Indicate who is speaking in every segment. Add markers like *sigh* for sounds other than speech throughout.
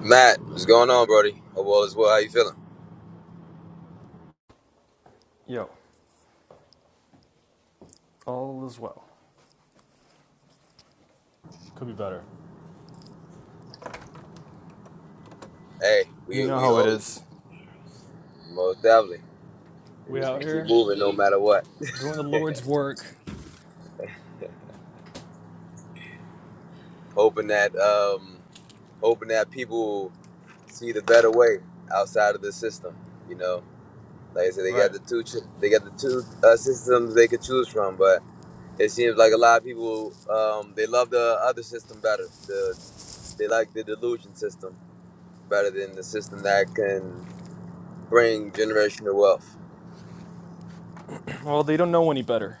Speaker 1: Matt, what's going on, Brody? Hope all is well. How you feeling?
Speaker 2: Yo, all is well. Could be better.
Speaker 1: Hey,
Speaker 2: You
Speaker 1: we
Speaker 2: know
Speaker 1: we
Speaker 2: how it
Speaker 1: always
Speaker 2: is.
Speaker 1: most definitely. We
Speaker 2: We
Speaker 1: just
Speaker 2: out
Speaker 1: we keep
Speaker 2: here
Speaker 1: moving no matter what.
Speaker 2: doing the Lord's work.
Speaker 1: Hoping that um hoping that people see the better way outside of the system. You know, like I said, they
Speaker 2: Right.
Speaker 1: got the two ch- they got the two uh, systems they could choose from, but it seems like a lot of people um they love the other system better. The they like the delusion system better than the system that can bring generational wealth,
Speaker 2: Well, they don't know any better.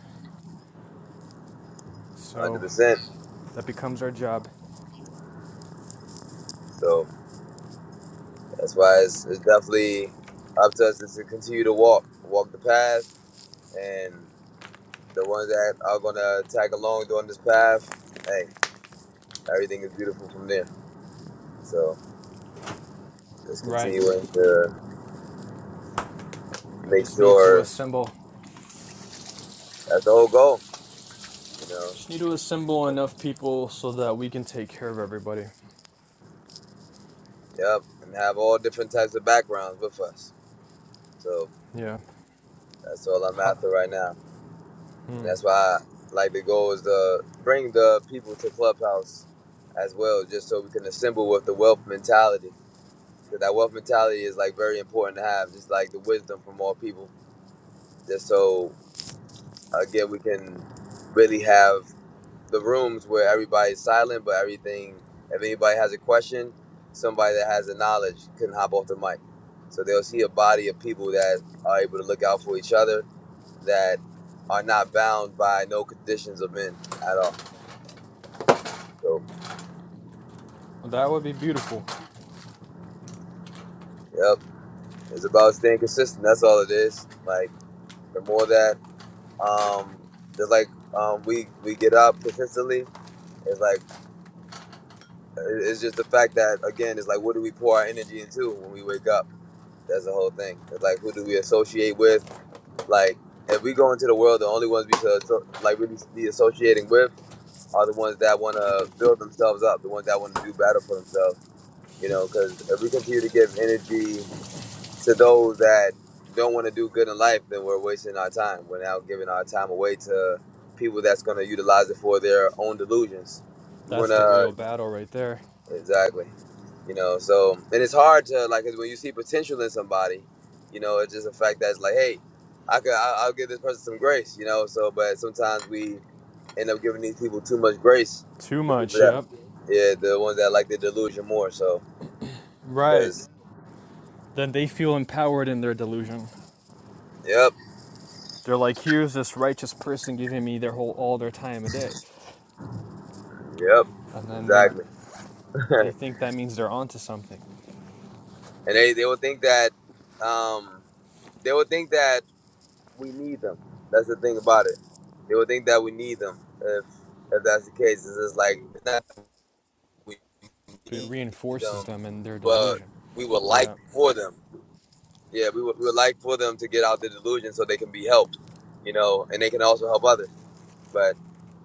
Speaker 1: hundred
Speaker 2: So
Speaker 1: percent.
Speaker 2: that becomes our job.
Speaker 1: So. That's why it's, it's definitely up to us to continue to walk, walk the path, and the ones that are gonna tag along doing this path, hey, everything is beautiful from there. So just
Speaker 2: Right.
Speaker 1: continuing to
Speaker 2: I
Speaker 1: make
Speaker 2: just need to
Speaker 1: sure
Speaker 2: assemble.
Speaker 1: that's the whole goal, you know.
Speaker 2: Just need to assemble
Speaker 1: So,
Speaker 2: enough people so that we can take care of everybody.
Speaker 1: Yep, and have all different types of backgrounds with us. So
Speaker 2: Yeah.
Speaker 1: that's all I'm
Speaker 2: Ha.
Speaker 1: after right now, and
Speaker 2: Hmm.
Speaker 1: that's why I like the goal is to bring the people to Clubhouse as well, just so we can assemble with the wealth mentality But that wealth mentality is like very important to have, just like the wisdom from all people. Just so again, we can really have the rooms where everybody's silent, but everything. If anybody has a question, somebody that has the knowledge can hop off the mic. So they'll see a body of people that are able to look out for each other, that are not bound by no conditions of men at all. So,
Speaker 2: Well, That would be beautiful.
Speaker 1: yep, it's about staying consistent. That's all it is. Like the more that Um, it's like um, we we get up consistently. It's like it's just the fact that again, it's like what do we pour our energy into when we wake up? That's the whole thing. It's like who do we associate with? Like if we go into the world, the only ones we should asso- like really be associating with are the ones that want to build themselves up, the ones that want to do better for themselves. You know, because if we continue to give energy to those that don't want to do good in life, then we're wasting our time. We're now giving our time away to people that's going to utilize it for their own delusions. We're
Speaker 2: That's the
Speaker 1: gonna
Speaker 2: real battle right there.
Speaker 1: exactly, you know. So and it's hard to like 'cause when you see potential in somebody, you know, it's just a fact that's like, hey, I could, I, I'll give this person some grace, you know. So, but sometimes we end up giving these people too much grace.
Speaker 2: Too
Speaker 1: The people
Speaker 2: much,
Speaker 1: that,
Speaker 2: yep.
Speaker 1: yeah, the ones that like the delusion more. So,
Speaker 2: Right.
Speaker 1: because,
Speaker 2: Then they feel empowered in their delusion.
Speaker 1: yep,
Speaker 2: They're like, here's this righteous person giving me their whole all their time a day.
Speaker 1: yep,
Speaker 2: and then they
Speaker 1: exactly. *laughs*
Speaker 2: they think that means they're onto something.
Speaker 1: and they they will think that um they will think that we need them that's the thing about it they will think that we need them if if that's the case it's just like it's not that we
Speaker 2: It
Speaker 1: need
Speaker 2: reinforces
Speaker 1: them
Speaker 2: them in their
Speaker 1: but
Speaker 2: delusion.
Speaker 1: we would like
Speaker 2: Yeah.
Speaker 1: for them yeah we would, we would like for them to get out the delusion so they can be helped you know and they can also help others but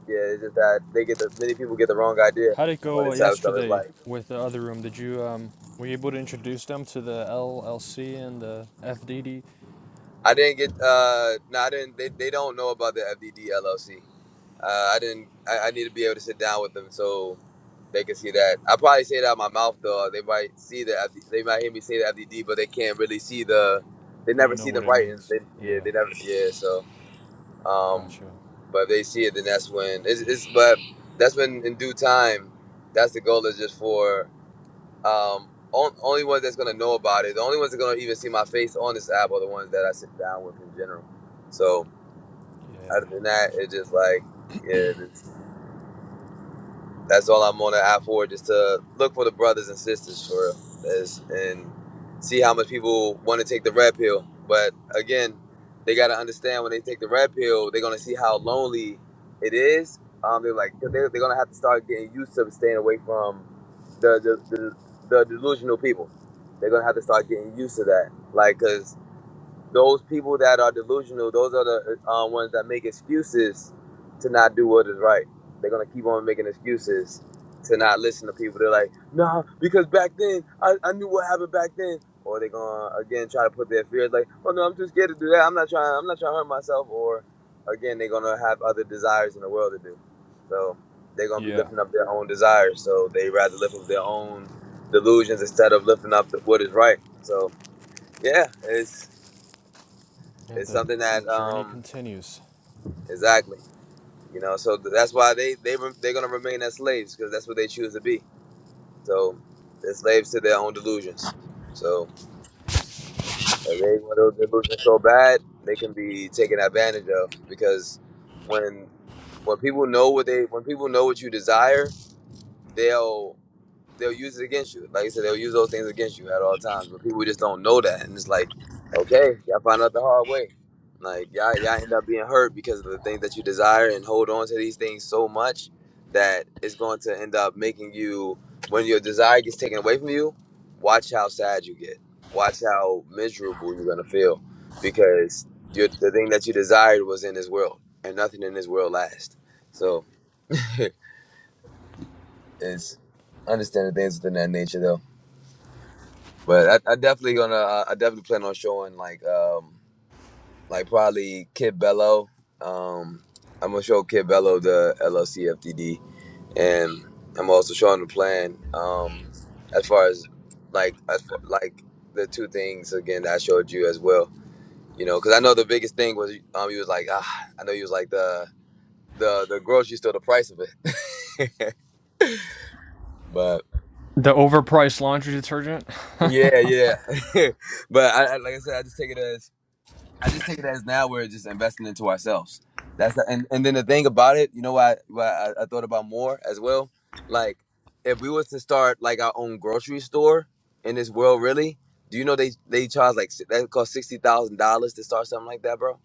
Speaker 1: yeah it's just that they get the many people get the wrong idea
Speaker 2: How'd it
Speaker 1: on
Speaker 2: go uh,
Speaker 1: this type of stuff it's
Speaker 2: yesterday
Speaker 1: like
Speaker 2: with the other room? Did you um were you able to introduce them to the LLC and the FDD?
Speaker 1: i didn't get uh no i didn't they, they don't know about the fdd llc Uh, I didn't. I, I need to be able to sit down with them so they can see that. I probably say it out of my mouth though. They might see that. They might hear me say the FDD, but they can't really see the. They
Speaker 2: They don't
Speaker 1: never
Speaker 2: know
Speaker 1: see the
Speaker 2: what it
Speaker 1: writings.
Speaker 2: means.
Speaker 1: They, yeah,
Speaker 2: Yeah.
Speaker 1: they never. Yeah, so. Um,
Speaker 2: Gotcha.
Speaker 1: but if they see it, then that's when. It's, it's but that's when in due time. That's the goal is just for um on, only ones that's gonna know about it. The only ones that gonna even see my face on this app are the ones that I sit down with in general. So other
Speaker 2: Yeah.
Speaker 1: than that, it's just like yeah. that's all I'm on the app for, just to look for the brothers and sisters for real. and see how much people want to take the red pill. But again, they got to understand when they take the red pill, they're gonna see how lonely it is. Um, they're like, cause they, they're gonna have to start getting used to staying away from the the, the, the delusional people. They're gonna have to start getting used to that, like, 'cause those people that are delusional, those are the uh, ones that make excuses to not do what is right. They're gonna keep on making excuses to not listen to people. They're like, nah, because back then I, I knew what happened back then. Or they're gonna again try to put their fears like, oh no, I'm too scared to do that. I'm not trying. I'm not trying to hurt myself. Or again, they're gonna have other desires in the world to do. So they're gonna be
Speaker 2: Yeah.
Speaker 1: lifting up their own desires. So they rather lift up their own delusions instead of lifting up the, what is right. So yeah, it's
Speaker 2: And
Speaker 1: it's
Speaker 2: the
Speaker 1: something that
Speaker 2: journey
Speaker 1: um
Speaker 2: continues.
Speaker 1: exactly, you know. So th- that's why they they re- they're gonna remain as slaves because that's what they choose to be. So they're slaves to their own delusions. So if they want those delusions so bad, they can be taken advantage of because when when people know what they when people know what you desire, they'll they'll use it against you. Like I said, they'll use those things against you at all times. But people just don't know that, and it's like, okay, y'all find out the hard way. Like y'all, y'all end up being hurt because of the things that you desire and hold on to these things so much that it's going to end up making you, when your desire gets taken away from you, watch how sad you get. Watch how miserable you're gonna feel because you the thing that you desired was in this world, and nothing in this world lasts. So *laughs* it's understanding things within that nature though. But I, I definitely gonna uh, I definitely plan on showing like um like probably Kid Bello. Um I'm gonna show Kid Bello the LLC FDD and I'm also showing the plan um as far as like as far, like the two things again that I showed you as well. You know, because I know the biggest thing was um you was like ah I know you was like the the the grocery store the price of it, *laughs* but
Speaker 2: The overpriced laundry detergent. *laughs*
Speaker 1: yeah yeah, *laughs* but I, I like I said I just take it as I just take it as now we're just investing into ourselves. That's the, and and then the thing about it, you know, why why I, I thought about more as well. Like, if we was to start like our own grocery store in this world, really, do you know they they charge like si- that cost sixty thousand dollars to start something like that, bro?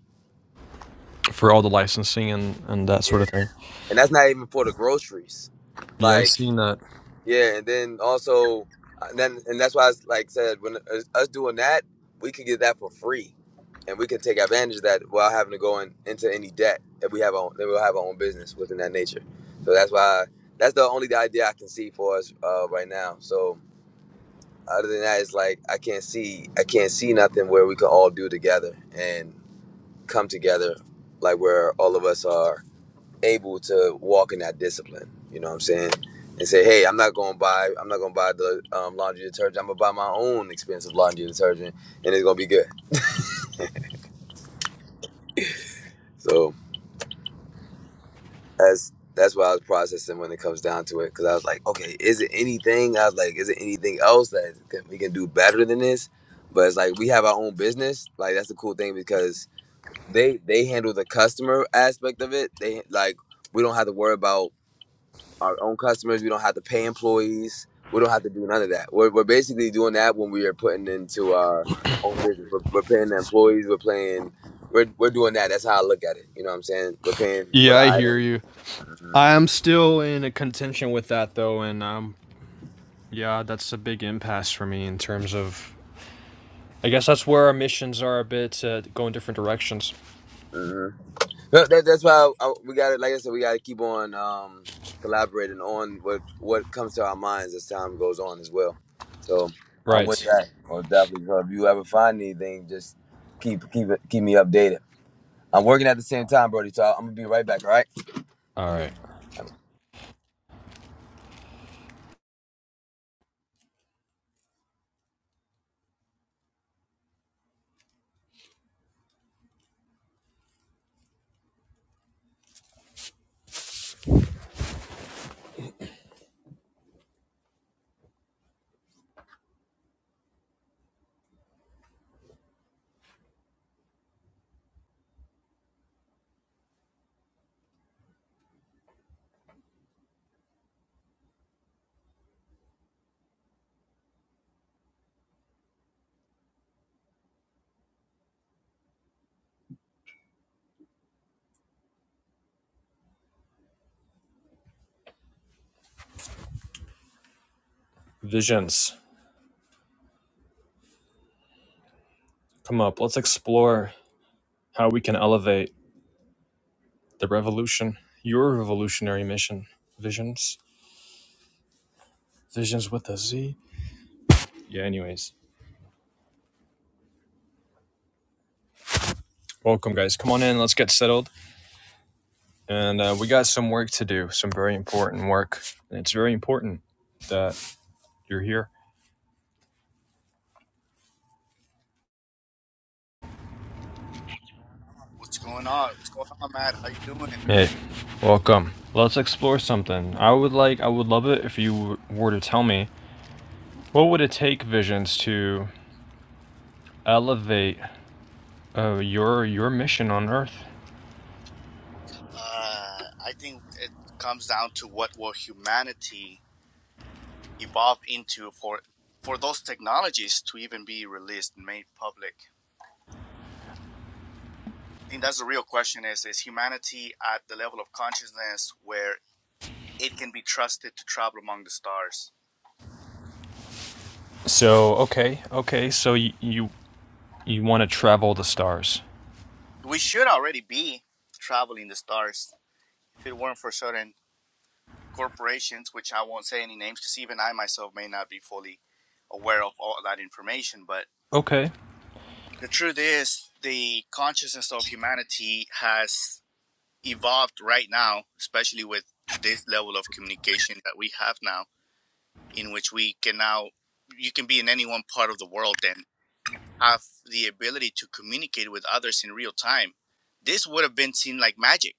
Speaker 2: for all the licensing and and that
Speaker 1: Yeah,
Speaker 2: sort of thing.
Speaker 1: and that's not even for the groceries.
Speaker 2: Yeah, I
Speaker 1: Like.
Speaker 2: seen that.
Speaker 1: Yeah, and then also, uh, and then and that's why I s- like said when us us doing that, we could get that for free, and we could take advantage of that without having to go in, into any debt if we have our own, that we'll have our own business within that nature. So that's why that's the only idea I can see for us uh, right now. So other than that, it's like I can't see I can't see nothing where we could all do together and come together like where all of us are able to walk in that discipline. You know what I'm saying? And say, hey, I'm not gonna buy, I'm not gonna buy the um, laundry detergent. I'm gonna buy my own expensive laundry detergent, and it's gonna be good. So that's that's what I was processing when it comes down to it, because I was like, okay, is it anything? I was like, is it anything else that that we can do better than this? But it's like we have our own business. Like that's the cool thing because they they handle the customer aspect of it. They like we don't have to worry about our own customers. We don't have to pay employees. We don't have to do none of that. We're, we're basically doing that when we are putting into our own business. We're, we're paying the employees. We're paying. We're, we're doing that. That's how I look at it. You know what I'm saying? We're paying for
Speaker 2: Yeah,
Speaker 1: the
Speaker 2: I hear
Speaker 1: item.
Speaker 2: you.
Speaker 1: hmm
Speaker 2: I'm still in a contention with that though, and I'm Yeah, that's a big impasse for me in terms of. I guess that's where our missions are a bit uh, go in different directions.
Speaker 1: hmm That, that's why I, we got to, like I said, we got to keep on um, collaborating on what what comes to our minds as time goes on as well. So I'm with
Speaker 2: Right.
Speaker 1: that. Well, definitely. So if you ever find anything, just keep keep it- keep me updated. I'm working at the same time, Brody. So I'm gonna be right back. All right.
Speaker 2: All
Speaker 1: Anyway.
Speaker 2: right. Visions, come up. Let's explore how we can elevate the revolution. Your revolutionary mission. Visions. Visions with a Z. Yeah, anyways. Welcome, guys. Come on in. Let's get settled. And uh, we got some work to do, some very important work. And it's very important that you're here.
Speaker 3: What's going on? What's going on, Matt? How you doing?
Speaker 2: Hey, welcome. Let's explore something. I would like, I would love it if you were to tell me what would it take, Visions, to elevate uh, your your mission on Earth.
Speaker 3: Uh, I think it comes down to what will humanity evolve into for for those technologies to even be released and made public. I think that's the real question: is is humanity at the level of consciousness where it can be trusted to travel among the stars?
Speaker 2: So, okay, okay. So y- you you want to travel the stars?
Speaker 3: We should already be traveling the stars if it weren't for certain corporations, which I won't say any names, because even I myself may not be fully aware of all that information, but
Speaker 2: Okay.
Speaker 3: The truth is, the consciousness of humanity has evolved right now, especially with this level of communication that we have now, in which we can now, you can be in any one part of the world and have the ability to communicate with others in real time. This would have been seen like magic,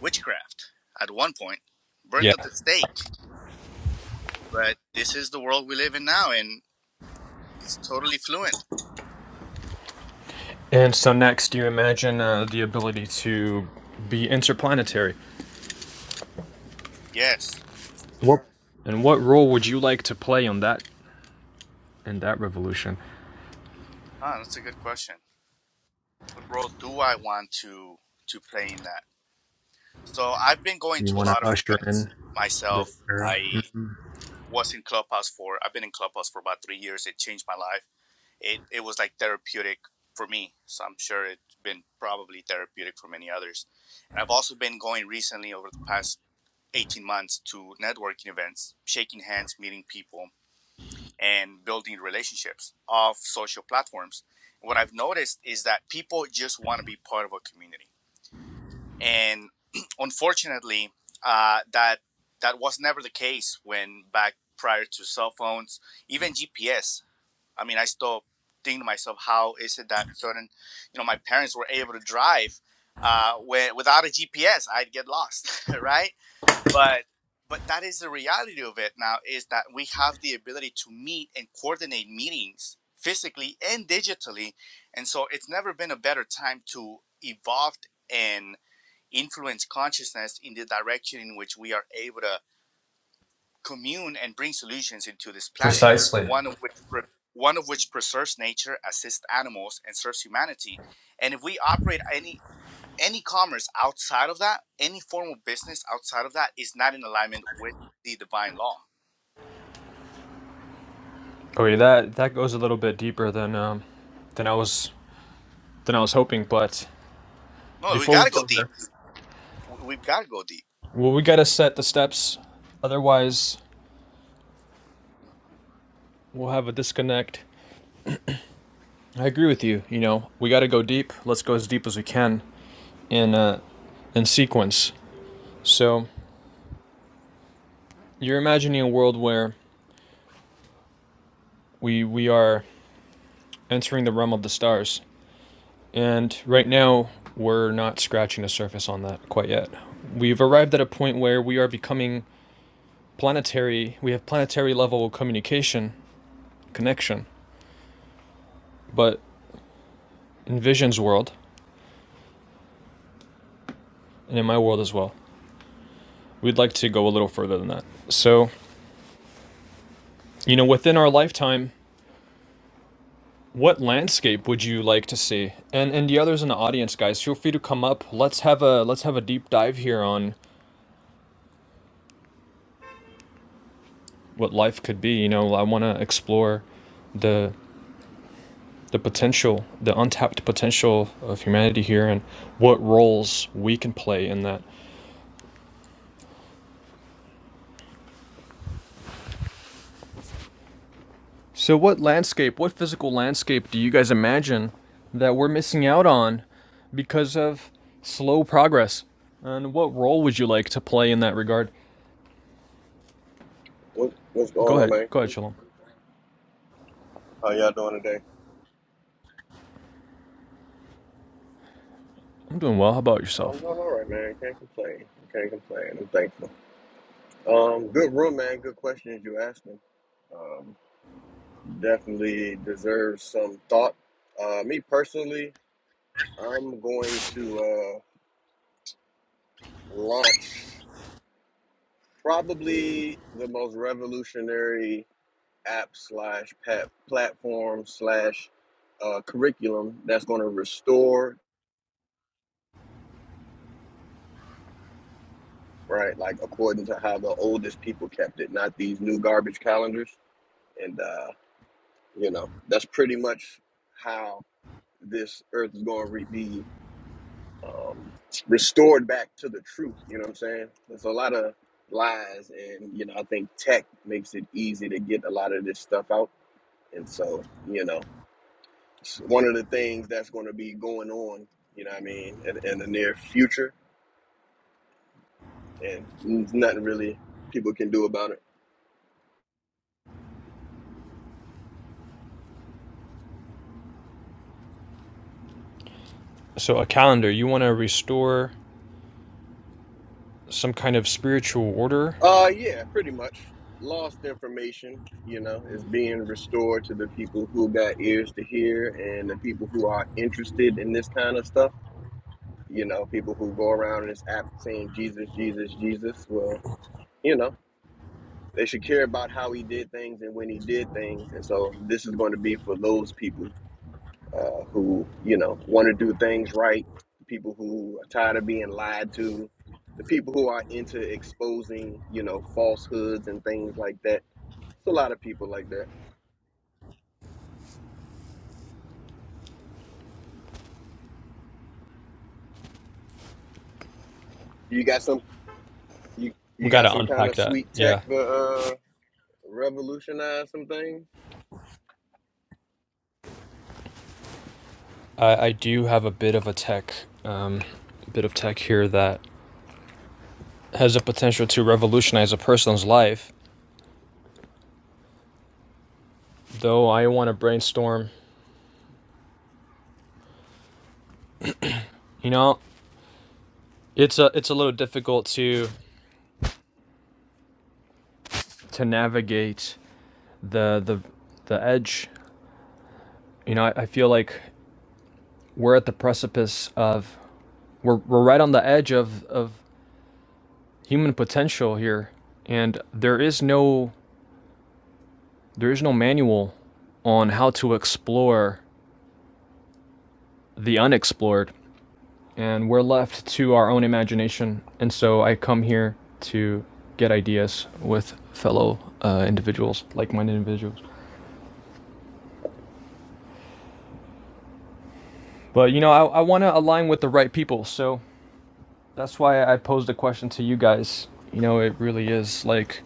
Speaker 3: witchcraft at one point, burned at
Speaker 2: Yeah.
Speaker 3: the stake. But this is the world we live in now, and it's totally fluent.
Speaker 2: And so next, you imagine uh, the ability to be interplanetary.
Speaker 3: Yes.
Speaker 2: And what role would you like to play on that in that revolution?
Speaker 3: Ah, that's a good question. what role do I want to to play in that? So I've been going
Speaker 2: You
Speaker 3: to a
Speaker 2: want
Speaker 3: lot
Speaker 2: to
Speaker 3: of
Speaker 2: usher
Speaker 3: events
Speaker 2: in the
Speaker 3: myself. I was in Clubhouse for I've been in Clubhouse for about three years. It changed my life. It it was like therapeutic for me. So I'm sure it's been probably therapeutic for many others. And I've also been going recently over the past 18 months to networking events, shaking hands, meeting people, and building relationships off social platforms. What I've noticed is that people just want to be part of a community and *clears throat* unfortunately, uh, that that was never the case when back prior to cell phones, even GPS. I mean, I still think to myself, how is it that certain, you know, my parents were able to drive uh, when, without a GPS? I'd get lost, *laughs* right? But but that is the reality of it now is that we have the ability to meet and coordinate meetings physically and digitally and so it's never been a better time to evolve and influence consciousness in the direction in which we are able to commune and bring solutions into this planet.
Speaker 2: precisely
Speaker 3: One of which one of which preserves nature, assists animals, and serves humanity. And if we operate any any commerce outside of that, any form of business outside of that is not in alignment with the divine law.
Speaker 2: Okay, that that goes a little bit deeper than um, than I was than I was hoping. But
Speaker 3: No, we
Speaker 2: before we
Speaker 3: gotta go
Speaker 2: go there,
Speaker 3: deep. We've gotta go deep.
Speaker 2: well, we gotta set the steps. Otherwise, we'll have a disconnect. I agree with you. You know, we gotta go deep. Let's go as deep as we can in uh, in sequence. So you're imagining a world where we we are entering the realm of the stars, and right now we're not scratching the surface on that quite yet. We've arrived at a point where we are becoming planetary we have planetary level communication connection but in vision's world and in my world as well we'd like to go a little further than that so you know within our lifetime what landscape would you like to see and and the others in the audience guys feel free to come up let's have a let's have a deep dive here on what life could be you know i want to explore the the potential the untapped potential of humanity here and what roles we can play in that So, what landscape, what physical landscape do you guys imagine that we're missing out on because of slow progress? And what role would you like to play in that regard?
Speaker 4: What, what's
Speaker 2: Go
Speaker 4: going on,
Speaker 2: ahead,
Speaker 4: man?
Speaker 2: go ahead, Shalom.
Speaker 4: How y'all doing today?
Speaker 2: I'm doing well. How about
Speaker 4: Um, I'm
Speaker 2: yourself?
Speaker 4: doing all right, man. Can't complain. Can't complain. I'm thankful. Um, good room, man. Good questions you asking. Um, definitely deserves some thought. Uh, me personally, I'm going to uh, launch probably the most revolutionary app slash pat platform slash uh, curriculum that's going to restore right? Like according to how the oldest people kept it, not these new garbage calendars. And uh, you know, that's pretty much how this earth is going to be um, restored back to the truth. You know what I'm saying? There's a lot of lies, and you know, I think tech makes it easy to get a lot of this stuff out. And so, you know, it's one of the things that's going to be going on. You know what I mean? In, in the near future, and there's nothing really people can do about it.
Speaker 2: So, a calendar, you want to restore some kind of spiritual order?
Speaker 4: Uh, yeah, pretty much. Lost information, you know, is being restored to the people who got ears to hear and the people who are interested in this kind of stuff. You know, people who go around in this app saying Jesus, Jesus, Jesus. Well, you know, they should care about how he did things and when he did things. And so this is going to be for those people uh, who, you know, want to do things right, the people who are tired of being lied to, the people who are into exposing, you know, falsehoods and things like that it's a lot of people like that. You got some you
Speaker 2: We
Speaker 4: you
Speaker 2: got
Speaker 4: got
Speaker 2: to
Speaker 4: some kind
Speaker 2: unpack
Speaker 4: of
Speaker 2: that.
Speaker 4: sweet tech
Speaker 2: Yeah.
Speaker 4: to uh, revolutionize some things.
Speaker 2: I, I do have a bit of a tech, um, bit of tech here that has a potential to revolutionize a person's life, though I want to brainstorm. You know, It's a it's a little difficult to to navigate the the the edge. You know, I, I feel like we're at the precipice of we're we're right on the edge of of human potential here, and there is no there is no manual on how to explore the unexplored, and we're left to our own imagination. And so I come here to get ideas with fellow uh, individuals, like-minded individuals. But you know, I, I want to align with the right people, so That's why I posed a question to you guys. You know, it really is like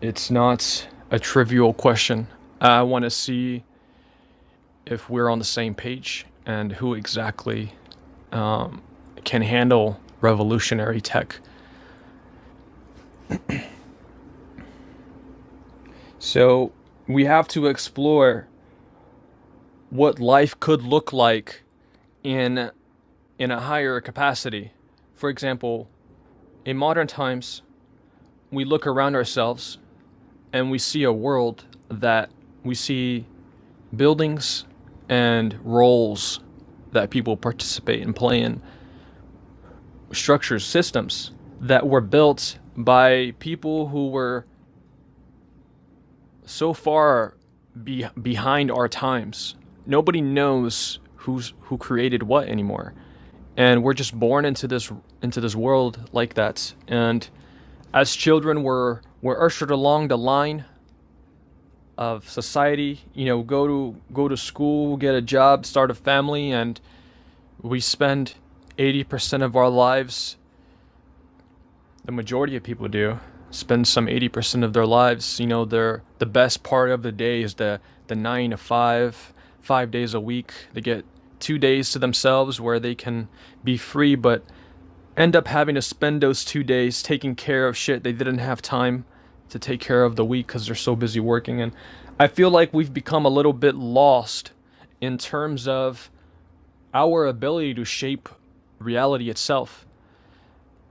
Speaker 2: it's not a trivial question. I want to see if we're on the same page and who exactly can handle revolutionary tech. So, we have to explore what life could look like in in a higher capacity. For example, in modern times, we look around ourselves and we see a world that we see buildings and roles that people participate in, play in structures, systems that were built by people who were so far be- behind our times. Nobody knows who's who created what anymore, and we're just born into this into this world like that. And as children, we're we're ushered along the line of society. You know, go to go to school, get a job, start a family, and we spend 80% of our lives the majority of people do spend some 80% of their lives you know their the best part of the day is the the 9 to 5 5 days a week they get 2 days to themselves where they can be free but end up having to spend those 2 days taking care of shit they didn't have time to take care of the week cuz they're so busy working and I feel like we've become a little bit lost in terms of our ability to shape reality itself.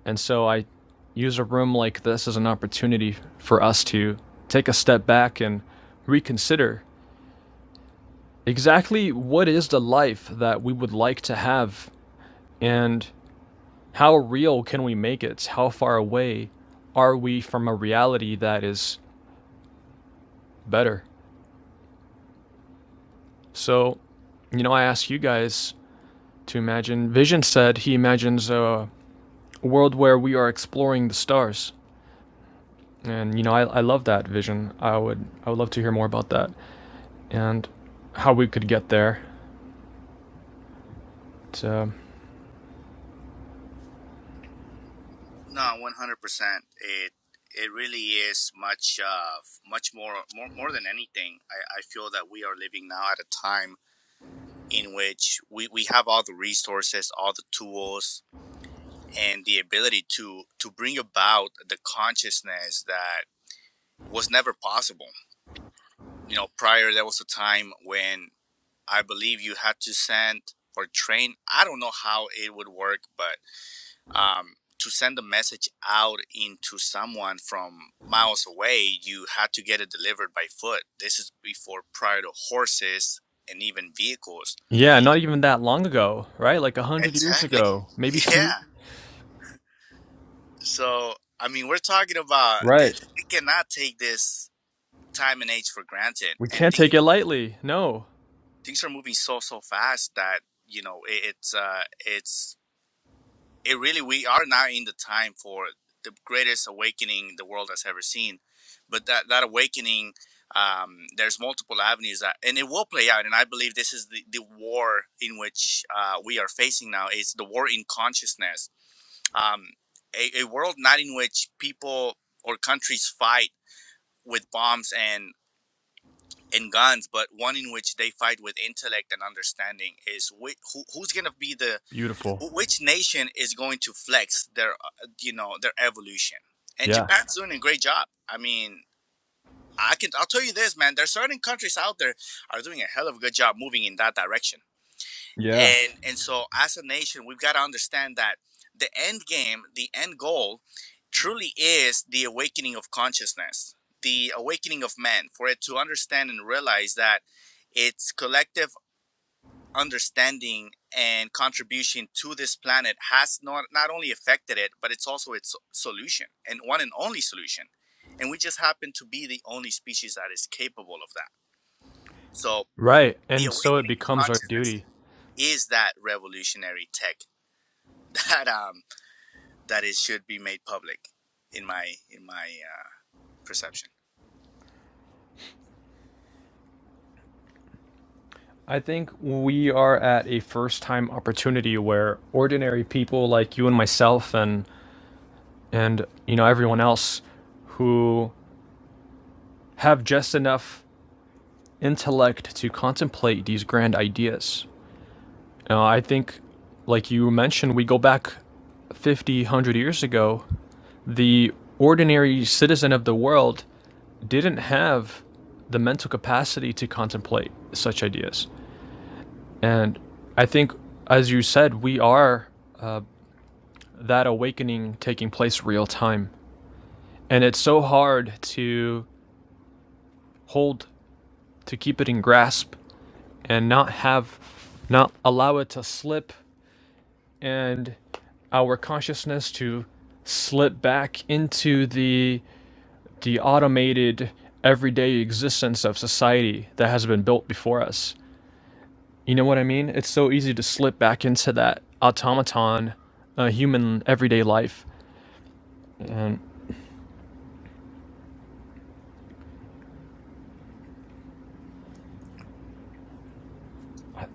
Speaker 2: And so I use a room like this as an opportunity for us to take a step back and reconsider exactly what is the life that we would like to have and how real can we make it? How far away are we from a reality that is better? So, you know, I ask you guys to imagine. Vision said he imagines a world where we are exploring the stars. And you know, I, I love that vision. I would I would love to hear more about that and how we could get there. But, uh,
Speaker 3: No, one hundred percent. It it really is much uh much more more more than anything. I, I feel that we are living now at a time in which we, we have all the resources, all the tools, and the ability to to bring about the consciousness that was never possible. You know, prior there was a time when I believe you had to send or train. I don't know how it would work, but um, to send a message out into someone from miles away, you had to get it delivered by foot. This is before prior to horses and even vehicles.
Speaker 2: yeah, not even that long ago, right? Like a hundred years
Speaker 3: Exactly.
Speaker 2: ago, maybe
Speaker 3: *laughs*
Speaker 2: two.
Speaker 3: Yeah So, I mean, we're talking about
Speaker 2: Right.
Speaker 3: this, we cannot take this time and age for granted,
Speaker 2: We
Speaker 3: and
Speaker 2: can't
Speaker 3: things
Speaker 2: take it lightly. No.
Speaker 3: things are moving so so fast that you know it, it's uh it's it really we are now in the time for the greatest awakening the world has ever seen, but that that awakening. Um, there's multiple avenues that, and it will play out. And I believe this is the, the war in which uh, we are facing now. It's the war in consciousness. Um, a, a world not in which people or countries fight with bombs and and guns, but one in which they fight with intellect and understanding is whi who, who's going to be the
Speaker 2: Beautiful.
Speaker 3: wh- which nation is going to flex their uh, you know their evolution. And
Speaker 2: Yeah.
Speaker 3: Japan's doing a great job. I mean, I can I'll tell you this, man. There's certain countries out there are doing a hell of a good job moving in that direction
Speaker 2: Yeah.
Speaker 3: and and so as a nation we've got to understand that the end game the end goal truly is the awakening of consciousness the awakening of man for it to understand and realize that its collective understanding and contribution to this planet has not not only affected it but it's also its solution and one and only solution and we just happen to be the only species that is capable of that so
Speaker 2: Right.
Speaker 3: the
Speaker 2: And so it
Speaker 3: awakening of
Speaker 2: becomes our
Speaker 3: consciousness
Speaker 2: duty.
Speaker 3: is that revolutionary tech that um, that it should be made public, in my in my uh, perception.
Speaker 2: I think we are at a first time opportunity where ordinary people like you and myself and and you know everyone else who have just enough intellect to contemplate these grand ideas. Uh, I think, like you mentioned, we go back 50, one hundred years ago. The ordinary citizen of the world didn't have the mental capacity to contemplate such ideas. And I think, as you said, we are uh, that awakening taking place real time. And it's so hard to hold, to keep it in grasp, and not have, not allow it to slip and our consciousness to slip back into the the automated everyday existence of society that has been built before us. You know what I mean? It's so easy to slip back into that automaton, uh, human everyday life. And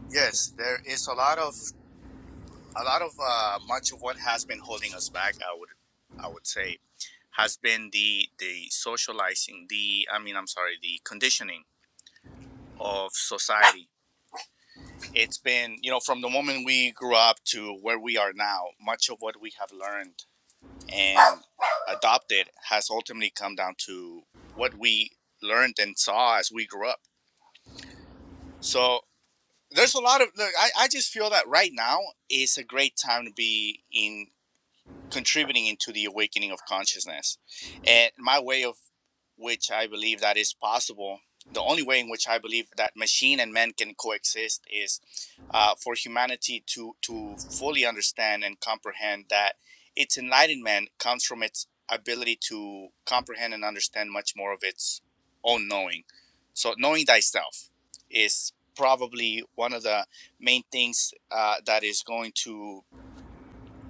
Speaker 3: Yes, there is a lot of a lot of uh, much of what has been holding us back. I would I would say has been the the socializing, the I mean I'm sorry, the conditioning of society. It's been you know from the moment we grew up to where we are now, much of what we have learned and adopted has ultimately come down to what we learned and saw as we grew up. So there's a lot of look, I, I just feel that right now is a great time to be in contributing into the awakening of consciousness and my way of which I believe that is possible. The only way in which I believe that machine and man can coexist is uh, for humanity to to fully understand and comprehend that its enlightenment comes from its ability to comprehend and understand much more of its own knowing. So knowing thyself is probably one of the main things uh, that is going to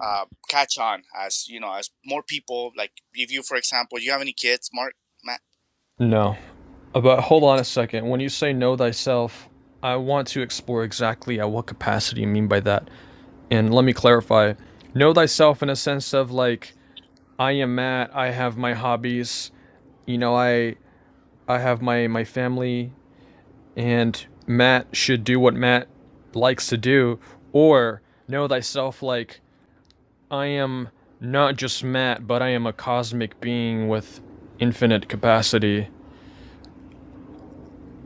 Speaker 3: uh, catch on as you know as more people like if you for example you have any kids mark Matt.
Speaker 2: no, but hold on a second. When you say know thyself, I want to explore exactly at what capacity you mean by that. And let me clarify know thyself in a sense of like I am Matt. I have my hobbies. You know, I I have my my family and Matt should do what Matt likes to do or know thyself like I am not just Matt, but I am a cosmic being with infinite capacity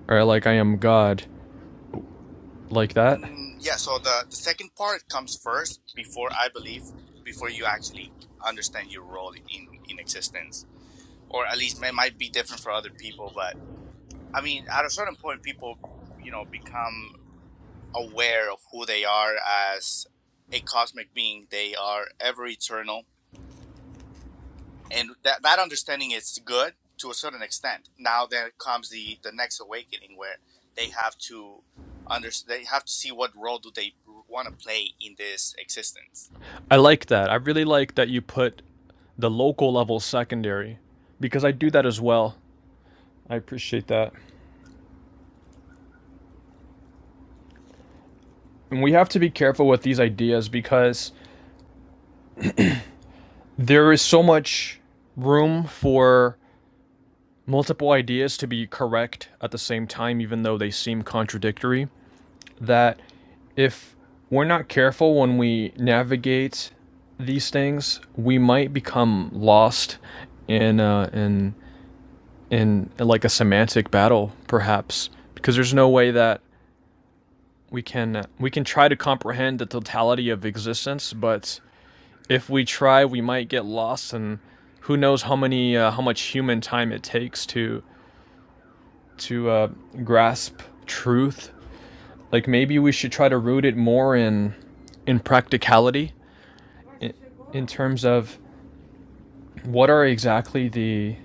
Speaker 2: or like I am God. Like that?
Speaker 3: Mm, yeah, so the, the second part comes first before I believe, before you actually understand your role in, in, in existence. Or at least it might be different for other people, but I mean, at a certain point, people, you know, become aware of who they are as a cosmic being. They are ever eternal and that that understanding is good to a certain extent. Now there comes the the next awakening where they have to under they have to see what role do they want to play in this existence.
Speaker 2: I like that. I really like that you put the local level secondary because I do that as well. I appreciate that. And we have to be careful with these ideas because there is so much room for multiple ideas to be correct at the same time, even though they seem contradictory, that if we're not careful when we navigate these things, we might become lost in uh, in in like a semantic battle, perhaps, because there's no way that we can we can try to comprehend the totality of existence, but if we try, we might get lost, and who knows how many uh, how much human time it takes to to uh, grasp truth. Like maybe we should try to root it more in in practicality, in, in terms of what are exactly the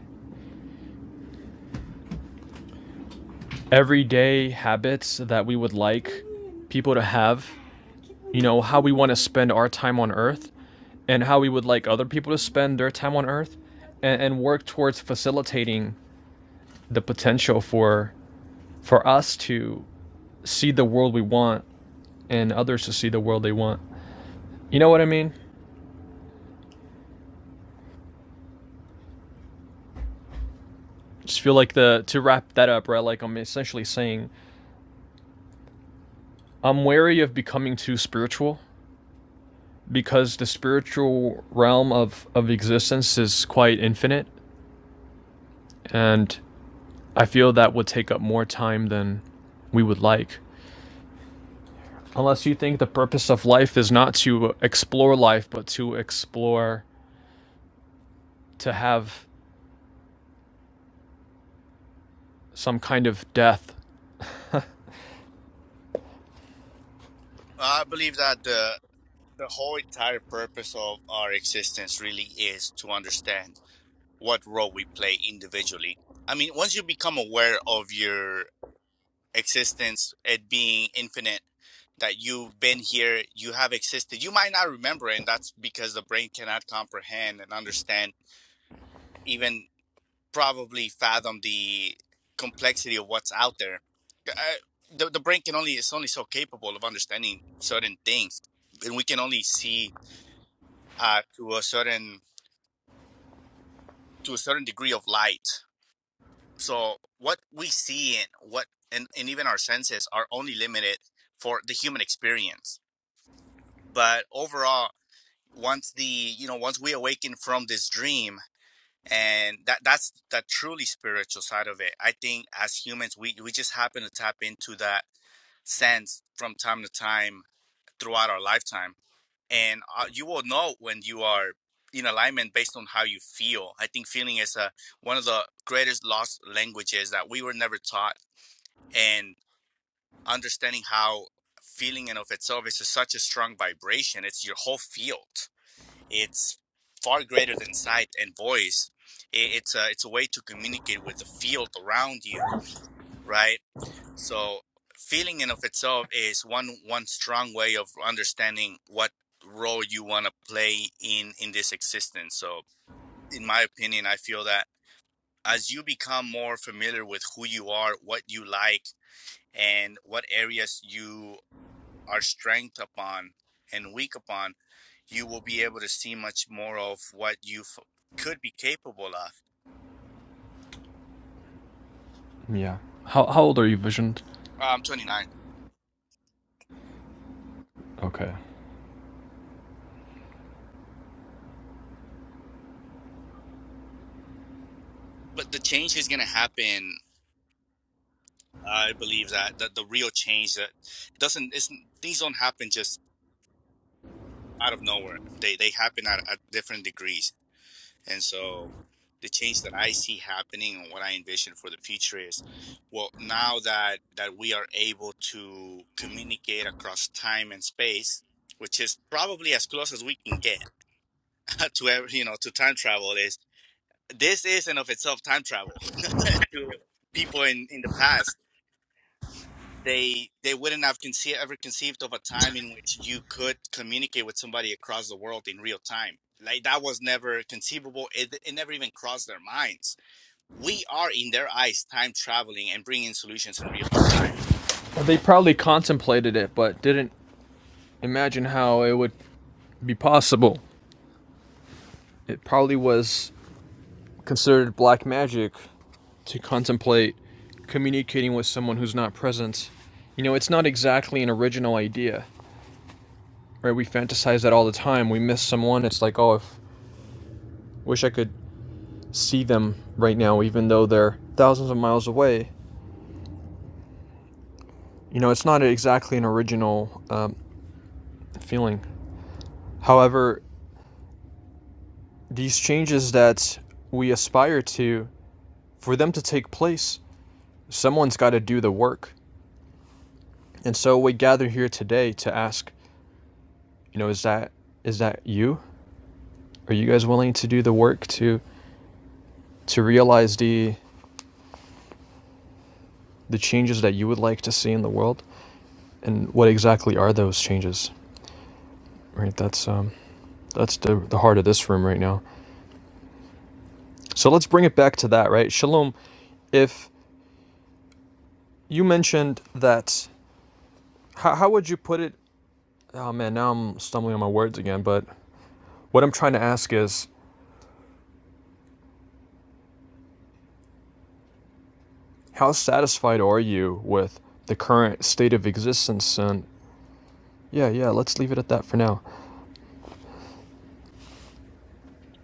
Speaker 2: everyday habits that we would like people to have. You know how we want to spend our time on Earth, and how we would like other people to spend their time on Earth, and, and work towards facilitating the potential for for us to see the world we want and others to see the world they want. You know what I mean? Just feel like the to wrap that up, right? Like I'm essentially saying I'm wary of becoming too spiritual because the spiritual realm of of existence is quite infinite and I feel that would take up more time than we would like. Unless you think the purpose of life is not to explore life but to explore to have some kind of death.
Speaker 3: I believe that the the whole entire purpose of our existence really is to understand what role we play individually. I mean, once you become aware of your existence, it being infinite, that you've been here, you have existed. You might not remember, and that's because the brain cannot comprehend and understand, even probably fathom the complexity of what's out there. Uh, the, the brain can only is only so capable of understanding certain things, and we can only see uh, to a certain to a certain degree of light. So what we see and what and, and even our senses are only limited for the human experience but overall once the you know once we awaken from this dream and that that's the truly spiritual side of it i think as humans we we just happen to tap into that sense from time to time throughout our lifetime and uh, you will know when you are in alignment based on how you feel i think feeling is a one of the greatest lost languages that we were never taught and understanding how feeling in of itself is such a strong vibration it's your whole field It's far greater than sight and voice. It's a it's a way to communicate with the field around you, right? So feeling in of itself is one one strong way of understanding what role you want to play in in this existence. So in my opinion, I feel that as you become more familiar with who you are, what you like, and what areas you our strength upon and weak upon, you will be able to see much more of what you f- could be capable of.
Speaker 2: Yeah. How how old are you, Vision?
Speaker 3: Uh, I'm 29,
Speaker 2: Okay.
Speaker 3: but the change is going to happen. I believe that that the real change that doesn't isn't things don't happen just out of nowhere. They they happen at, at different degrees And so the change that I see happening and what I envision for the future is well, now that, that we are able to communicate across time and space, which is probably as close as we can get *laughs* to every, you know, to time travel is this is in of itself time travel *laughs* to people in, in the past. They, they wouldn't have conce- ever conceived of a time in which you could communicate with somebody across the world in real time. Like that was never conceivable. It, it never even crossed their minds we are in their eyes time traveling and bringing solutions in real time.
Speaker 2: They probably contemplated it, but didn't imagine how it would be possible. It probably was considered black magic to contemplate communicating with someone who's not present. You know, it's not exactly an original idea, right? We fantasize that all the time. We miss someone. It's like, oh, if wish I could see them right now, even though they're thousands of miles away. You know, it's not exactly an original um, feeling. However, these changes that we aspire to For them to take place, someone's got to do the work. And so we gather here today to ask, you know, is that is that you? Are you guys willing to do the work to to realize the the changes that you would like to see in the world? And what exactly are those changes? Right? That's um that's the the heart of this room right now. So let's bring it back to that, right? Shalom, if you mentioned that how, how would you put it? Oh man, now I'm stumbling on my words again, but what I'm trying to ask is How satisfied are you with the current state of existence? And yeah, yeah, let's leave it at that for now.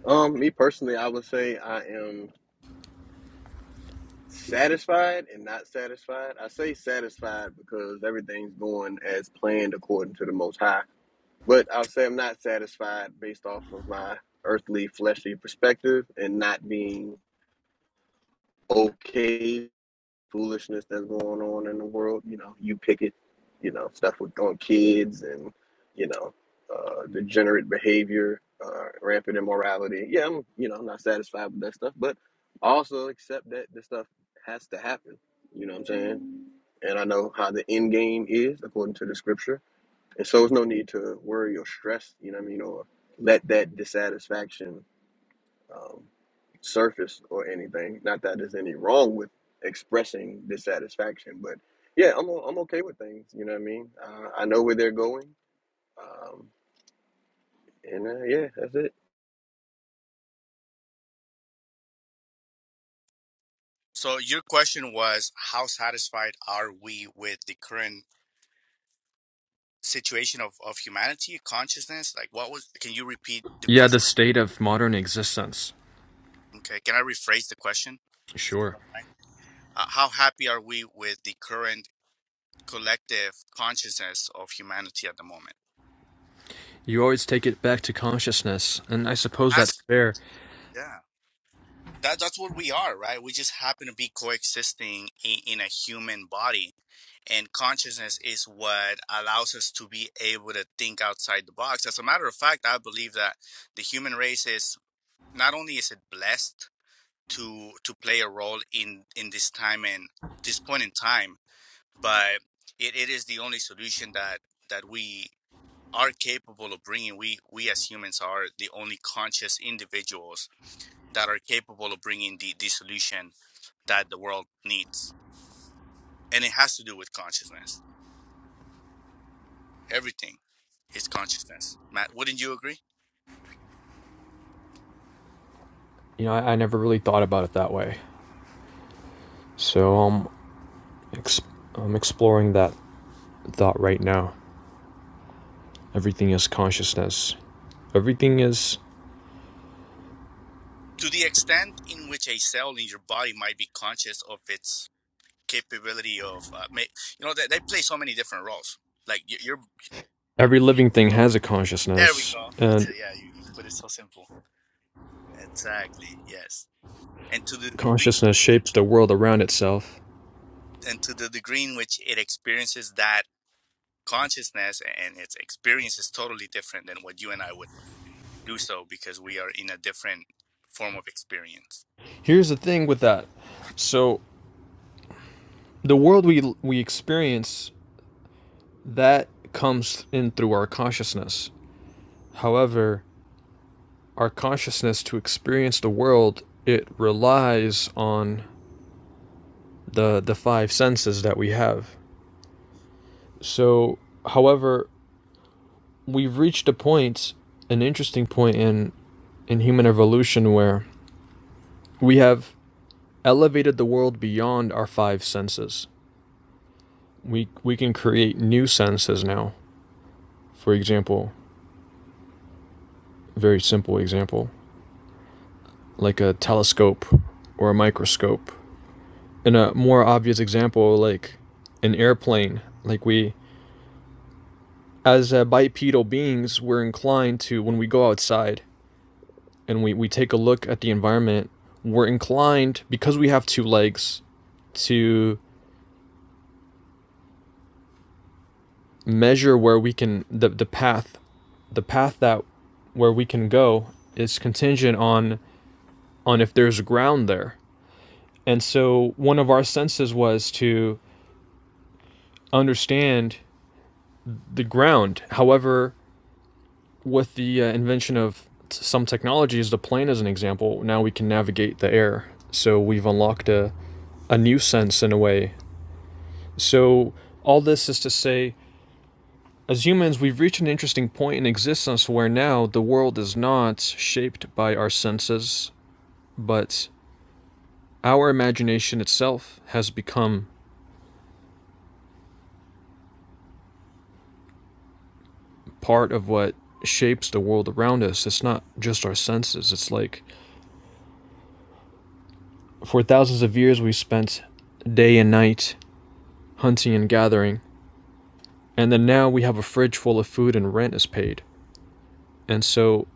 Speaker 4: Um, me personally, I would say I am satisfied and not satisfied. I say satisfied because everything's going as planned according to the Most High. But I'll say I'm not satisfied based off of my earthly, fleshly perspective and not being okay foolishness that's going on in the world. You know, you pick it. You know, stuff with on kids and you know, uh, degenerate behavior, uh, rampant immorality. Yeah, I'm you know not satisfied with that stuff, but also accept that this stuff has to happen. You know what I'm saying? And I know how the end game is according to the scripture, and so there's no need to worry or stress. You know what I mean? Or let that dissatisfaction. um, surface or anything. Not that there's any wrong with expressing dissatisfaction, but yeah, I'm o- I'm okay with things. You know what I mean? Uh, I know where they're going, um, and uh, yeah, that's it.
Speaker 3: So your question was how satisfied are we with the current situation of, of humanity, consciousness? Like what was can you repeat the
Speaker 2: Yeah, the
Speaker 3: question?
Speaker 2: state of modern existence.
Speaker 3: Okay, can I rephrase the question?
Speaker 2: Sure.
Speaker 3: Uh, how happy are we with the current collective consciousness of humanity at the moment?
Speaker 2: You always take it back to consciousness, and I suppose that's
Speaker 3: As
Speaker 2: fair.
Speaker 3: yeah. that that's what we are right we just happen to be coexisting in, in a human body and consciousness is what allows us to be able to think outside the box as a matter of fact i believe that the human race is not only is it blessed to to play a role in in this time and this point in time but it, it is the only solution that that we are capable of bringing we we as humans are the only conscious individuals that are capable of bringing the, the solution that the world needs. And it has to do with consciousness. Everything is consciousness. Matt, wouldn't you agree?
Speaker 2: You know, I, I never really thought about it that way. So um, ex- I'm exploring that thought right now. Everything is consciousness. Everything is.
Speaker 3: To the extent in which a cell in your body might be conscious of its capability of, uh, you know, they, they play so many different roles. Like you, you're,
Speaker 2: Every living thing has a
Speaker 3: there we
Speaker 2: consciousness,
Speaker 3: go. That's
Speaker 2: and
Speaker 3: it. Yeah, you, you put it so simple. Exactly. Yes. And to the degree,
Speaker 2: consciousness shapes the world around itself.
Speaker 3: and to the degree in which it experiences that consciousness and its experience is totally different than what you and I would do so because we are in a different form of experience.
Speaker 2: Here's the thing with that. So the world we we experience that comes in through our consciousness. However, our consciousness to experience the world, it relies on the the five senses that we have. So, however, we've reached a point, an interesting point in in human evolution where we have elevated the world beyond our five senses. We we can create new senses now. For example, very simple example, like a telescope or a microscope. In a more obvious example, like an airplane, like we, as uh, bipedal beings, we're inclined to, when we go outside and we, we take a look at the environment, we're inclined, because we have two legs, to measure where we can, the, the path, the path that where we can go is contingent on on if there's ground there. And so one of our senses was to understand the ground. However, with the uh, invention of some technologies, the plane as an example, now we can navigate the air. So we've unlocked a, a new sense in a way. So all this is to say, as humans, we've reached an interesting point in existence where now the world is not shaped by our senses, but our imagination itself has become part of what shapes the world around us. It's not just our senses. It's like for thousands of years we spent day and night hunting and gathering And then now we have a fridge full of food and rent is paid. And so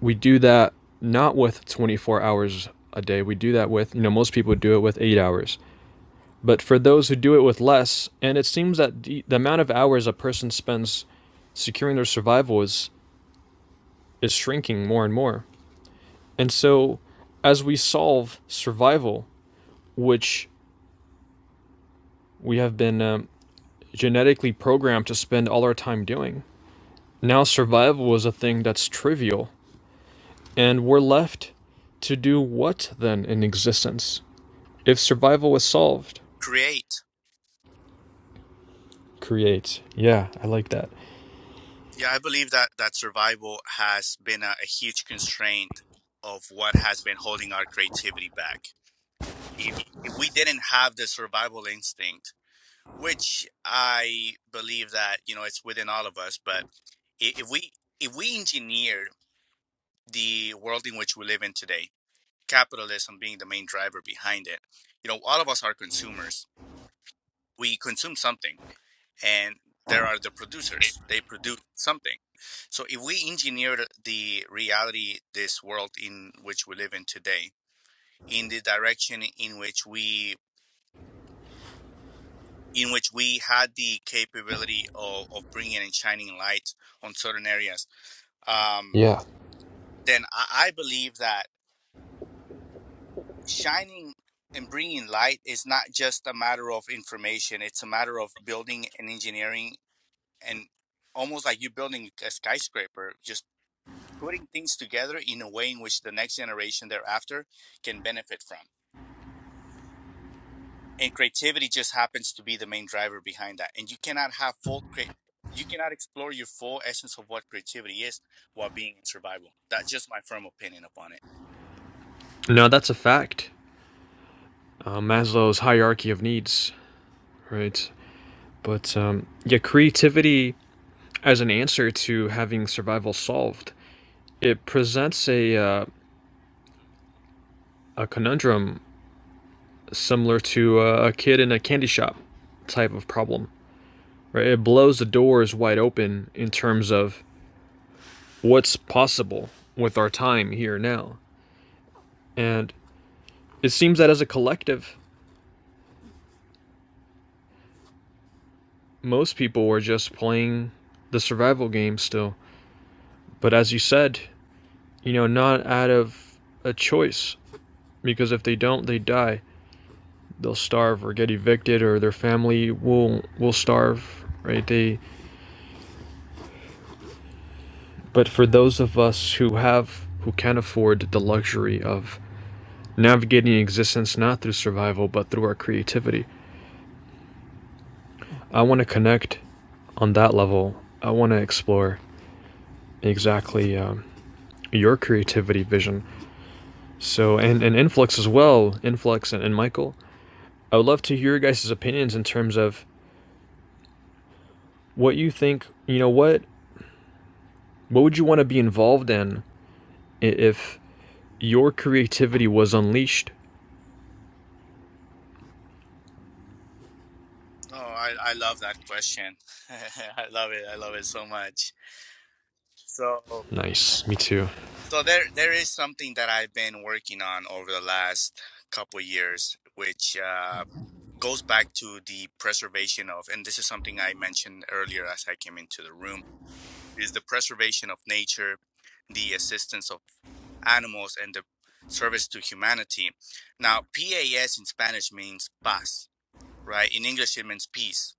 Speaker 2: we do that not with 24 hours a day. We do that with, you know, most people do it with eight hours. But for those who do it with less, and it seems that the, the amount of hours a person spends securing their survival is, is shrinking more and more. And so as we solve survival, which we have been um, genetically programmed to spend all our time doing, now survival is a thing that's trivial And we're left to do what then in existence? If survival was solved,
Speaker 3: Create.
Speaker 2: create. Yeah, I like that.
Speaker 3: Yeah, I believe that that survival has been a, a huge constraint of what has been holding our creativity back. If if we didn't have the survival instinct, which I believe that you know it's within all of us, but if we if we engineer the world in which we live in today, capitalism being the main driver behind it, you know, all of us are consumers. We consume something and there are the producers they produce something so if we engineer the reality this world in which we live in today in the direction in which we in which we had the capability of, of bringing and shining light on certain areas um,
Speaker 2: Yeah.
Speaker 3: then I, I believe that shining and bringing light is not just a matter of information it's a matter of building and engineering and almost like you building a skyscraper just putting things together in a way in which the next generation thereafter can benefit from. And creativity just happens to be the main driver behind that. And you cannot have full crea- you cannot explore your full essence of what creativity is while being in survival. That's just my firm opinion upon it.
Speaker 2: No, that's a fact. Uh, Maslow's hierarchy of needs, right? But um, yeah, creativity as an answer to having survival solved, it presents a, uh, a conundrum similar to uh, a kid in a candy shop type of problem, right? It blows the doors wide open in terms of what's possible with our time here now. And it seems that as a collective, most people were just playing the survival game still. But as you said, you know, not out of a choice, because if they don't, they die. They'll starve or get evicted, or their family will will starve, right? They. But for those of us who have who can afford the luxury of navigating existence not through survival but through our creativity, I want to connect on that level. I want to explore exactly um, your creativity vision. So, and, and Influx as well, Influx and, and Michael, I would love to hear your guys' opinions in terms of what you think, you know, what, what would you want to be involved in if your creativity was unleashed?
Speaker 3: Oh, I, I love that question. *laughs* I love it. I love it so much. So
Speaker 2: Nice. Me too.
Speaker 3: so there there is something that I've been working on over the last couple of years, which uh goes back to the preservation of, and this is something I mentioned earlier as I came into the room, is the preservation of nature, the assistance of animals, and the service to humanity. Now, PAS in Spanish means paz, right? In English, it means peace.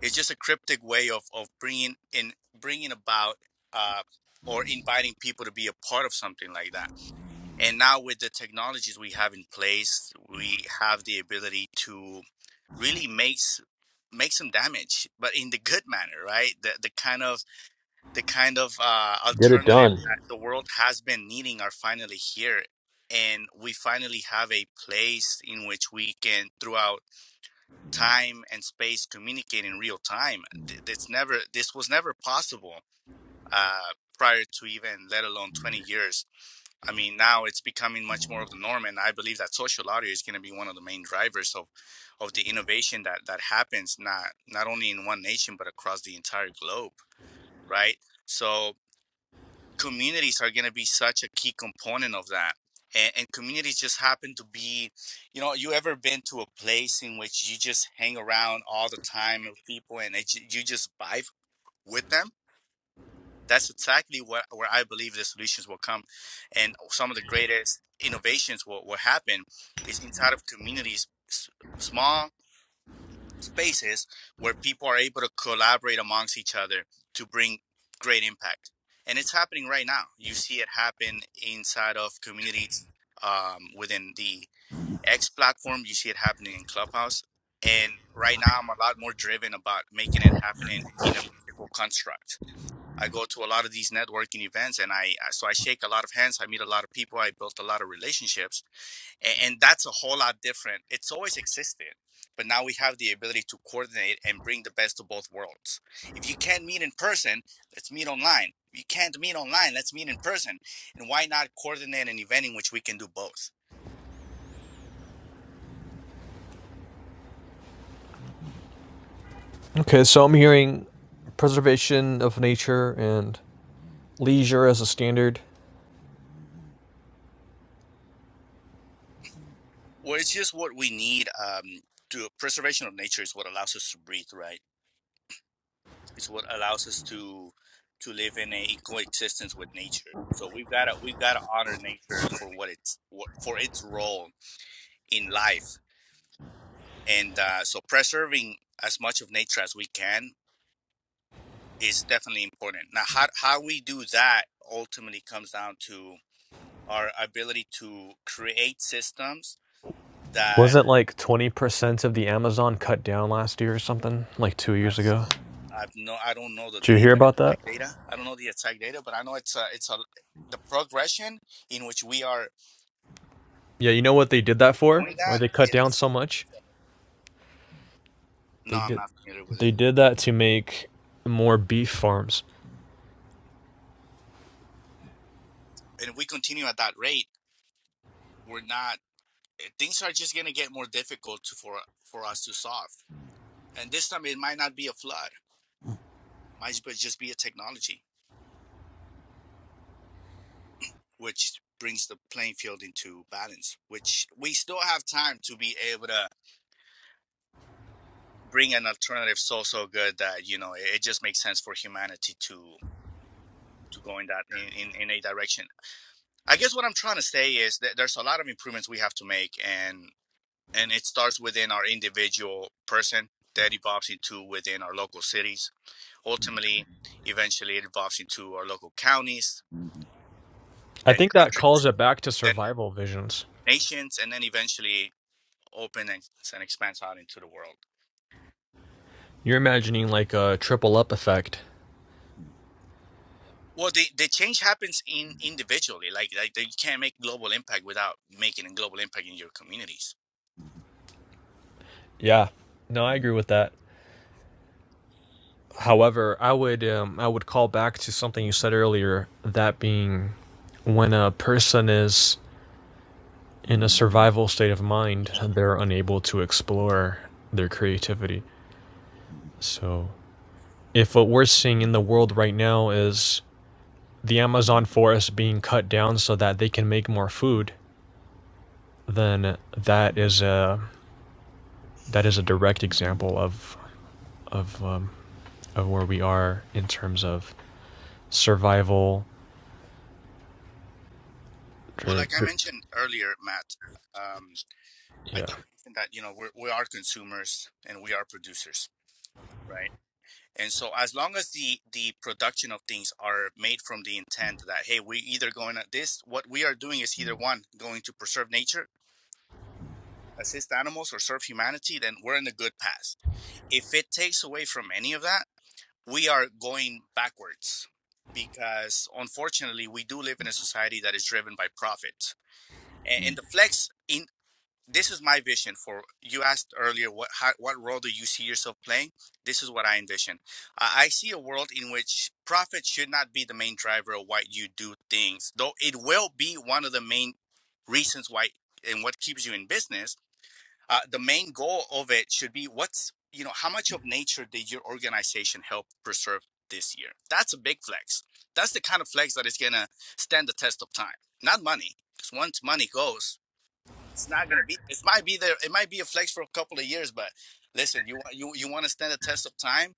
Speaker 3: It's just a cryptic way of, of bringing in bringing about uh, or inviting people to be a part of something like that. And now with the technologies we have in place, we have the ability to really makes makes some damage, but in the good manner, right? The the kind of the kind of uh,
Speaker 2: Get it
Speaker 3: alternative
Speaker 2: done.
Speaker 3: that the world has been needing are finally here, and we finally have a place in which we can, throughout time and space, communicate in real time. Th- That's never this was never possible uh, prior to even, let alone twenty years I mean, now it's becoming much more of the norm, and I believe that social audio is going to be one of the main drivers of, of the innovation that that happens not not only in one nation but across the entire globe, right? So communities are going to be such a key component of that, and, and communities just happen to be, you know, you ever been to a place in which you just hang around all the time with people and it, you just vibe with them? that's exactly where, where I believe the solutions will come. And some of the greatest innovations will, will happen is inside of communities, s- small spaces where people are able to collaborate amongst each other to bring great impact. And it's happening right now. You see it happen inside of communities um, within the X platform. You see it happening in Clubhouse. And right now, I'm a lot more driven about making it happen in, in a physical construct I go to a lot of these networking events and I, so I shake a lot of hands. I meet a lot of people. I built a lot of relationships and, and that's a whole lot different. It's always existed, but now we have the ability to coordinate and bring the best of both worlds. If you can't meet in person, let's meet online. If you can't meet online, let's meet in person. And why not coordinate an event in which we can do both?
Speaker 2: Okay, so I'm hearing preservation of nature and leisure as a standard.
Speaker 3: Well, it's just what we need. Um, to preservation of nature is what allows us to breathe, right? It's what allows us to to live in a coexistence with nature. So we've got to we've got to honor nature for what it's for its role in life, and uh, so preserving as much of nature as we can is definitely important. Now, how how we do that ultimately comes down to our ability to create systems that.
Speaker 2: Wasn't like 20% of the Amazon cut down last year or something? Like two
Speaker 3: I've,
Speaker 2: years ago?
Speaker 3: I've no, I don't know the
Speaker 2: Did you hear
Speaker 3: data,
Speaker 2: about that?
Speaker 3: data. I don't know the exact data, but I know it's a, it's a, the progression in which we are
Speaker 2: Yeah, you know what they did that for?
Speaker 3: doing
Speaker 2: Why
Speaker 3: that,
Speaker 2: they cut down
Speaker 3: it's
Speaker 2: so much?
Speaker 3: no,
Speaker 2: They
Speaker 3: I'm
Speaker 2: did
Speaker 3: not familiar with it.
Speaker 2: they did that to make more beef farms.
Speaker 3: And if we continue at that rate, we're not. eh, Things are just gonna get more difficult to, for for us to solve. And this time, it might not be a flood. Might ju- just be a technology, which brings the playing field into balance. Which we still have time to be able to bring an alternative so so good that you know it, it just makes sense for humanity to to go in that in, in, in a direction. I guess what I'm trying to say is that there's a lot of improvements we have to make, and and it starts within our individual person that evolves into within our local cities ultimately eventually it evolves into our local counties
Speaker 2: I
Speaker 3: then
Speaker 2: think that calls
Speaker 3: countries
Speaker 2: it back to
Speaker 3: then
Speaker 2: survival visions.
Speaker 3: nations and then eventually opens and, and expands out into the world
Speaker 2: You're imagining like a triple up effect.
Speaker 3: well the, the change happens in individually like, like you can't make global impact without making a global impact in your communities
Speaker 2: Yeah. No, I agree with that. However, I would um, I would call back to something you said earlier, that being when a person is in a survival state of mind, they're unable to explore their creativity. So, if what we're seeing in the world right now is the Amazon forest being cut down so that they can make more food, then that is a that is a direct example of of um, of where we are in terms of survival.
Speaker 3: well like i mentioned earlier matt um, i
Speaker 2: Yeah,
Speaker 3: did mention that you know we're, we are consumers and we are producers right And so as long as the the production of things are made from the intent that hey, we either going at this what we are doing is either one going to preserve nature, assist animals or serve humanity, then we're in a good path. If it takes away from any of that, we are going backwards because unfortunately we do live in a society that is driven by profit. And the flex in this is my vision for you asked earlier what how, what role do you see yourself playing this is what i envision uh, i see a world in which profit should not be the main driver of why you do things though it will be one of the main reasons why and what keeps you in business uh, the main goal of it should be what's you know how much of nature did your organization help preserve this year that's a big flex that's the kind of flex that is going to stand the test of time not money because once money goes it's not gonna be. It might be there. It might be a flex for a couple of years, but listen, you want you you want to stand the test of time?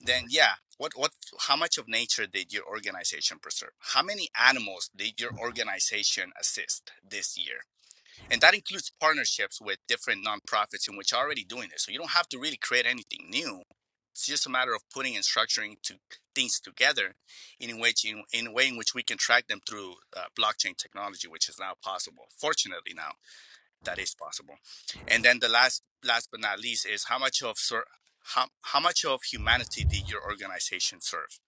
Speaker 3: Then yeah. What what? How much of nature did your organization preserve? How many animals did your organization assist this year? And that includes partnerships with different nonprofits in which are already doing this. So you don't have to really create anything new. It's just a matter of putting and structuring to things together in which in, in a way in which we can track them through uh, blockchain technology, which is now possible, fortunately now that is possible. And then the last, last but not least, is how much of ser- how, how much of humanity did your organization serve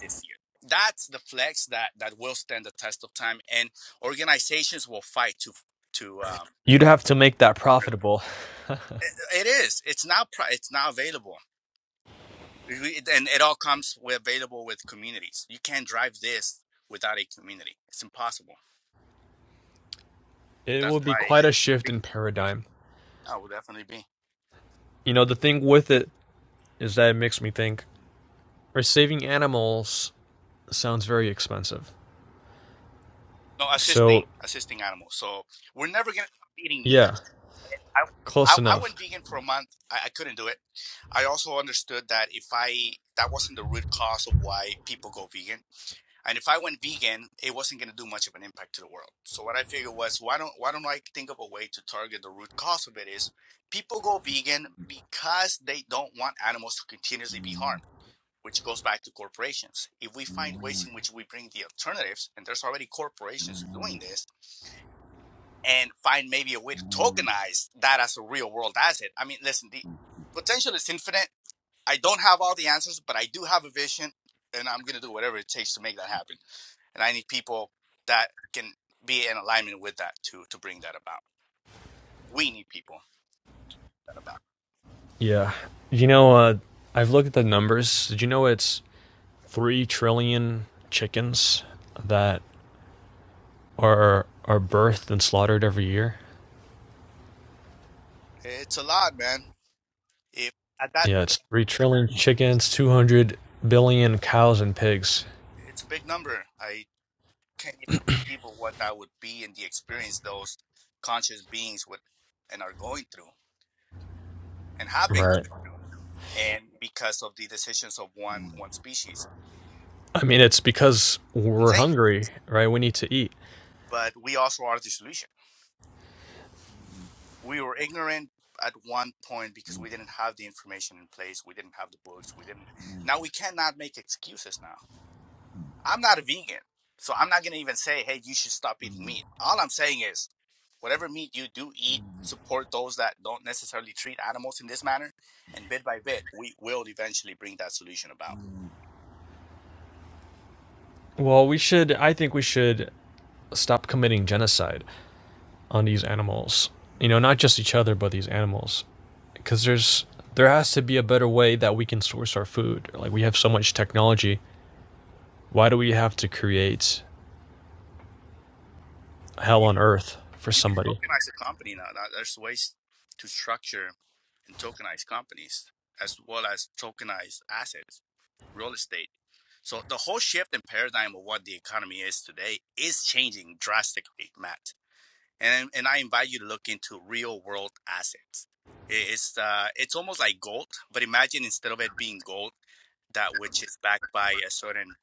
Speaker 3: this year? That's the flex that that will stand the test of time, and organizations will fight to to. Um,
Speaker 2: you'd have to make that profitable.
Speaker 3: it is. It's now. It's now available, and it all comes with available with communities. You can't drive this without a community. It's impossible.
Speaker 2: *laughs* it will
Speaker 3: That's
Speaker 2: be
Speaker 3: why.
Speaker 2: quite a shift in paradigm.
Speaker 3: I will definitely be.
Speaker 2: You know, the thing with it is that it makes me think: are saving animals sounds very expensive.
Speaker 3: No, assisting,
Speaker 2: So
Speaker 3: assisting animals. So we're never gonna stop eating meat.
Speaker 2: yeah,
Speaker 3: I,
Speaker 2: close
Speaker 3: I, I
Speaker 2: enough.
Speaker 3: went vegan for a month. I, I couldn't do it. I also understood that if I that wasn't the root cause of why people go vegan, and if I went vegan, it wasn't gonna do much of an impact to the world. So what I figured was, why don't why don't I think of a way to target the root cause of it? Is people go vegan because they don't want animals to continuously be harmed. Which goes back to corporations. If we find ways in which we bring the alternatives, and there's already corporations doing this, and find maybe a way to tokenize that as a real world asset. I mean, listen, the potential is infinite. I don't have all the answers, but I do have a vision, and I'm going to do whatever it takes to make that happen. And I need people that can be in alignment with that to to bring that about. We need people that about.
Speaker 2: Yeah, you know, uh, I've looked at the numbers. Did you know it's three trillion chickens that are are birthed and slaughtered every year.
Speaker 3: It's a lot, man. If at that
Speaker 2: Yeah, it's three trillion chickens, two hundred billion cows and pigs.
Speaker 3: it's a big number. I can't even conceive of what that would be and the experience those conscious beings would and are going through and have been
Speaker 2: Right.
Speaker 3: going through. And because of the decisions of one one species.
Speaker 2: I mean, it's because we're
Speaker 3: Insane.
Speaker 2: hungry, right? We need to eat.
Speaker 3: But we also are the solution. We were ignorant at one point because we didn't have the information in place. We didn't have the books. We didn't now we cannot make excuses now I'm not a vegan, so I'm not gonna even say, hey, you should stop eating meat. All I'm saying is, whatever meat you do eat, support those that don't necessarily treat animals in this manner, and bit by bit, we will eventually bring that solution about.
Speaker 2: Well, we should. I think we should stop committing genocide on these animals. You know, not just each other, but these animals, because there's there has to be a better way that we can source our food. Like we have so much technology. Why do we have to create hell
Speaker 3: You
Speaker 2: on earth for
Speaker 3: you can
Speaker 2: somebody.
Speaker 3: tokenize a company now. Now, There's ways to structure and tokenize companies as well as tokenize assets, real estate. So the whole shift in paradigm of what the economy is today is changing drastically, Matt. and and I invite you to look into real world assets. It's uh, it's almost like gold, but imagine instead of it being gold, that which is backed by a certain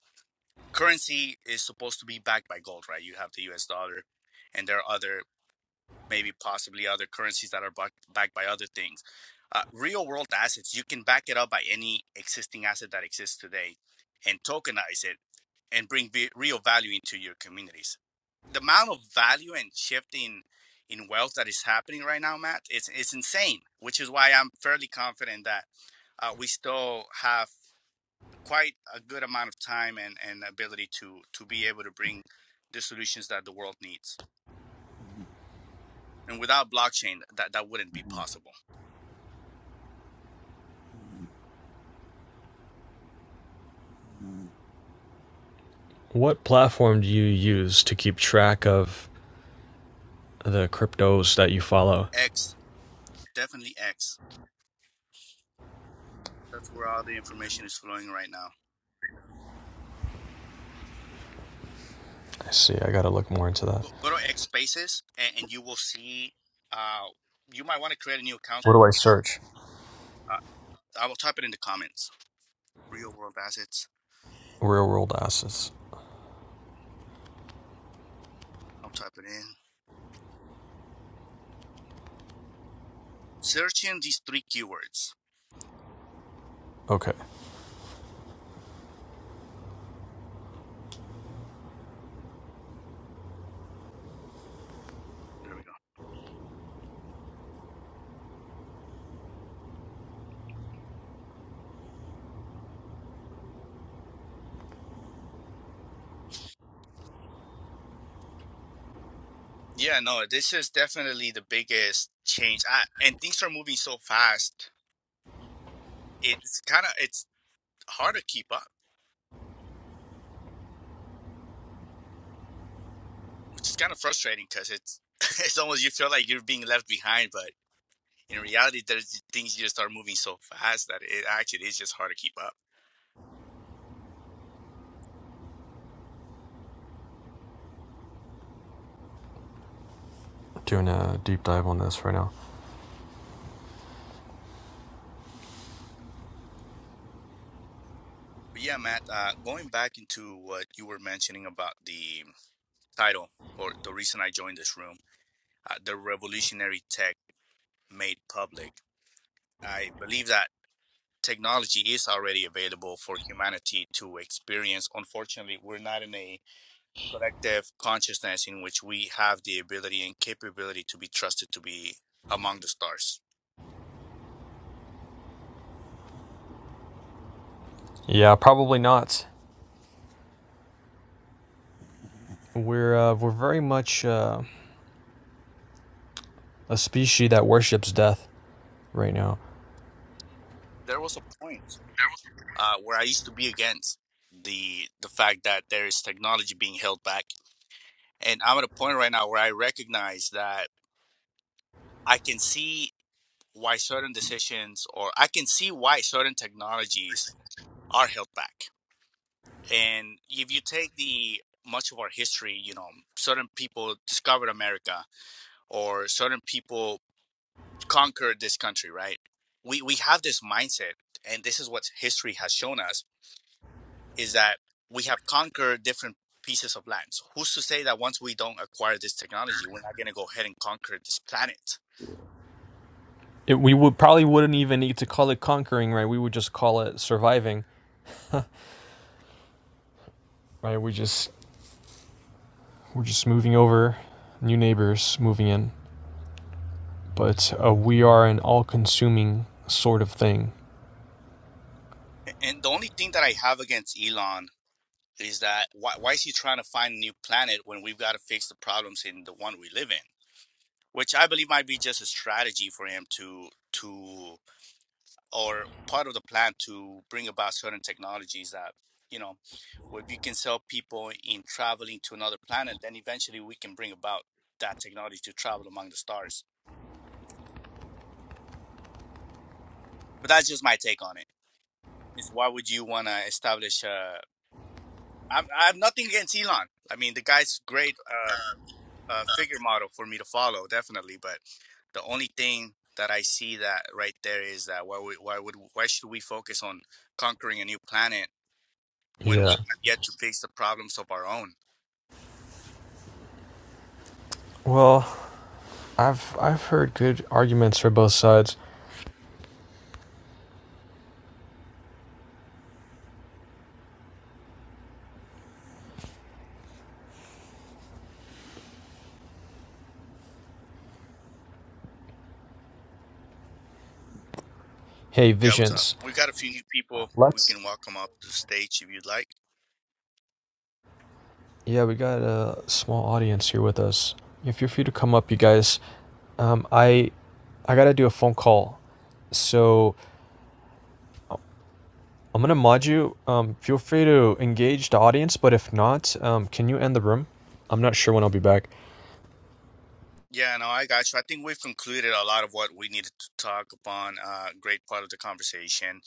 Speaker 3: currency is supposed to be backed by gold, right? You have the U.S. dollar, and there are other maybe possibly other currencies that are backed by other things. Uh, real world assets, you can back it up by any existing asset that exists today and tokenize it and bring v- real value into your communities. The amount of value and shifting in wealth that is happening right now, Matt, it's, it's insane, which is why I'm fairly confident that uh, we still have quite a good amount of time and, and ability to, to be able to bring the solutions that the world needs. And without blockchain, that, that wouldn't be possible.
Speaker 2: What platform do you use to keep track of the cryptos that you follow?
Speaker 3: X, definitely X. That's where all the information is flowing right now.
Speaker 2: I see. I gotta look more into that.
Speaker 3: Go, go to X Spaces, and, and you will see. Uh, you might want to create a new account.
Speaker 2: What do I search?
Speaker 3: Uh, I will type it in the comments. Real world assets.
Speaker 2: Real world assets.
Speaker 3: I'll type it in. Searching these three keywords.
Speaker 2: Okay,
Speaker 3: There we go. Yeah, no, this is definitely the biggest change. I, and things are moving so fast. It's kind of it's hard to keep up. which is kind of frustrating because it's *laughs* it's almost you feel like you're being left behind, but in reality, there's things you just start moving so fast that it actually is just hard to keep up.
Speaker 2: doing a deep dive on this right now.
Speaker 3: But yeah, Matt, uh, going back into what you were mentioning about the title or the reason I joined this room, uh, the revolutionary tech made public. I believe that technology is already available for humanity to experience. Unfortunately, we're not in a collective consciousness in which we have the ability and capability to be trusted to be among the stars.
Speaker 2: Yeah, probably not. We're uh, we're very much uh, a species that worships death right now.
Speaker 3: There was a point uh, where I used to be against the the fact that there is technology being held back, and I'm at a point right now where I recognize that I can see why certain decisions or I can see why certain technologies are held back. And if you take the much of our history, you know, certain people discovered America or certain people conquer this country, right? We we have this mindset, and this is what history has shown us is that we have conquered different pieces of land. So who's to say that once we don't acquire this technology, we're not going to go ahead and conquer this planet?
Speaker 2: It, we would probably wouldn't even need to call it conquering, right? We would just call it surviving, right? We just we're just moving over, new neighbors moving in, but uh, we are an all-consuming sort of thing.
Speaker 3: *laughs* And the only thing that I have against Elon is that why, why is he trying to find a new planet when we've got to fix the problems in the one we live in? Which I believe might be just a strategy for him to to or part of the plan to bring about certain technologies that you know Well, if you can sell people in traveling to another planet, then eventually we can bring about that technology to travel among the stars. But that's just my take on it. Is why would you want to establish? Uh, I'm, I have nothing against Elon. I mean, the guy's great uh, uh, figure model for me to follow, definitely. But the only thing that I see that right there is that why we, why would why should we focus on conquering a new planet when we
Speaker 2: Yeah.
Speaker 3: have yet to face the problems of our own.
Speaker 2: Well, I've I've heard good arguments for both sides. Hey,
Speaker 3: Yeah, what's up?
Speaker 2: visions.
Speaker 3: We got a few new people. We can welcome up to the stage if you'd like.
Speaker 2: Yeah, we got a small audience here with us. If you're free to come up, you guys. Um, I I gotta do a phone call, so I'm gonna mod you. Um, feel free to engage the audience, but if not, um, can you end the room? I'm not sure when I'll be back.
Speaker 3: Yeah, no, I got you. I think we've concluded a lot of what we needed to talk upon. Uh, great part of the conversation.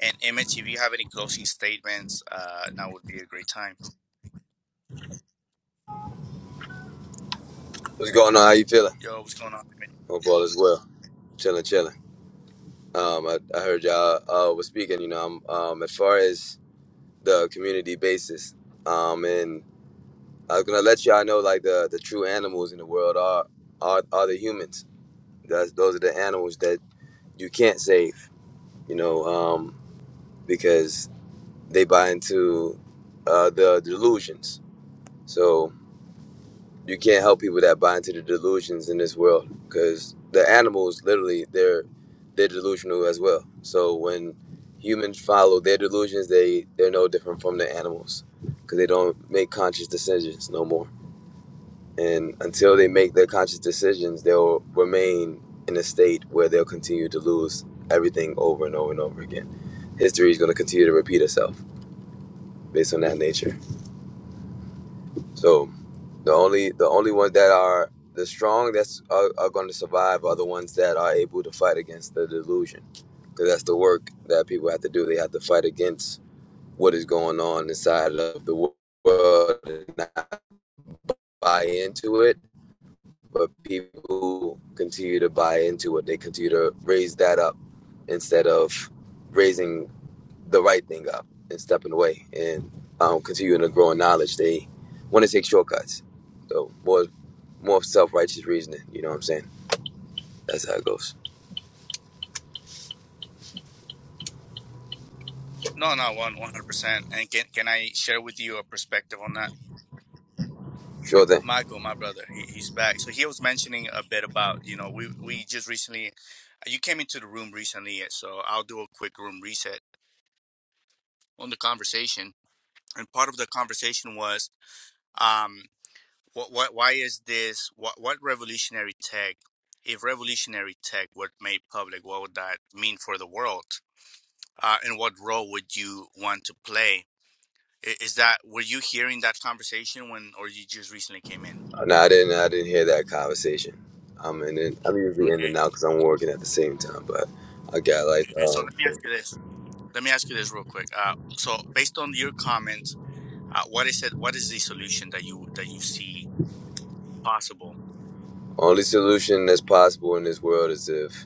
Speaker 3: And Emmett, if you have any closing statements, uh, that would be a great time.
Speaker 1: What's going on? How you feeling?
Speaker 3: Yo, what's going on? Emmett?
Speaker 1: Hope all is well. Chilling, chilling. Um, I, I heard y'all uh, was speaking. You know, um, um, as far as the community basis, um, and I was gonna let y'all know like the the true animals in the world are are, are the humans. That's, those are the animals that you can't save. You know, um, because they buy into uh, the delusions. So you can't help people that buy into the delusions in this world because the animals literally they're they're delusional as well so when humans follow their delusions they they're no different from the animals because they don't make conscious decisions no more and until they make their conscious decisions they'll remain in a state where they'll continue to lose everything over and over and over again history is going to continue to repeat itself based on that nature so The only the only ones that are the strong that's are, are going to survive are the ones that are able to fight against the delusion, because that's the work that people have to do. They have to fight against what is going on inside of the wo- world and not buy into it. But people who continue to buy into it, they continue to raise that up instead of raising the right thing up and stepping away and um, continuing to grow in knowledge. They want to take shortcuts. So more more self righteous reasoning. You know what I'm saying? That's how it goes.
Speaker 3: No, no, one, one hundred percent. And can can I share with you a perspective on that?
Speaker 1: Sure
Speaker 3: And
Speaker 1: thing.
Speaker 3: Michael, my brother, he, he's back. So he was mentioning a bit about, you know, we we just recently, you came into the room recently, so I'll do a quick room reset on the conversation. And part of the conversation was, um, what what why is this? What what revolutionary tech? If revolutionary tech were made public, what would that mean for the world? Uh, and what role would you want to play? I- Is that were you hearing that conversation when, or you just recently came in?
Speaker 1: No, I didn't. I didn't hear that conversation. Um, and then I'm usually in
Speaker 3: Okay.
Speaker 1: and out because I'm working at the same time. But I got like
Speaker 3: Okay. So let me
Speaker 1: uh,
Speaker 3: ask you this. Let me ask you this real quick. Uh, so based on your comments, uh, what is it? What is the solution that you that you see possible?
Speaker 1: only solution that's possible in this world is if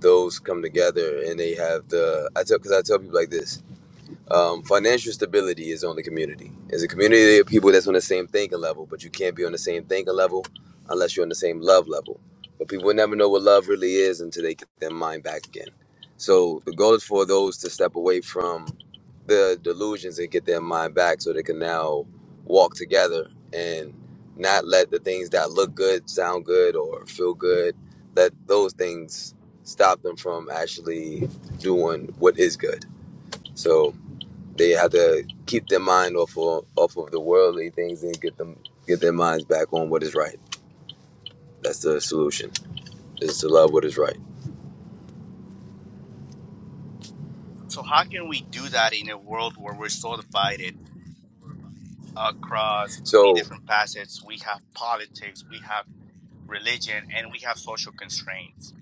Speaker 1: those come together and they have the. I tell because I tell people like this. Um, financial stability is on the community. It's a community of people that's on the same thinking level, but you can't be on the same thinking level unless you're on the same love level. But people never know what love really is until they get their mind back again. So the goal is for those to step away from the delusions and get their mind back so they can now walk together and not let the things that look good, sound good, or feel good, let those things stop them from actually doing what is good. So they have to keep their mind off of, off of the worldly things and get them get their minds back on what is right. That's the solution. Is to love what is right.
Speaker 3: So how can we do that in a world where we're so divided across many
Speaker 1: So
Speaker 3: different facets? We have politics, we have religion, and we have social constraints.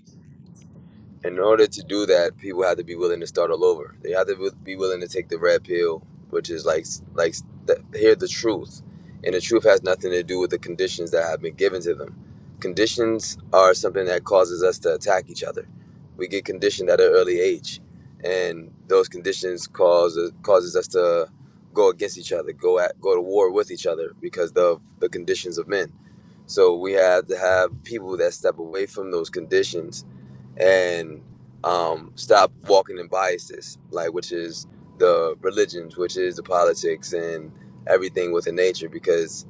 Speaker 1: in order to do that, people have to be willing to start all over. They have to be willing to take the red pill, which is like like th- hear the truth, and the truth has nothing to do with the conditions that have been given to them. Conditions are something that causes us to attack each other. We get conditioned at an early age, and those conditions cause uh, causes us to go against each other, go at go to war with each other because of the conditions of men. So we have to have people that step away from those conditions and um, stop walking in biases, like which is the religions, which is the politics and everything within nature, because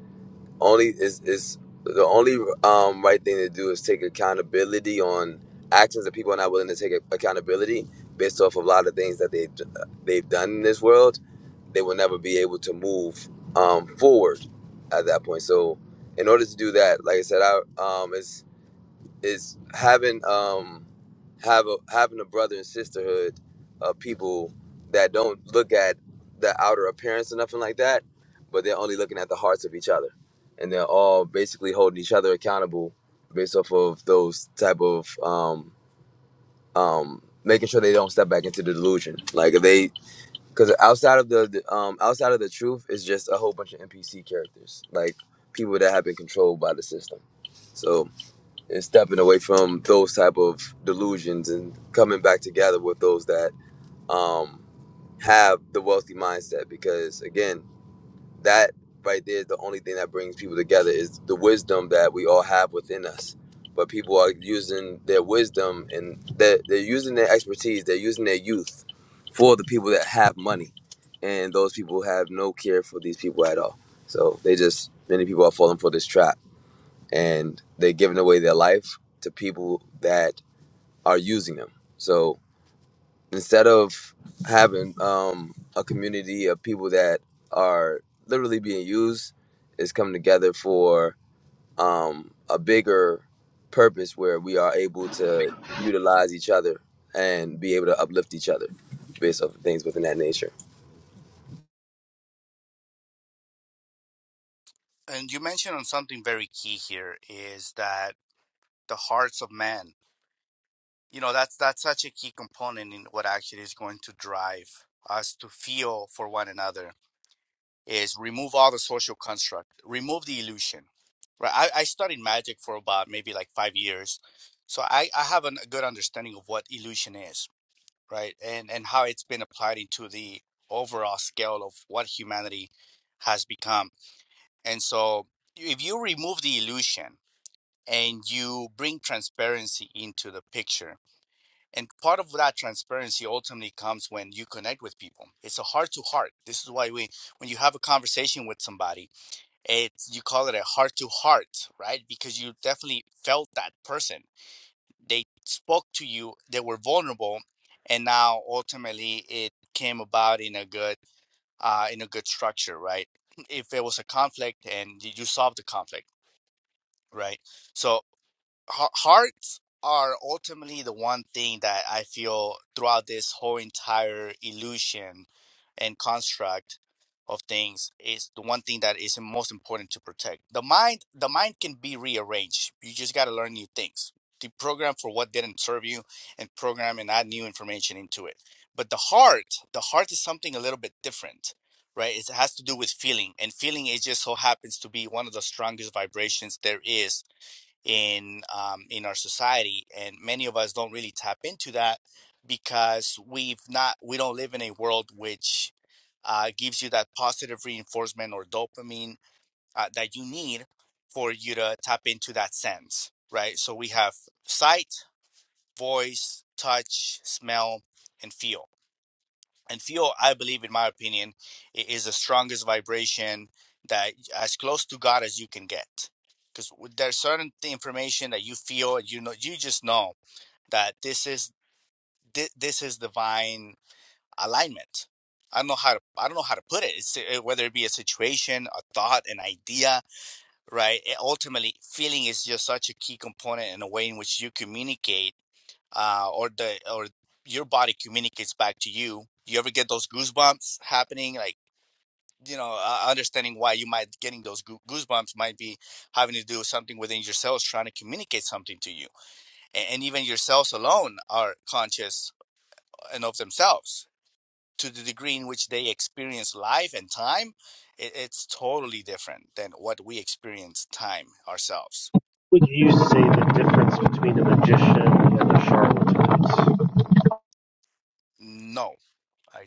Speaker 1: only is is the only um, right thing to do is take accountability on actions that people are not willing to take accountability based off of a lot of things that they they've done in this world. They will never be able to move um, forward at that point. So, in order to do that, like I said, I um, it's is having um have a having a brother and sisterhood of people that don't look at the outer appearance or nothing like that, but they're only looking at the hearts of each other, and they're all basically holding each other accountable based off of those type of um um making sure they don't step back into the delusion. Like if they because outside of the, the um outside of the truth is just a whole bunch of NPC characters like people that have been controlled by the system. so and stepping away from those type of delusions and coming back together with those that um, have the wealthy mindset because again that right there is the only thing that brings people together is the wisdom that we all have within us but people are using their wisdom and they're, they're using their expertise they're using their youth for the people that have money and those people have no care for these people at all so they just many people are falling for this trap and they're giving away their life to people that are using them. So instead of having um, a community of people that are literally being used, is coming together for um, a bigger purpose where we are able to utilize each other and be able to uplift each other based off of things within that nature.
Speaker 3: And you mentioned on something very key here is that the hearts of men. You know that's that's such a key component in what actually is going to drive us to feel for one another is remove all the social construct, remove the illusion. Right. I, I studied magic for about maybe like five years. So I, I have a good understanding of what illusion is, right? And and how it's been applied into the overall scale of what humanity has become. And so if you remove the illusion and you bring transparency into the picture, and part of that transparency ultimately comes when you connect with people. It's a heart to heart. This is why we when you have a conversation with somebody it's you call it a heart to heart right because you definitely felt that person they spoke to you they were vulnerable and now ultimately it came about in a good uh in a good structure right if it was a conflict and you solved the conflict right so Hear- hearts are ultimately the one thing that I feel throughout this whole entire illusion and construct of things is the one thing that is most important to protect. The mind, the mind can be rearranged. You just got to learn new things. Deprogram for what didn't serve you, and program and add new information into it. But the heart, the heart is something a little bit different, right? It has to do with feeling, and feeling it just so happens to be one of the strongest vibrations there is in um, in our society, and many of us don't really tap into that because we've not we don't live in a world which uh, gives you that positive reinforcement or dopamine uh, that you need for you to tap into that sense, right? So we have sight, voice, touch, smell, and feel and feel i believe in my opinion i- is the strongest vibration that as close to god as you can get because there's certain th- information that you feel you know you just know that this is thi- this is divine alignment i don't know how to i don't know how to put it it's uh, whether it be a situation a thought an idea right it, ultimately feeling is just such a key component in a way in which you communicate uh, or the or your body communicates back to you. Do You ever get those goosebumps happening? Like you know, uh, understanding why you might getting those goo- goosebumps might be having to do with something within your cells trying to communicate something to you, and, and even your cells alone are conscious and of themselves to the degree in which they experience life and time. It, it's totally different than what we experience time ourselves.
Speaker 5: would you say the difference between a magician and a charlatan is?
Speaker 3: No, I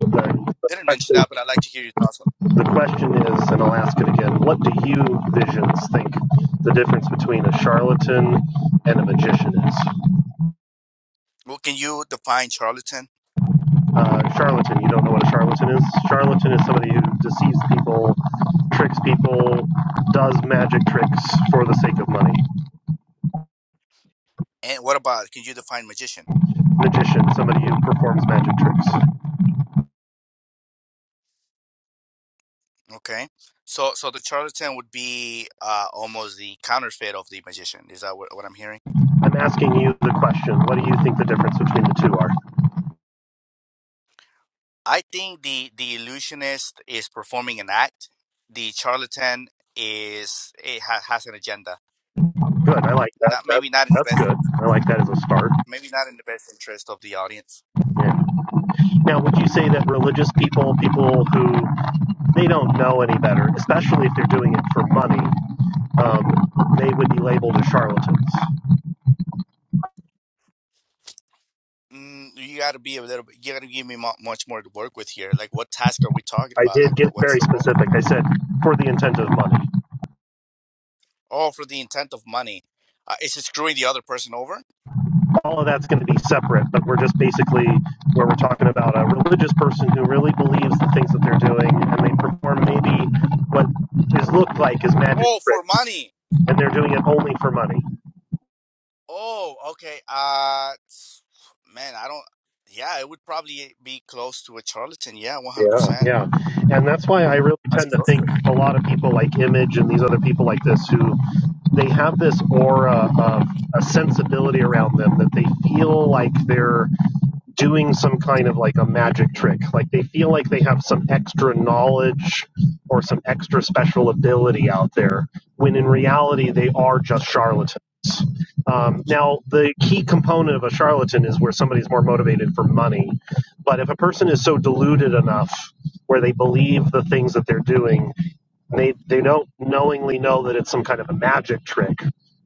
Speaker 5: The, the,
Speaker 3: didn't mention
Speaker 5: question,
Speaker 3: that, but I'd like to hear your thoughts on.
Speaker 5: the question is, and I'll ask it again, what do you visions think the difference between a charlatan and a magician is?
Speaker 3: Well, can you define charlatan?
Speaker 5: Uh, charlatan, you don't know what a charlatan is? Charlatan is somebody who deceives people, tricks people, does magic tricks for the sake of money.
Speaker 3: And what about can you define magician?
Speaker 5: Magician, somebody who performs magic tricks.
Speaker 3: Okay, so so the charlatan would be uh, almost the counterfeit of the magician. Is that what, what I'm hearing?
Speaker 5: I'm asking you the question, what do you think the difference between the two are?
Speaker 3: I think the the illusionist is performing an act. The charlatan is it ha- has an agenda.
Speaker 5: Good. I like that.
Speaker 3: Not
Speaker 5: That
Speaker 3: maybe not in the
Speaker 5: that's
Speaker 3: best
Speaker 5: good. I like that as a start.
Speaker 3: maybe not in the best interest of the audience.
Speaker 5: Yeah. Now, would you say that religious people, people who they don't know any better, especially if they're doing it for money, um, they would be labeled as charlatans?
Speaker 3: Mm, you got to be a little. bit- You got to give me mu much more to work with here. Like, what task are we talking
Speaker 5: I
Speaker 3: about? Like,
Speaker 5: did get
Speaker 3: what what's
Speaker 5: very
Speaker 3: the role?
Speaker 5: specific. I said for the intent of money.
Speaker 3: Oh, for the intent of money. Uh, is it screwing the other person over?
Speaker 5: All of that's going to be separate, but we're just basically where we're talking about a religious person who really believes the things that they're doing, and they perform maybe what is looked like as magic
Speaker 3: Oh, for
Speaker 5: tricks,
Speaker 3: money.
Speaker 5: and they're doing it only for money.
Speaker 3: Oh, okay. Uh, s- man, I don't. Yeah, it would probably be close to a charlatan. Yeah, one hundred
Speaker 5: Yeah,
Speaker 3: percent.
Speaker 5: yeah. And that's why I really
Speaker 3: That's
Speaker 5: tend to
Speaker 3: close to
Speaker 5: think
Speaker 3: it.
Speaker 5: a lot of people like Image and these other people like this who they have this aura of a sensibility around them that they feel like they're doing some kind of like a magic trick. Like they feel like they have some extra knowledge or some extra special ability out there, when in reality they are just charlatans. Um, now, the key component of a charlatan is where somebody's more motivated for money. But if a person is so deluded enough where they believe the things that they're doing, they, they don't knowingly know that it's some kind of a magic trick,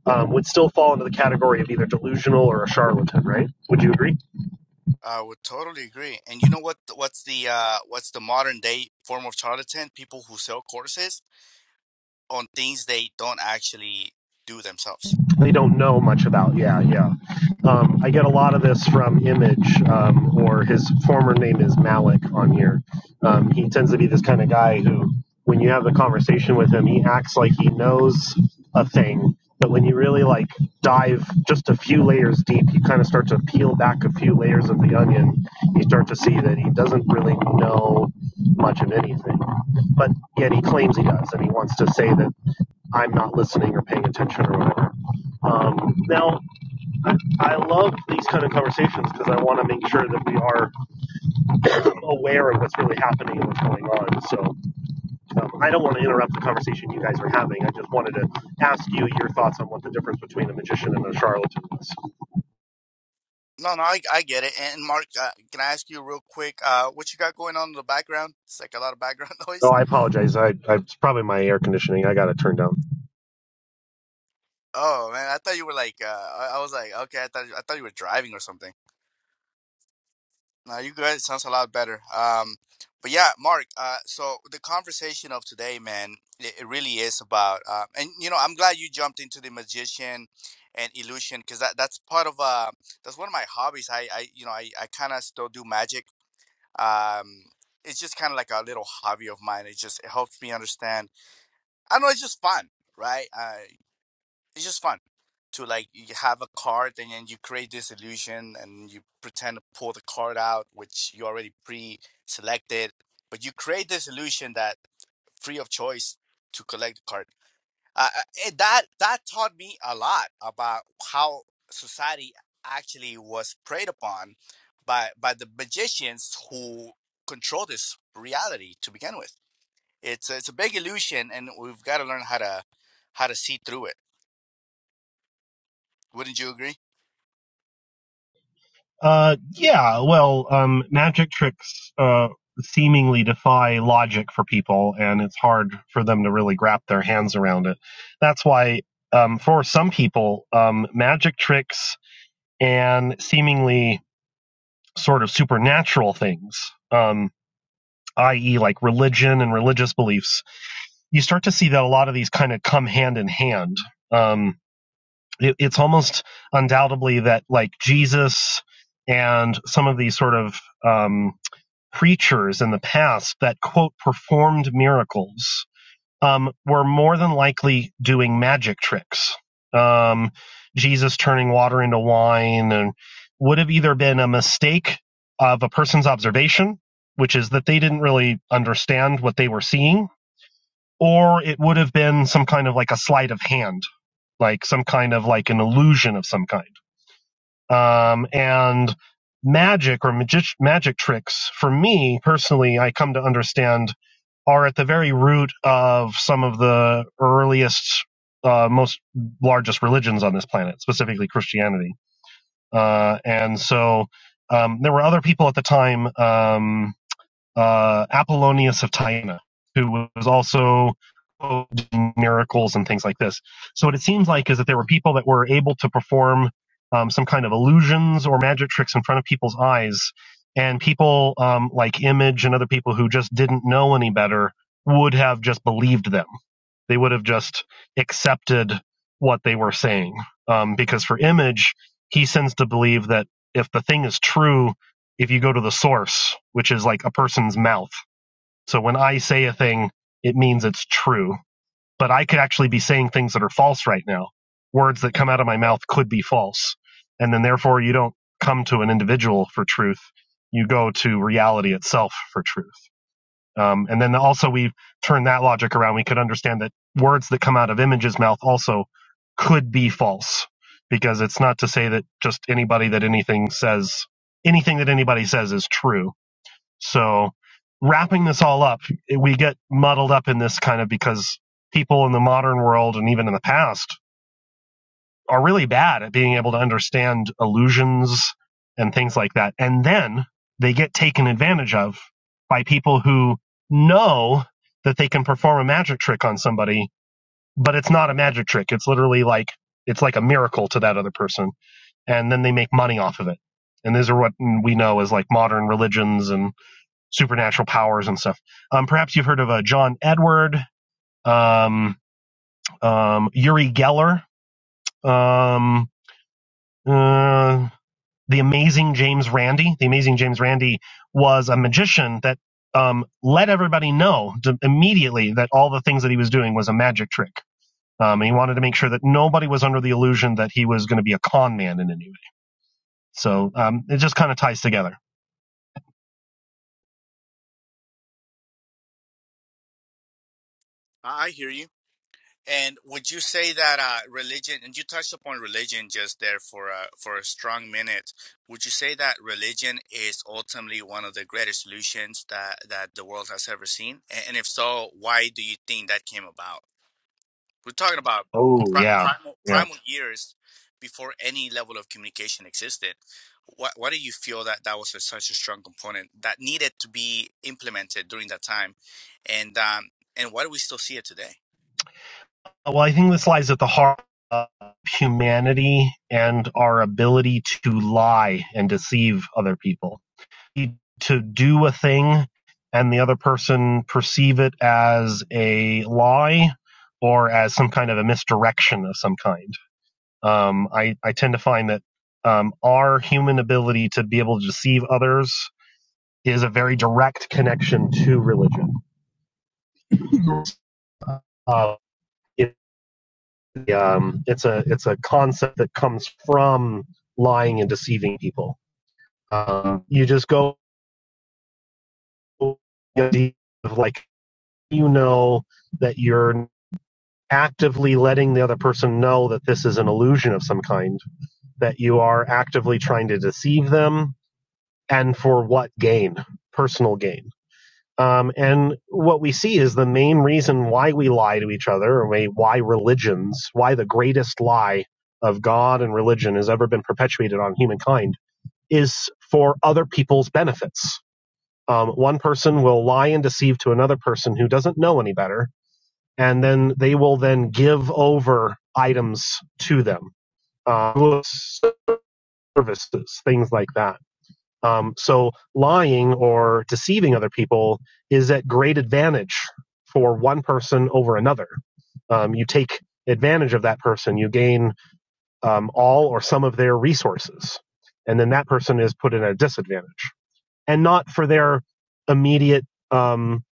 Speaker 5: um, would still fall into the category of either delusional or a charlatan, right? Would you agree?
Speaker 3: I would totally agree. And you know what? What's the uh, what's the modern day form of charlatan? People who sell courses on things they don't actually do themselves.
Speaker 5: they don't know much about. Yeah, yeah. Um, I get a lot of this from Image, um, or his former name is Malik on here. Um, he tends to be this kind of guy who, when you have the conversation with him, he acts like he knows a thing, but when you really like dive just a few layers deep, you kind of start to peel back a few layers of the onion. You start to see that he doesn't really know much of anything, but yet he claims he does, and he wants to say that I'm not listening or paying attention or whatever. Um, now, I, I love these kind of conversations because I want to make sure that we are aware of what's really happening and what's going on. So um, I don't want to interrupt the conversation you guys are having. I just wanted to ask you your thoughts on what the difference between a magician and a charlatan is.
Speaker 3: No, no, I, I get it. And Mark, uh, can I ask you real quick, uh, what you got going on in the background? It's like a lot of background *laughs*
Speaker 5: So
Speaker 3: noise.
Speaker 5: I apologize. I, I it's probably my air conditioning. I got it turned down.
Speaker 3: Oh man, I thought you were like, uh, I, I was like, okay, I thought I thought you were driving or something. No, you good. It sounds a lot better. Um, but yeah, Mark. Uh, so the conversation of today, man, it, it really is about, uh, and you know, I'm glad you jumped into the magician and illusion because that that's part of uh, that's one of my hobbies. I I you know I I kind of still do magic um, it's just kind of like a little hobby of mine. It just it helps me understand. I don't know it's just fun, right? Uh, it's just fun to like you have a card and then you create this illusion and you pretend to pull the card out, which you already pre-selected, but you create this illusion that free of choice to collect the card uh, it, that that taught me a lot about how society actually was preyed upon by by the magicians who control this reality to begin with. It's a, it's a big illusion, and we've got to learn how to how to see through it. Wouldn't you agree?
Speaker 5: Uh, yeah, well, um, magic tricks uh, seemingly defy logic for people, and it's hard for them to really wrap their hands around it. That's why, um, for some people, um, magic tricks and seemingly sort of supernatural things, um, i.e., like religion and religious beliefs, you start to see that a lot of these kind of come hand in hand. Um, it, it's almost undoubtedly that, like, Jesus and some of these sort of um, preachers in the past that quote performed miracles um, were more than likely doing magic tricks. Um, Jesus turning water into wine and would have either been a mistake of a person's observation, which is that they didn't really understand what they were seeing, or it would have been some kind of like a sleight of hand, like some kind of like an illusion of some kind um, and magic or magic magic tricks for me personally i come to understand are at the very root of some of the earliest uh, most largest religions on this planet specifically christianity uh, and so um, there were other people at the time um, uh, Apollonius of Tyana, who was also doing miracles and things like this. So what it seems like is that there were people that were able to perform um, some kind of illusions or magic tricks in front of people's eyes, and people um, like Image and other people who just didn't know any better would have just believed them they would have just accepted what they were saying. Um, because for image, he sends to believe that if the thing is true, if you go to the source, which is like a person's mouth. So when I say a thing, it means it's true. But I could actually be saying things that are false right now. Words that come out of my mouth could be false. And then therefore you don't come to an individual for truth. You go to reality itself for truth. Um, and then also we've turned that logic around. We could understand that words that come out of image's mouth also could be false because it's not to say that just anybody that anything says, anything that anybody says is true. So wrapping this all up, we get muddled up in this kind of because people in the modern world and even in the past are really bad at being able to understand illusions and things like that. And then they get taken advantage of by people who know that they can perform a magic trick on somebody, but it's not a magic trick. It's literally like, it's like a miracle to that other person. And then they make money off of it. And these are what we know as like modern religions and supernatural powers and stuff. Um, perhaps you've heard of uh, John Edward, um, um, Uri Geller, um, uh, the amazing James Randi. The amazing James Randi was a magician that um, let everybody know to, immediately that all the things that he was doing was a magic trick. Um, and he wanted to make sure that nobody was under the illusion that he was going to be a con man in any way. So um, it just kind of ties together.
Speaker 3: I I hear you. And would you say that uh, religion, and you touched upon religion just there for a, for a strong minute, would you say that religion is ultimately one of the greatest solutions that, that the world has ever seen? A- And if so, why do you think that came about? We're talking about
Speaker 5: Oh
Speaker 3: pri-
Speaker 5: yeah,
Speaker 3: primal,
Speaker 5: yeah.
Speaker 3: primal years before any level of communication existed. Why, why do you feel that that was a, such a strong component that needed to be implemented during that time? And, um, and why do we still see it today?
Speaker 5: Well, I think this lies at the heart of humanity and our ability to lie and deceive other people. To do a thing and the other person perceive it as a lie or as some kind of a misdirection of some kind. Um, I, I tend to find that um, our human ability to be able to deceive others is a very direct connection to religion. *laughs* Uh, it um, it's a it's a concept that comes from lying and deceiving people. Um, you just go like you know that you're actively letting the other person know that this is an illusion of some kind, that you are actively trying to deceive them, and for what gain? Personal gain. Um, and what we see is the main reason why we lie to each other, or why religions, why the greatest lie of God and religion has ever been perpetuated on humankind, is for other people's benefits. Um, one person will lie and deceive to another person who doesn't know any better, and then they will then give over items to them, uh, services, things like that um, so lying or deceiving other people is at great advantage for one person over another. Um, you take advantage of that person, you gain um, all or some of their resources, and then that person is put in a disadvantage. And not for their immediate, um,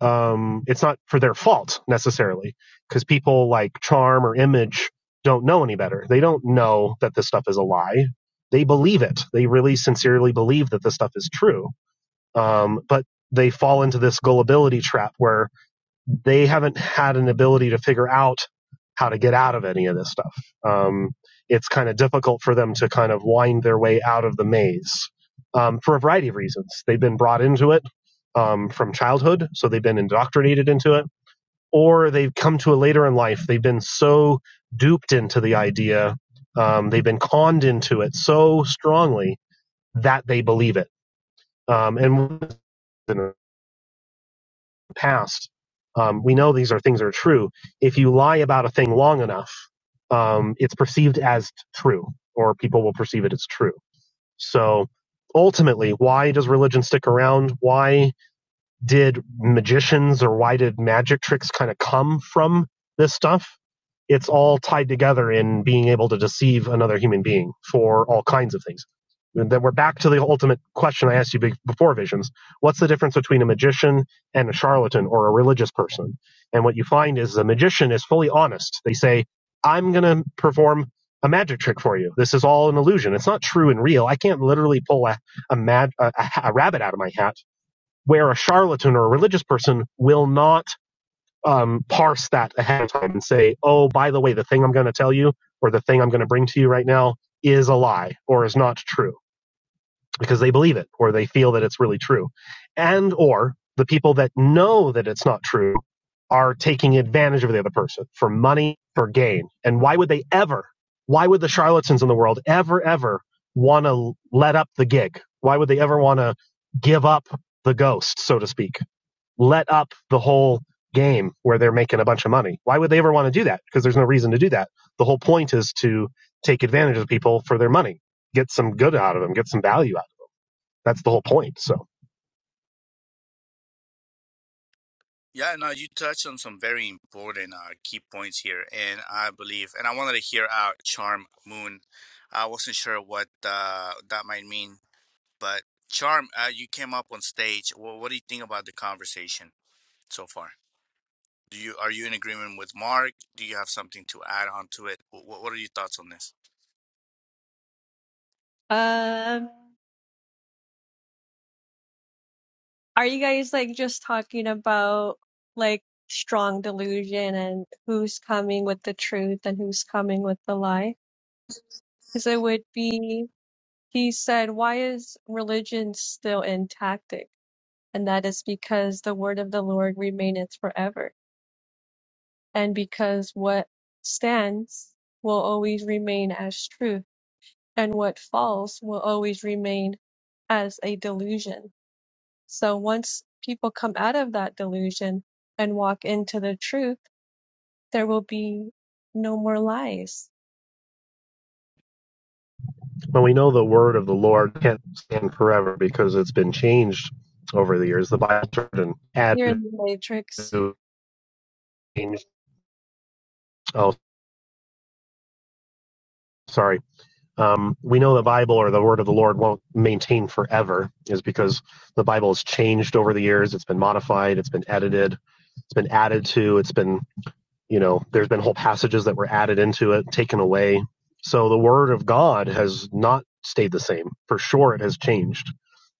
Speaker 5: um, it's not for their fault necessarily, because people like charm or image don't know any better. They don't know that this stuff is a lie. They believe it. They really sincerely believe that this stuff is true um, but they fall into this gullibility trap where they haven't had an ability to figure out how to get out of any of this stuff. Um, it's kind of difficult for them to kind of wind their way out of the maze um, for a variety of reasons. They've been brought into it um, from childhood, so they've been indoctrinated into it, or they've come to it later in life. They've been so duped into the idea, um, they've been conned into it so strongly that they believe it. Um, and past, um, we know these are things are true. If you lie about a thing long enough, um, it's perceived as true, or people will perceive it as true. So ultimately, why does religion stick around? Why did magicians or why did magic tricks kind of come from this stuff? It's all tied together in being able to deceive another human being for all kinds of things. And then we're back to the ultimate question I asked you before visions. What's the difference between a magician and a charlatan or a religious person? And what you find is the magician is fully honest. They say, I'm going to perform a magic trick for you. This is all an illusion. It's not true and real. I can't literally pull a, a, mag- a a rabbit out of my hat where a charlatan or a religious person will not um, parse that ahead of time and say, oh, by the way, the thing I'm going to tell you or the thing I'm going to bring to you right now is a lie or is not true because they believe it or they feel that it's really true. And or the people that know that it's not true are taking advantage of the other person for money, for gain. And why would they ever, why would the charlatans in the world ever, ever want to let up the gig? Why would they ever want to give up the ghost, so to speak? let up the whole game where they're making a bunch of money. Why would they ever want to do that? Because there's no reason to do that. The whole point is to take advantage of people for their money, get some good out of them, get some value out of them. That's the whole point. So
Speaker 3: Yeah, no, you touched on some very important uh, key points here, and I believe, and I wanted to hear out charm moon. I wasn't sure what uh, that might mean, but charm, uh, you came up on stage. Well, what do you think about the conversation so far? Do you are you in agreement with Mark? Do you have something to add on to it? What, what are your thoughts on this?
Speaker 6: Um, are you guys like just talking about like strong delusion and who's coming with the truth and who's coming with the lie? Because it would be, he said, why is religion still intact? And that is because the word of the Lord remaineth forever, and because what stands will always remain as truth, and what falls will always remain as a delusion So once people come out of that delusion and walk into the truth, there will be no more lies.
Speaker 5: when we know the word of the Lord can't stand forever because it's been changed over the years, the Bible turned and
Speaker 6: You're in
Speaker 5: added
Speaker 6: the matrix.
Speaker 5: to change. Oh, sorry Um, we know the Bible or the Word of the Lord won't maintain forever, is because the Bible has changed over the years. It's been modified, it's been edited, it's been added to, it's been, you know, there's been whole passages that were added into it, taken away. So the Word of God has not stayed the same. For sure, it has changed.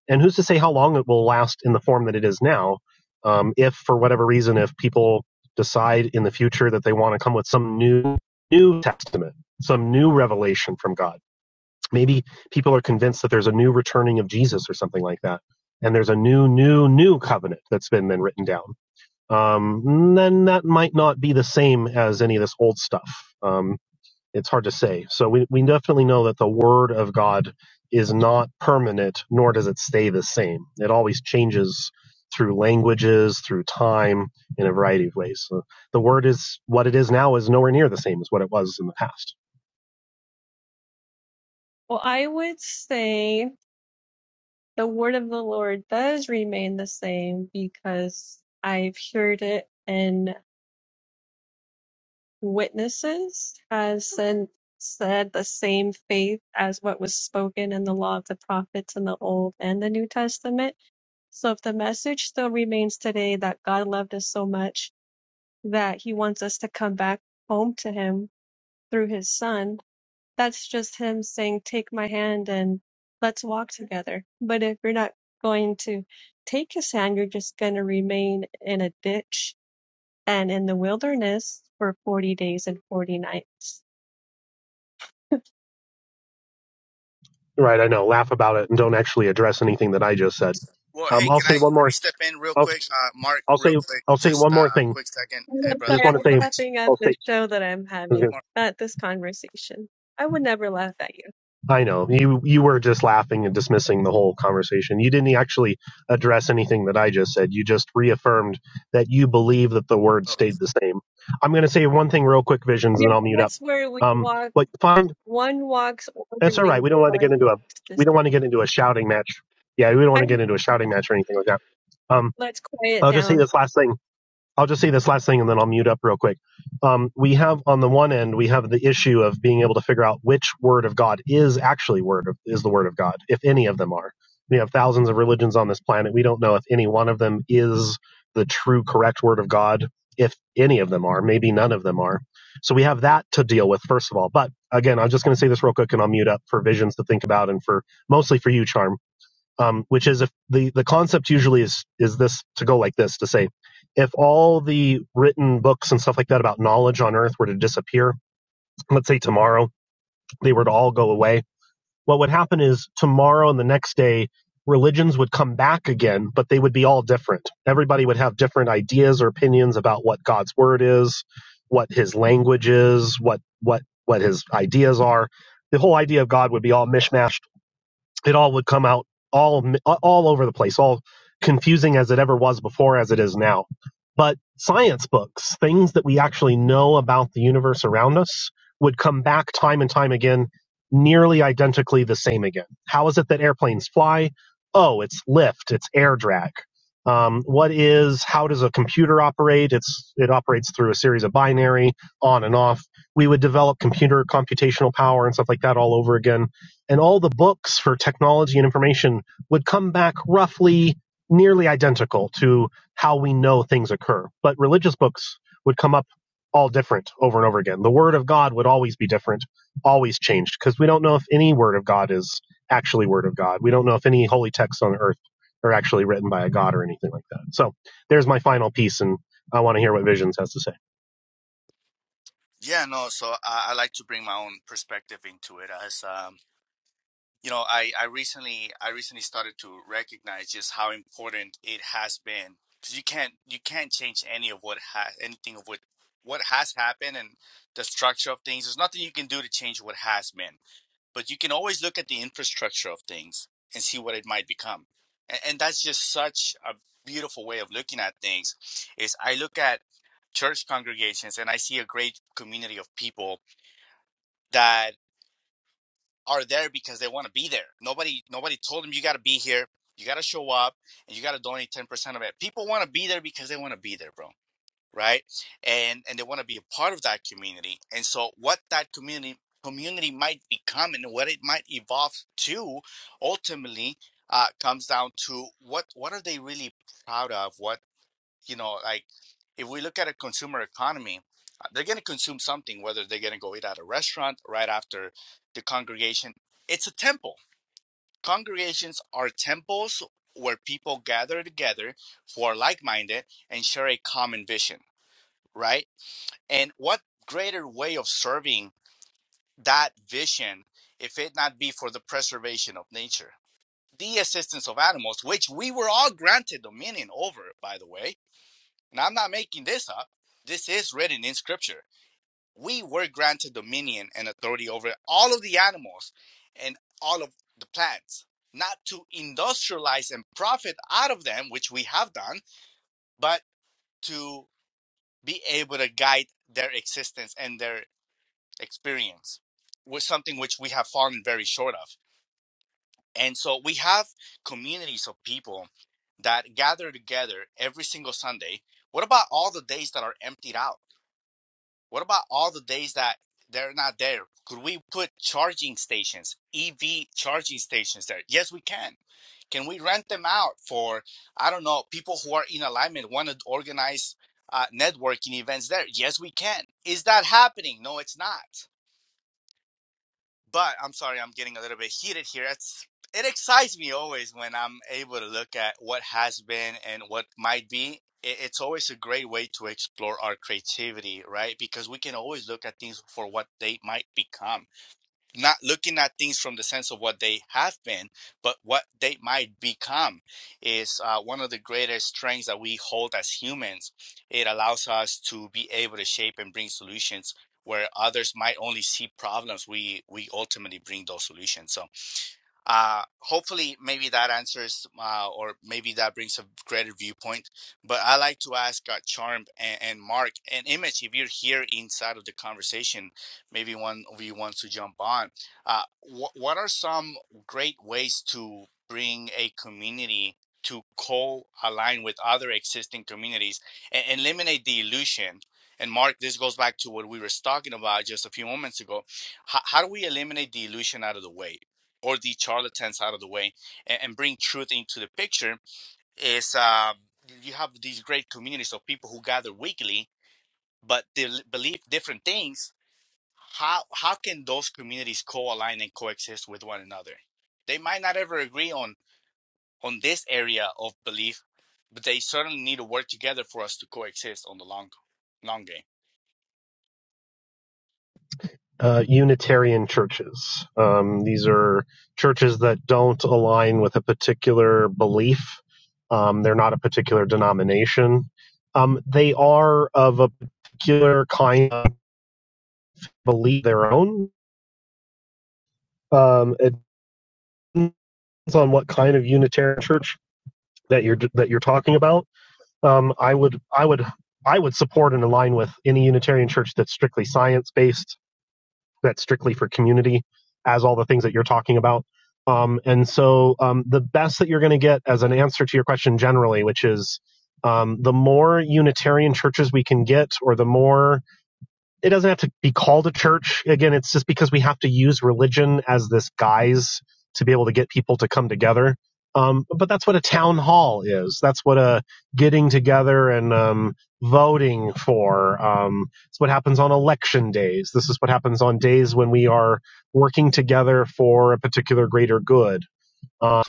Speaker 5: And who's to say how long it will last in the form that it is now? Um, if for whatever reason, if people decide in the future that they want to come with some new new testament, some new revelation from God Maybe people are convinced that there's a new returning of Jesus or something like that, and there's a new, new, new covenant that's been then written down. Um, then that might not be the same as any of this old stuff. Um, it's hard to say. So we, we definitely know that the Word of God is not permanent, nor does it stay the same. It always changes through languages, through time, in a variety of ways. So the Word is what it is now is nowhere near the same as what it was in the past.
Speaker 6: Well, I would say the word of the Lord does remain the same because I've heard it and witnesses has sin- said the same faith as what was spoken in the law of the prophets in the Old and the New Testament. So if the message still remains today that God loved us so much that he wants us to come back home to him through his son. That's just him saying, Take my hand and let's walk together. But if you're not going to take his hand, you're just going to remain in a ditch and in the wilderness for 40 days and 40 nights. *laughs*
Speaker 5: Right, I know. Laugh about it and don't actually address anything that I just said.
Speaker 3: Well,
Speaker 5: Um,
Speaker 3: hey,
Speaker 5: I'll
Speaker 3: can I
Speaker 5: say one
Speaker 3: let me
Speaker 5: more.
Speaker 3: step in real
Speaker 5: I'll
Speaker 3: quick, uh, Mark,
Speaker 5: I'll
Speaker 3: real
Speaker 5: say
Speaker 3: quick,
Speaker 5: I'll say one
Speaker 3: just uh,
Speaker 5: more thing.
Speaker 3: quick second.
Speaker 6: I'm
Speaker 3: Hey,
Speaker 5: I
Speaker 3: brother,
Speaker 5: just
Speaker 6: sorry, I
Speaker 3: you
Speaker 5: want to
Speaker 6: was
Speaker 3: were
Speaker 5: say
Speaker 3: glitching,
Speaker 6: laughing at
Speaker 5: I'll say.
Speaker 6: the
Speaker 5: I
Speaker 6: show that I'm
Speaker 5: was gonna
Speaker 6: having,
Speaker 3: Mark.
Speaker 6: at this conversation. I would never laugh at you.
Speaker 5: I know you you were just laughing and dismissing the whole conversation. You didn't actually address anything that I just said. You just reaffirmed that you believe that the word
Speaker 3: Oh,
Speaker 5: stayed the same. I'm going to say one thing real quick, visions, and
Speaker 6: Yeah,
Speaker 5: then I'll mute up.
Speaker 6: that's where we
Speaker 5: Um,
Speaker 6: walk.
Speaker 5: what you find
Speaker 6: One walks
Speaker 5: that's all
Speaker 6: orderly,
Speaker 5: right. We don't want to
Speaker 6: five
Speaker 5: get into a
Speaker 6: walks
Speaker 5: we don't want
Speaker 6: disorderly.
Speaker 5: to get into a shouting match. Yeah, we don't want
Speaker 6: Kind
Speaker 5: to get into
Speaker 6: of-
Speaker 5: a shouting match or anything like that. Um,
Speaker 6: Let's quiet
Speaker 5: I'll just say
Speaker 6: down.
Speaker 5: this last thing. I'll just say this last thing and then I'll mute up real quick. Um, we have on the one end we have the issue of being able to figure out which word of God is actually word of, is the word of God, if any of them are. We have thousands of religions on this planet. We don't know if any one of them is the true correct word of God, if any of them are. Maybe none of them are. So we have that to deal with first of all. But again, I'm just going to say this real quick and I'll mute up for visions to think about and for mostly for you, Charm um, which is if the, the concept usually is is this to go like this to say if all the written books and stuff like that about knowledge on earth were to disappear let's say tomorrow they were to all go away what would happen is tomorrow and the next day religions would come back again but they would be all different everybody would have different ideas or opinions about what god's word is what his language is what what what his ideas are the whole idea of god would be all mishmashed it all would come out all all over the place, all confusing as it ever was before, as it is now. But science books, things that we actually know about the universe around us, would come back time and time again, nearly identically the same again. How is it that airplanes fly? Oh, it's lift, it's air drag. Um, what is? How does a computer operate? It's it operates through a series of binary on and off. We would develop computer computational power and stuff like that all over again and all the books for technology and information would come back roughly nearly identical to how we know things occur. But religious books would come up all different over and over again. The word of God would always be different, always changed, because we don't know if any word of God is actually word of God. We don't know if any holy texts on earth are actually written by a God or anything like that. So there's my final piece, and I want to hear what Visions has to say.
Speaker 3: Yeah, no. So I, I like to bring my own perspective into it, as um, you know, I I recently I recently started to recognize just how important it has been because you can't you can't change any of what has anything of what what has happened and the structure of things. There's nothing you can do to change what has been, but you can always look at the infrastructure of things and see what it might become, and, and that's just such a beautiful way of looking at things. Is I look at church congregations and I see a great community of people that are there because they want to be there. Nobody nobody told them you got to be here. You got to show up and you got to donate 10% of it. People want to be there because they want to be there, bro, right? And and they want to be a part of that community. And so what that community community might become and what it might evolve to ultimately uh, comes down to what what are they really proud of? What you know, like if we look at a consumer economy, uh, they're going to consume something, whether they're going to go eat at a restaurant right after the congregation. It's a temple. Congregations are temples where people gather together who are like minded and share a common vision, right? And what greater way of serving that vision if it not be for the preservation of nature? The assistance of animals, which we were all granted dominion over, by the way, and I'm not making this up. This is written in scripture. We were granted dominion and authority over all of the animals and all of the plants, not to industrialize and profit out of them, which we have done, but to be able to guide their existence and their experience was something which we have fallen very short of. And so we have communities of people that gather together every single Sunday. What about all the days that are emptied out? What about all the days that they're not there? Could we put charging stations, EV charging stations there? Yes, we can. Can we rent them out for, I don't know, people who are in alignment, want to organize uh, networking events there? Yes, we can. Is that happening? No, it's not. But I'm sorry, I'm getting a little bit heated here. It's, it excites me always when I'm able to look at what has been and what might be. It, it's always a great way to explore our creativity, right? Because we can always look at things for what they might become not looking at things from the sense of what they have been, but what they might become is uh, one of the greatest strengths that we hold as humans. It allows us to be able to shape and bring solutions where others might only see problems. We we ultimately bring those solutions. So uh, hopefully maybe that answers uh, or maybe that brings a greater viewpoint but i like to ask uh, charm and, and mark and image if you're here inside of the conversation maybe one of you wants to jump on uh, wh- what are some great ways to bring a community to co-align with other existing communities and and eliminate the illusion and mark this goes back to what we were talking about just a few moments ago how, how do we eliminate the illusion out of the way or the charlatans out of the way and, and bring truth into the picture is um, you have these great communities of people who gather weekly but they believe different things how how can those communities co-align and coexist with one another they might not ever agree on on this area of belief but they certainly need to work together for us to coexist on the long long game
Speaker 5: uh, Unitarian churches. Um, these are churches that don't align with a particular belief. Um, they're not a particular denomination. Um, they are of a particular kind of belief their own. Um, it depends on what kind of Unitarian church that you're that you're talking about. Um, I would I would I would support and align with any Unitarian church that's strictly science based that's strictly for community, as all the things that you're talking about. Um, and so um, the best that you're going to get as an answer to your question generally, which is um, the more Unitarian churches we can get, or the more it doesn't have to be called a church. Again, it's just because we have to use religion as this guise to be able to get people to come together. Um, but that's what a town hall is. That's what a getting together and um, voting for. Um, it's what happens on election days. This is what happens on days when we are working together for a particular greater good. Uh,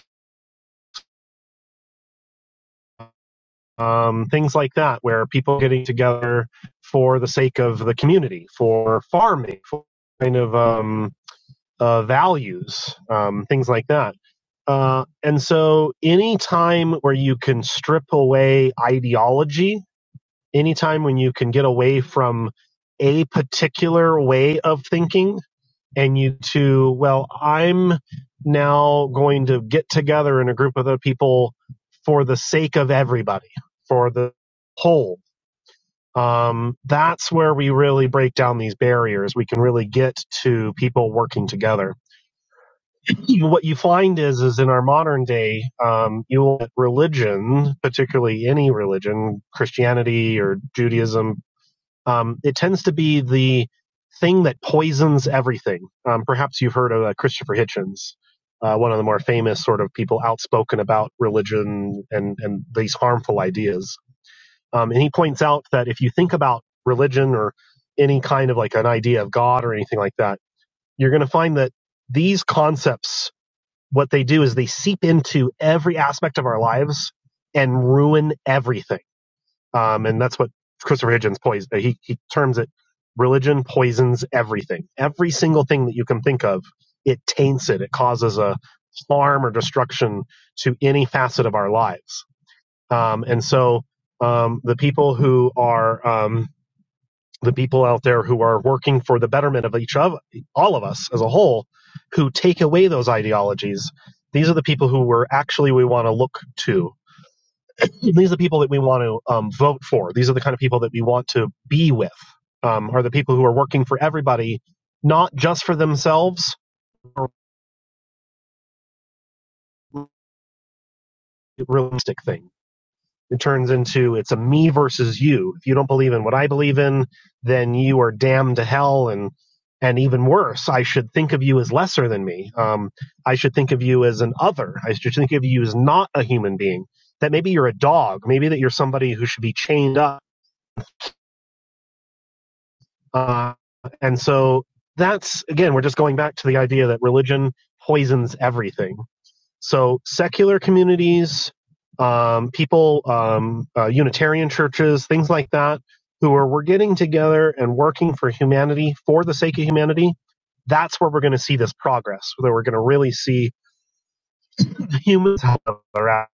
Speaker 5: um, things like that, where people are getting together for the sake of the community, for farming, for kind of. Um, uh, values, um, things like that. Uh, and so, any time where you can strip away ideology, any time when you can get away from a particular way of thinking, and you to well, I'm now going to get together in a group of other people for the sake of everybody, for the whole. Um, that's where we really break down these barriers. We can really get to people working together you, what you find is is in our modern day um, you will religion particularly any religion christianity or judaism um, it tends to be the thing that poisons everything um, perhaps you've heard of uh, christopher hitchens uh, one of the more famous sort of people outspoken about religion and and these harmful ideas um, and he points out that if you think about religion or any kind of like an idea of god or anything like that you're going to find that these concepts what they do is they seep into every aspect of our lives and ruin everything. Um, and that's what Christopher Hitchens poison. He he terms it religion poisons everything. Every single thing that you can think of, it taints it. It causes a harm or destruction to any facet of our lives. Um, and so um, the people who are um, the people out there who are working for the betterment of each of all of us as a whole who take away those ideologies these are the people who we're actually we want to look to these are the people that we want to um, vote for these are the kind of people that we want to be with um, are the people who are working for everybody not just for themselves or realistic thing It turns into it's a me versus you. If you don't believe in what I believe in, then you are damned to hell and and even worse, I should think of you as lesser than me. Um, I should think of you as an other. I should think of you as not a human being. That maybe you're a dog. Maybe that you're somebody who should be chained up. Uh, and so that's again, we're just going back to the idea that religion poisons everything. So secular communities, um, people, um, uh, Unitarian churches, things like that, who are we're getting together and working for humanity for the sake of humanity. That's where we're going to see this progress. Where we're going to really see humans help each other out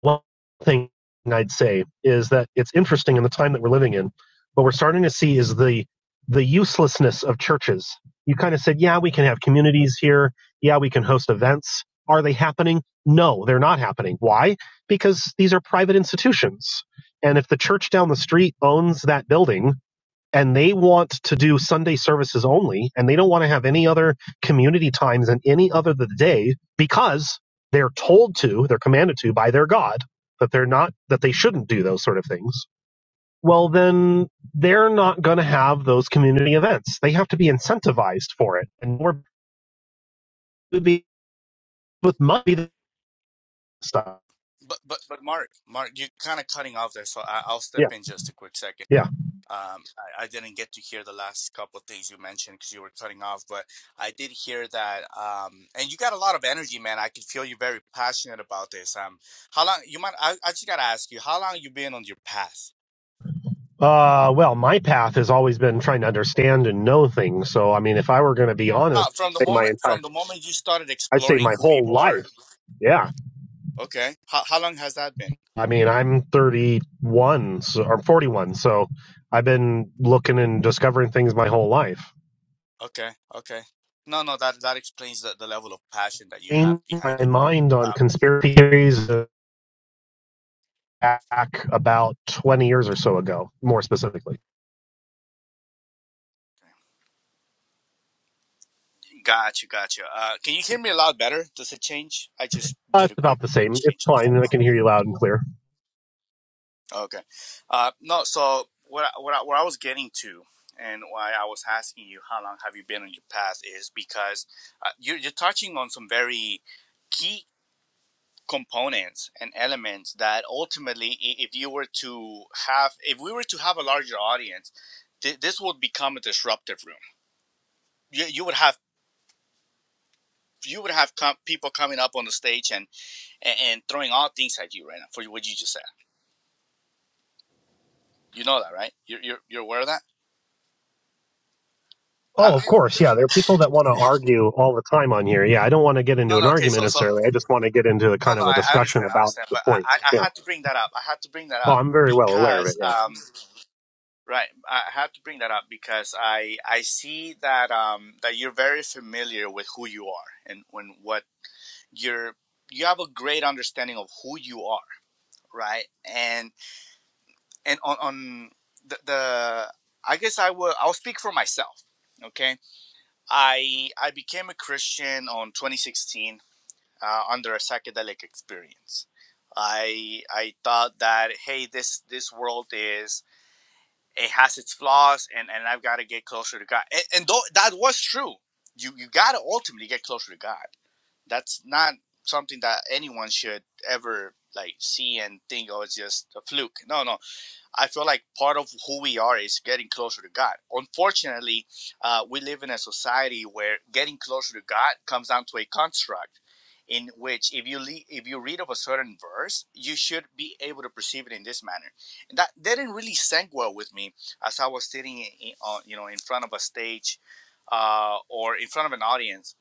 Speaker 5: one thing I'd say is that it's interesting in the time that we're living in. What we're starting to see is the the uselessness of churches. You kind of said, yeah, we can have communities here. Yeah, we can host events. Are they happening? No, they're not happening. Why? Because these are private institutions. And if the church down the street owns that building, and they want to do Sunday services only, and they don't want to have any other community times and any other of the day because they're told to, they're commanded to by their God that they're not that they shouldn't do those sort of things. Well, then they're not going to have those community events. They have to be incentivized for it, and we're be with money stuff.
Speaker 3: but but but mark mark you're kind of cutting off there so I, i'll step
Speaker 5: Yeah,
Speaker 3: in just a quick second
Speaker 5: yeah.
Speaker 3: Um, I, I didn't get to hear the last couple of things you mentioned because you were cutting off, but I did hear that. Um, and you got a lot of energy, man. I can feel you very passionate about this. Um, how long you might? I, I just gotta ask you, how long you been on your path?
Speaker 5: Uh, well, my path has always been trying to understand and know things. So, I mean, if I were going to be honest,
Speaker 3: Uh, from the
Speaker 5: my
Speaker 3: moment
Speaker 5: entire
Speaker 3: from the moment you started
Speaker 5: I'd say
Speaker 3: exploring
Speaker 5: my
Speaker 3: who you
Speaker 5: whole
Speaker 3: are.
Speaker 5: life. Yeah.
Speaker 3: Okay. How how long has that been?
Speaker 5: I mean, I'm 31 so, or 41, so I've been looking and discovering things my whole life.
Speaker 3: Okay. Okay. No, no, that that explains the, the level of passion that you have
Speaker 5: Changed
Speaker 3: behind
Speaker 5: my
Speaker 3: it.
Speaker 5: mind
Speaker 3: Uh,
Speaker 5: on conspiracy theories back about 20 years or so ago, more specifically.
Speaker 3: Gotcha, gotcha. Uh, can you hear me a lot better? Does it change? I just
Speaker 5: Uh,
Speaker 3: did a
Speaker 5: it's
Speaker 3: quick
Speaker 5: about the same. It's
Speaker 3: change on my.
Speaker 5: fine. I can
Speaker 3: stuff.
Speaker 5: hear you loud and clear.
Speaker 3: Okay. Uh, no. So what I, what I, what I was getting to, and why I was asking you how long have you been on your path is because uh, you're you're touching on some very key components and elements that ultimately, i- if you were to have, if we were to have a larger audience, th- this would become a disruptive room. You you would have you would have com- people coming up on the stage and and, and throwing all things at you right now for what you just said. You know that, right? You're you're, you're aware of that.
Speaker 5: Oh, of
Speaker 3: I,
Speaker 5: course. Yeah. There are people that want to argue all the time on here. Yeah. I don't want to get into
Speaker 3: no,
Speaker 5: an
Speaker 3: no, okay,
Speaker 5: argument
Speaker 3: so so
Speaker 5: necessarily. I
Speaker 3: no,
Speaker 5: just want to get into a kind
Speaker 3: no,
Speaker 5: of a
Speaker 3: I, I
Speaker 5: discussion
Speaker 3: understand, I
Speaker 5: about
Speaker 3: understand,
Speaker 5: the
Speaker 3: but I, I
Speaker 5: points.
Speaker 3: I
Speaker 5: Yeah.
Speaker 3: had to bring that up. I had to bring that
Speaker 5: Oh,
Speaker 3: up
Speaker 5: I'm very well aware of it.
Speaker 3: because
Speaker 5: Yeah.
Speaker 3: um right, I had to bring that up because I I see that um that you're very familiar with who you are and when what you're you have a great understanding of who you are, right? And and on on the, the I guess I will I'll speak for myself, okay? I I became a Christian on 2016 uh, under a psychedelic experience. I I thought that hey this this world is it has its flaws and and I've got to get closer to God and, and though that was true you you got to ultimately get closer to God that's not something that anyone should ever like see and think oh it's just a fluke no no I feel like part of who we are is getting closer to God. Unfortunately, uh, we live in a society where getting closer to God comes down to a construct in which if you le- if you read of a certain verse, you should be able to perceive it in this manner. And that that didn't really sink well with me as I was sitting in, in, on, you know in front of a stage uh, or in front of an audience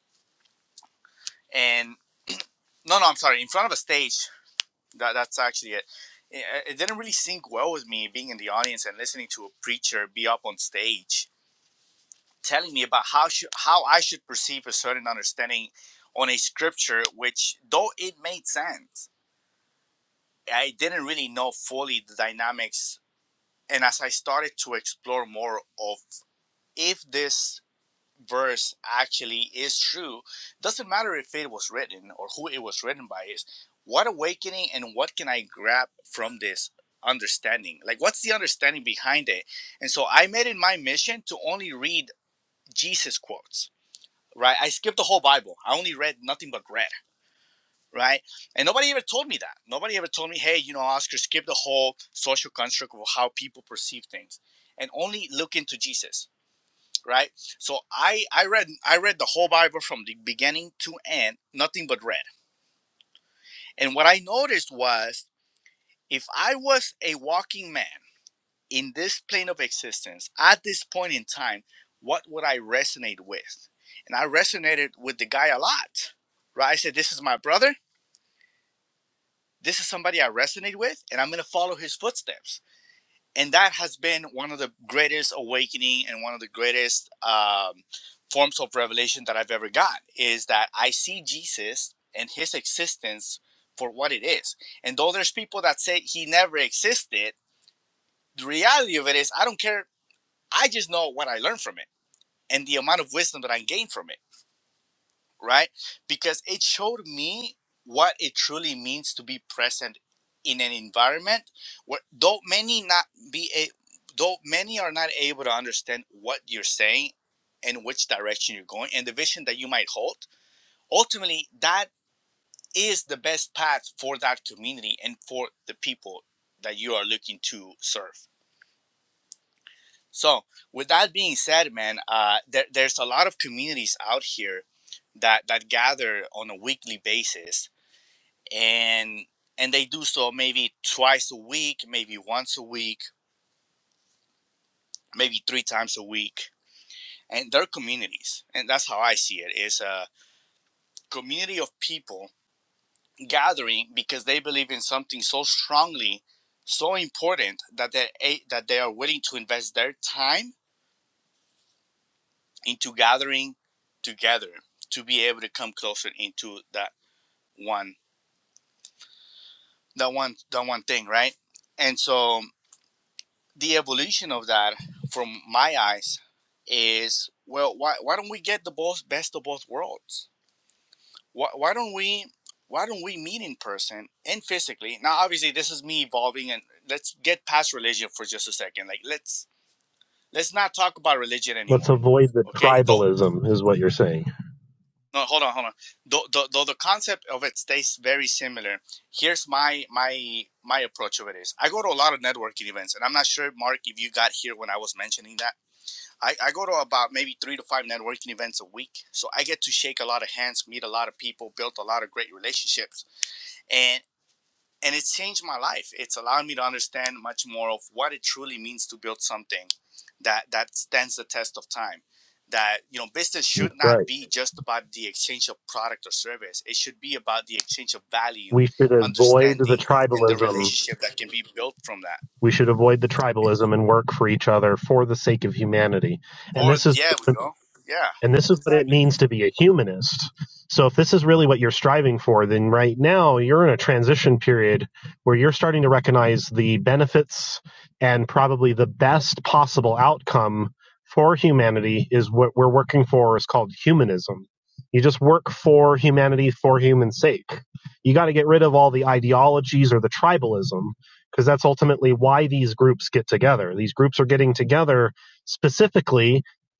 Speaker 3: and no no I'm sorry in front of a stage that that's actually it. It it didn't really sync well with me being in the audience and listening to a preacher be up on stage telling me about how should, how I should perceive a certain understanding on a scripture, which though it made sense, I didn't really know fully the dynamics. And as I started to explore more of if this verse actually is true doesn't matter if it was written or who it was written by is what awakening and what can i grab from this understanding like what's the understanding behind it and so i made it my mission to only read jesus quotes right i skipped the whole bible i only read nothing but red right and nobody ever told me that nobody ever told me hey you know oscar skip the whole social construct of how people perceive things and only look into jesus right? So I I read I read the whole Bible from the beginning to end, nothing but red. And what I noticed was if I was a walking man in this plane of existence at this point in time, what would I resonate with? And I resonated with the guy a lot, right? I said, "This is my brother. This is somebody I resonate with, and I'm gonna follow his footsteps." and that has been one of the greatest awakening and one of the greatest um, forms of revelation that i've ever got is that i see jesus and his existence for what it is and though there's people that say he never existed the reality of it is i don't care i just know what i learned from it and the amount of wisdom that i gained from it right? Because it showed me what it truly means to be present in an environment where though many not be a, though many are not able to understand what you're saying and which direction you're going and the vision that you might hold ultimately that is the best path for that community and for the people that you are looking to serve so with that being said man uh, there, there's a lot of communities out here that that gather on a weekly basis and and they do so maybe twice a week, maybe once a week, maybe three times a week. And they're communities, and that's how I see it. It's a community of people gathering because they believe in something so strongly, so important that they that they are willing to invest their time into gathering together to be able to come closer into that one that one that one thing, right? And so the evolution of that from my eyes is well why, why don't we get the both best of both worlds why, why don't we why don't we meet in person and physically now obviously this is me evolving and let's get past religion for just a second like let's let's not talk about religion
Speaker 5: Let's
Speaker 3: anymore
Speaker 5: avoid the
Speaker 3: okay though
Speaker 5: tribalism, is what you're saying.
Speaker 3: no hold on hold on though, though, though the concept of it stays very similar here's my my my approach of it is i go to a lot of networking events and i'm not sure mark if you got here when i was mentioning that I, I go to about maybe three to five networking events a week. So I get to shake a lot of hands, meet a lot of people, build a lot of great relationships. And and it's changed my life. It's allowed me to understand much more of what it truly means to build something that that stands the test of time. That you know, business should not
Speaker 5: Right.
Speaker 3: be just about the exchange of product or service. It should be about the exchange of value,
Speaker 5: We should avoid the
Speaker 3: understanding, and the
Speaker 5: tribalism.
Speaker 3: relationship that can be built from that.
Speaker 5: We should avoid the tribalism and work for each other for the sake of humanity. And
Speaker 3: Or
Speaker 5: this is
Speaker 3: yeah, we go. Yeah,
Speaker 5: And this is what it
Speaker 3: exactly.
Speaker 5: means to be a humanist. So, if this is really what you're striving for, then right now you're in a transition period where you're starting to recognize the benefits and probably the best possible outcome for humanity is what we're working for is called humanism. You just work for humanity for human's sake. You got to get rid of all the ideologies or the tribalism because that's ultimately why these groups get together. These groups are getting together specifically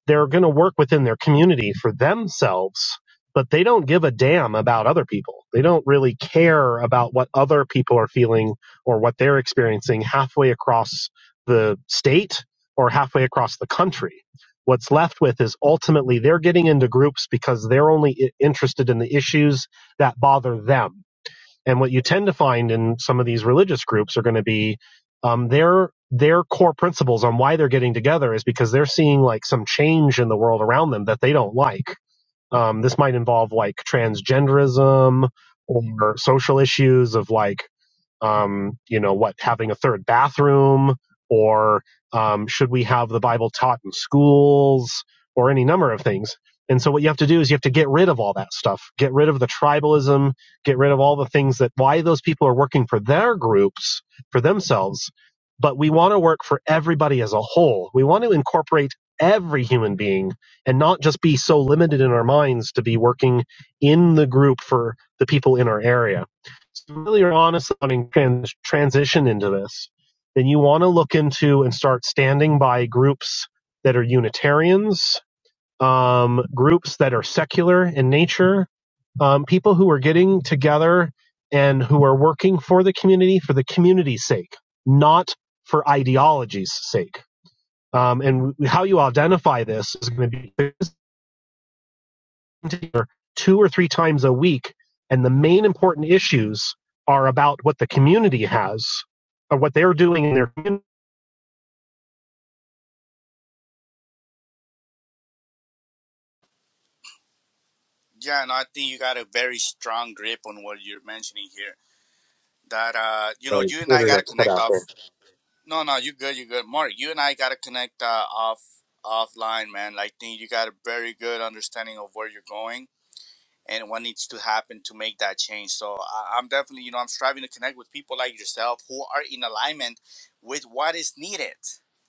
Speaker 5: they're going to work within their community for themselves, but they don't give a damn about other people. They don't really care about what other people are feeling or what they're experiencing halfway across the state or halfway across the country. What's left with is ultimately they're getting into groups because they're only i- interested in the issues that bother them and what you tend to find in some of these religious groups are going to be um, their their core principles on why they're getting together is because they're seeing like some change in the world around them that they don't like. Um, this might involve like transgenderism or social issues of like um, you know, what having a third bathroom, or um, should we have the Bible taught in schools, or any number of things. And so, what you have to do is you have to get rid of all that stuff, get rid of the tribalism, get rid of all the things that why those people are working for their groups, for themselves. But we want to work for everybody as a whole. We want to incorporate every human being and not just be so limited in our minds to be working in the group for the people in our area so really are on to something trans- transition into this, then you want to look into and start standing by groups that are Unitarians, um, groups that are secular in nature, um, people who are getting together and who are working for the community for the community's sake, not for ideology's sake. Um, and how you identify this is going to be together two or three times a week, and the main important issues are about what the community has or what they're doing in their community.
Speaker 3: Yeah, and no, I think you got a very strong grip on what you're mentioning here. That uh, you know,
Speaker 5: My
Speaker 3: you and I gotta
Speaker 5: internet cut
Speaker 3: connect
Speaker 5: out
Speaker 3: off.
Speaker 5: there.
Speaker 3: No, no, you good, you good, Mark. You and I gotta connect uh, off offline, man. Like, think you got a very good understanding of where you're going and what needs to happen to make that change. So I, I'm definitely, you know, I'm striving to connect with people like yourself who are in alignment with what is needed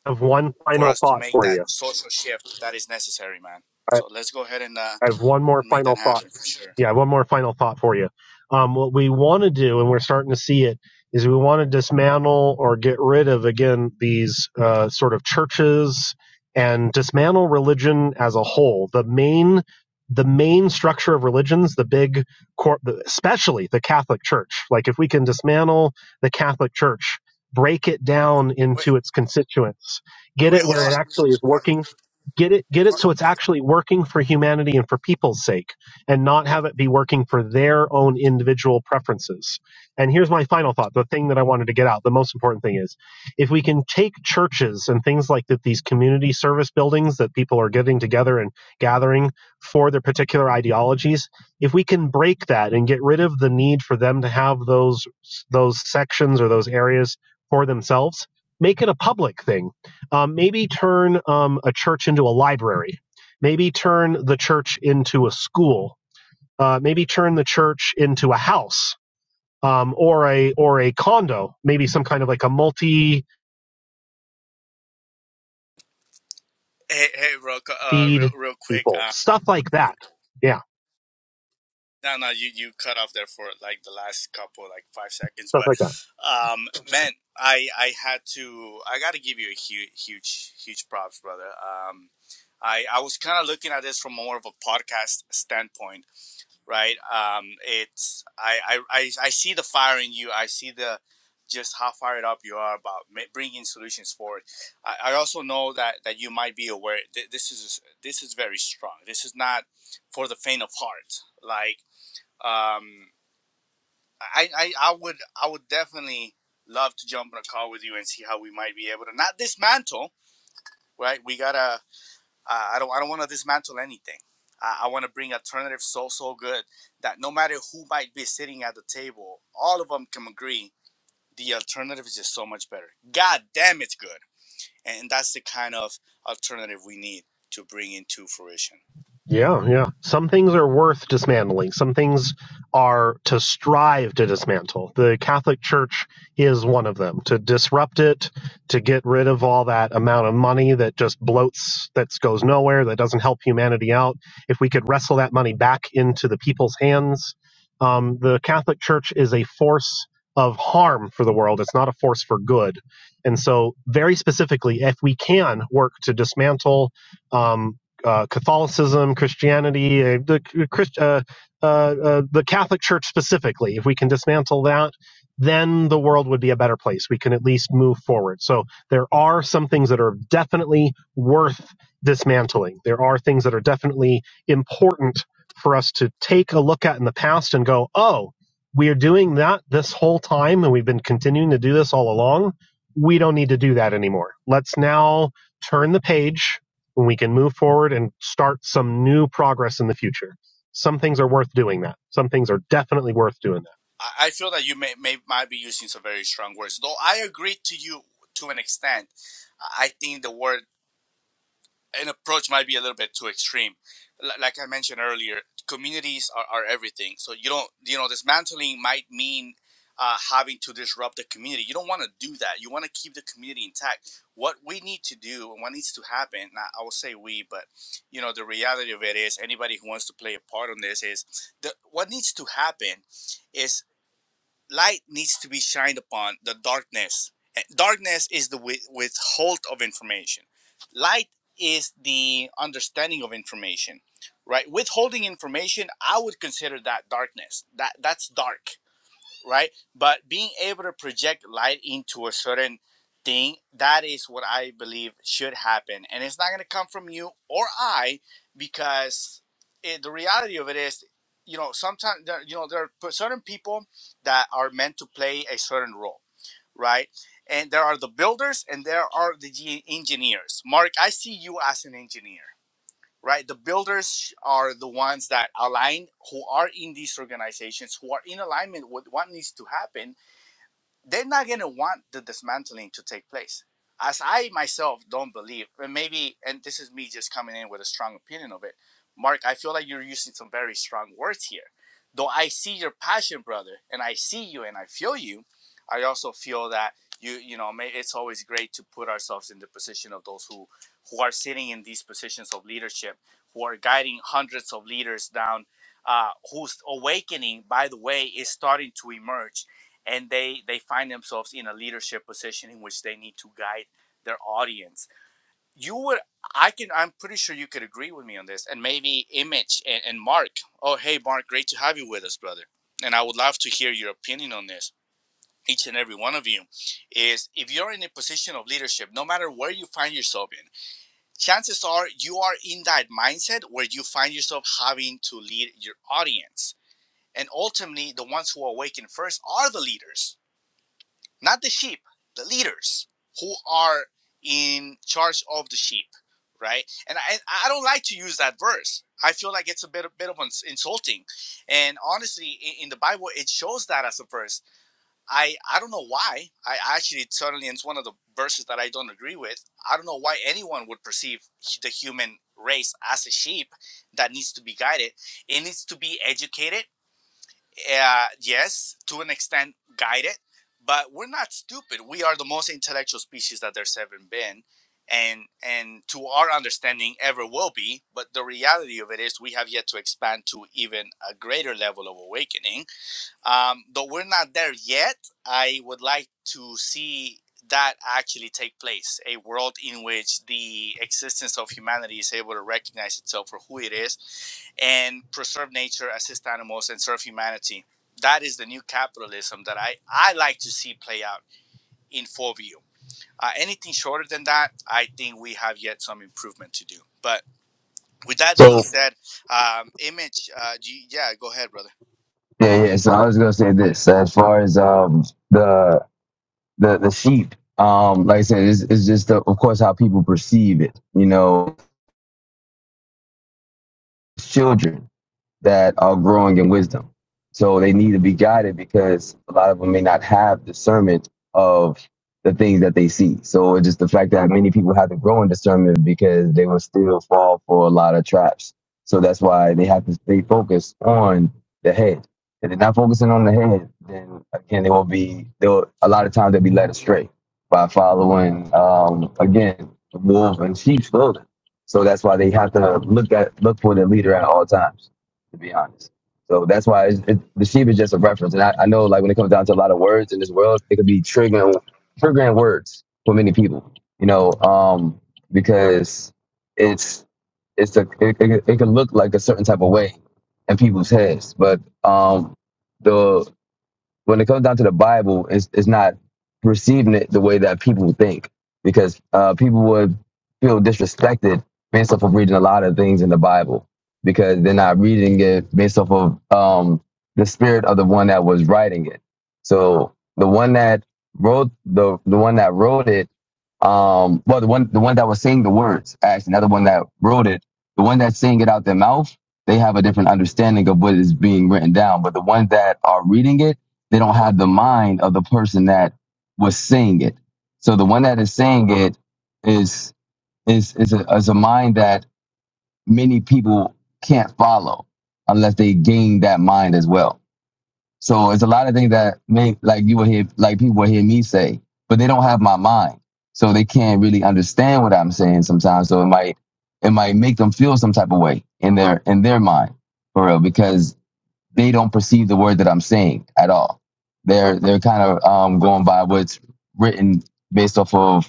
Speaker 5: I have one
Speaker 3: for
Speaker 5: final
Speaker 3: us to
Speaker 5: thought
Speaker 3: make
Speaker 5: for
Speaker 3: that
Speaker 5: you.
Speaker 3: social shift that is necessary, man.
Speaker 5: I,
Speaker 3: So let's go ahead and uh,
Speaker 5: I have one more
Speaker 3: and make that
Speaker 5: final thought.
Speaker 3: happen for sure.
Speaker 5: Yeah, one more final thought for you. Um, what we want to do, and we're starting to see it, is we want to dismantle or get rid of again these uh, sort of churches and dismantle religion as a whole. The main, the main structure of religions, the big, cor- especially the Catholic Church. Like if we can dismantle the Catholic Church, break it down
Speaker 3: Wait.
Speaker 5: into its constituents,
Speaker 3: Wait,
Speaker 5: get
Speaker 3: wait,
Speaker 5: it
Speaker 3: hold
Speaker 5: where
Speaker 3: on.
Speaker 5: it actually is
Speaker 3: Mark.
Speaker 5: working, get it, get it so it's actually working for humanity and for people's sake and not have it be working for their own individual preferences. And here's my final thought the thing that I wanted to get out, the most important thing is if we can take churches and things like that, these community service buildings that people are getting together and gathering for their particular ideologies, if we can break that and get rid of the need for them to have those those sections or those areas for themselves, make it a public thing. Um, maybe turn um, a church into a library. Maybe turn the church into a school uh, maybe turn the church into a house um, or a or a condo, maybe some kind of like a multi
Speaker 3: Hey, hey, real, cu- uh, real,
Speaker 5: feed
Speaker 3: real quick.
Speaker 5: people,
Speaker 3: Uh,
Speaker 5: stuff like that. Yeah,
Speaker 3: no, no, you, you cut off there for like the last couple, like five seconds.
Speaker 5: stuff
Speaker 3: But,
Speaker 5: like that.
Speaker 3: um, man, I, I had to, I got to give you a huge, huge, huge props, brother. Um, I, I was kind of looking at this from more of a podcast standpoint right? Um, it's I, I I I see the fire in you. I see the just how fired up you are about ma- bringing solutions forward. I, I also know that that you might be aware th- this is this is very strong. This is not for the faint of heart. Like um, I, I I would I would definitely love to jump on a call with you and see how we might be able to not dismantle. Right, we gotta uh, I don't I don't want to dismantle anything. I, I want to bring alternative so so good that no matter who might be sitting at the table, all of them can agree the alternative is just so much better. God damn, it's good, and that's the kind of alternative we need to bring into fruition.
Speaker 5: Yeah, yeah. Some things are worth dismantling. Some things are to strive to dismantle. The Catholic Church is one of them. To disrupt it, to get rid of all that amount of money that just bloats, that goes nowhere, that doesn't help humanity out. If we could wrestle that money back into the people's hands, um, the Catholic Church is a force of harm for the world. It's not a force for good. And so, very specifically, if we can work to dismantle. Um, uh, Catholicism, Christianity, uh, the uh, Christ, uh, uh, uh, the Catholic Church specifically. If we can dismantle that, then the world would be a better place. We can at least move forward. So there are some things that are definitely worth dismantling. There are things that are definitely important for us to take a look at in the past and go, oh, we are doing that this whole time, and we've been continuing to do this all along. We don't need to do that anymore. Let's now turn the page when we can move forward and start some new progress in the future. Some things are worth doing that. Some things are definitely worth doing that.
Speaker 3: I, I feel that you may, may might be using some very strong words, though. I agree to you to an extent. I I think the word an approach might be a little bit too extreme. L- like I mentioned earlier, communities are, are everything. So you don't, you know, dismantling might mean uh, having to disrupt the community. You don't want to do that. You want to keep the community intact. What we need to do and what needs to happen, now I I will say we, but you know, the reality of it is anybody who wants to play a part in this is the, what needs to happen is light needs to be shined upon the darkness. Eh, Darkness is the wi- withhold of information. Light is the understanding of information, right? Withholding information, I would consider that darkness. That that's dark right? But being able to project light into a certain thing, that is what I believe should happen. And it's not going to come from you or I because it, the reality of it is, you know, sometimes, there, you know, there are certain people that are meant to play a certain role, right? And there are the builders and there are the engineers. Mark, I see you as an engineer right? The builders are the ones that align, who are in these organizations, who are in alignment with what needs to happen, they're not going to want the dismantling to take place. As I myself don't believe, and maybe, and this is me just coming in with a strong opinion of it. Mark, I feel like you're using some very strong words here. Though I see your passion, brother, and I see you and I feel you, I also feel that you, you know, it's always great to put ourselves in the position of those who, who are sitting in these positions of leadership, who are guiding hundreds of leaders down, uh, whose awakening, by the way, is starting to emerge and they they find themselves in a leadership position in which they need to guide their audience you would i can i'm pretty sure you could agree with me on this and maybe image and, and mark oh hey mark great to have you with us brother and i would love to hear your opinion on this each and every one of you is if you're in a position of leadership no matter where you find yourself in chances are you are in that mindset where you find yourself having to lead your audience and ultimately the ones who awaken first are the leaders not the sheep, the leaders who are in charge of the sheep, right? And I, I don't like to use that verse. I feel like it's a bit, a bit of insulting. And honestly, in, in the Bible, it shows that as a verse. I, I don't know why. I actually, certainly, it's one of the verses that I don't agree with. I don't know why anyone would perceive the human race as a sheep that needs to be guided. It needs to be educated uh, yes, to an extent, guide it, but we're not stupid. We are the most intellectual species that there's ever been, and and to our understanding, ever will be. But the reality of it is, we have yet to expand to even a greater level of awakening. Um, though we're not there yet, I would like to see that actually take place a world in which the existence of humanity is able to recognize itself for who it is and preserve nature, assist animals, and serve humanity. That is the new capitalism that I, I like to see play out in full view. Uh, anything shorter than that, I think we have yet some improvement to do. But with that being
Speaker 1: So
Speaker 3: said, um, image, uh, do you- yeah, go ahead, brother.
Speaker 1: yeah, yeah. So I was gonna say this as far as um the the the sheep um like i said it's, it's just the, of course how people perceive it you know children that are growing in wisdom. So they need to be guided because a lot of them may not have discernment of the things that they see. So it's just the fact that many people have to grow in discernment because they will still fall for a lot of traps. So that's why they have to stay focused on the head. If they're not focusing on the head, then again they will be they'll a lot of times they'll be led astray by following um again wolves and sheep's clothing. So that's why they have to look at look for their leader at all times to be honest. So that's why it's, it, the sheep is just a reference. And I, I know, like, when it comes down to a lot of words in this world, it could be triggering, triggering words for many people, you know, um, because it's, it's a, it, it, it can look like a certain type of way in people's heads. But um, the when it comes down to the Bible, it's, it's not receiving it the way that people think because uh, people would feel disrespected based off of reading a lot of things in the Bible because they're not reading it based off of um, the spirit of the one that was writing it. So the one that wrote the the one that wrote it um, well, the one the one that was saying the words, actually, another one that wrote it, the one that's saying it out their mouth, they have a different understanding of what is being written down. But the ones that are reading it, they don't have the mind of the person that was saying it. So the one that is saying it is is is a, is a mind that many people can't follow unless they gain that mind as well. So it's a lot of things that make like you will hear like people will hear me say, but they don't have my mind. So they can't really understand what I'm saying sometimes. So it might it might make them feel some type of way in their in their mind for real because they don't perceive the word that I'm saying at all. They're they're kind of um, going by what's written based off of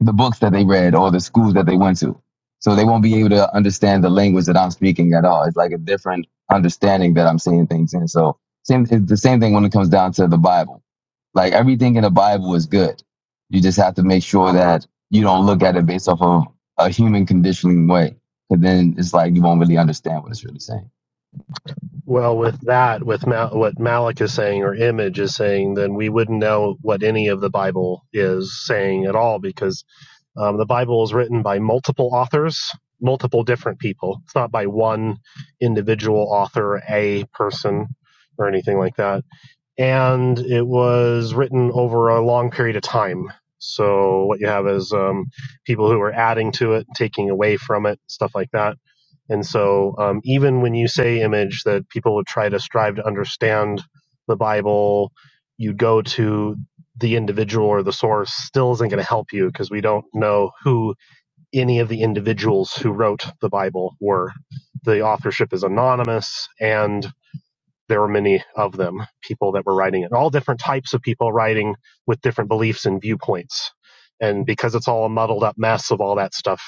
Speaker 1: the books that they read or the schools that they went to. So they won't be able to understand the language that I'm speaking at all. It's like a different understanding that I'm saying things in. So same, it's the same thing when it comes down to the Bible. Like everything in the Bible is good. You just have to make sure that you don't look at it based off of a human conditioning way. Because then it's like you won't really understand what it's really saying.
Speaker 5: Well, with that, with Mal- what Malik is saying or Image is saying, then we wouldn't know what any of the Bible is saying at all because um, the Bible is written by multiple authors, multiple different people. It's not by one individual author, a person, or anything like that and it was written over a long period of time. So what you have is um, people who are adding to it, taking away from it, stuff like that. And so um, even when you say image that people would try to strive to understand the Bible, you go to the individual or the source still isn't going to help you because we don't know who any of the individuals who wrote the Bible were. The authorship is anonymous, and there were many of them, people that were writing it, all different types of people writing with different beliefs and viewpoints. And because it's all a muddled up mess of all that stuff,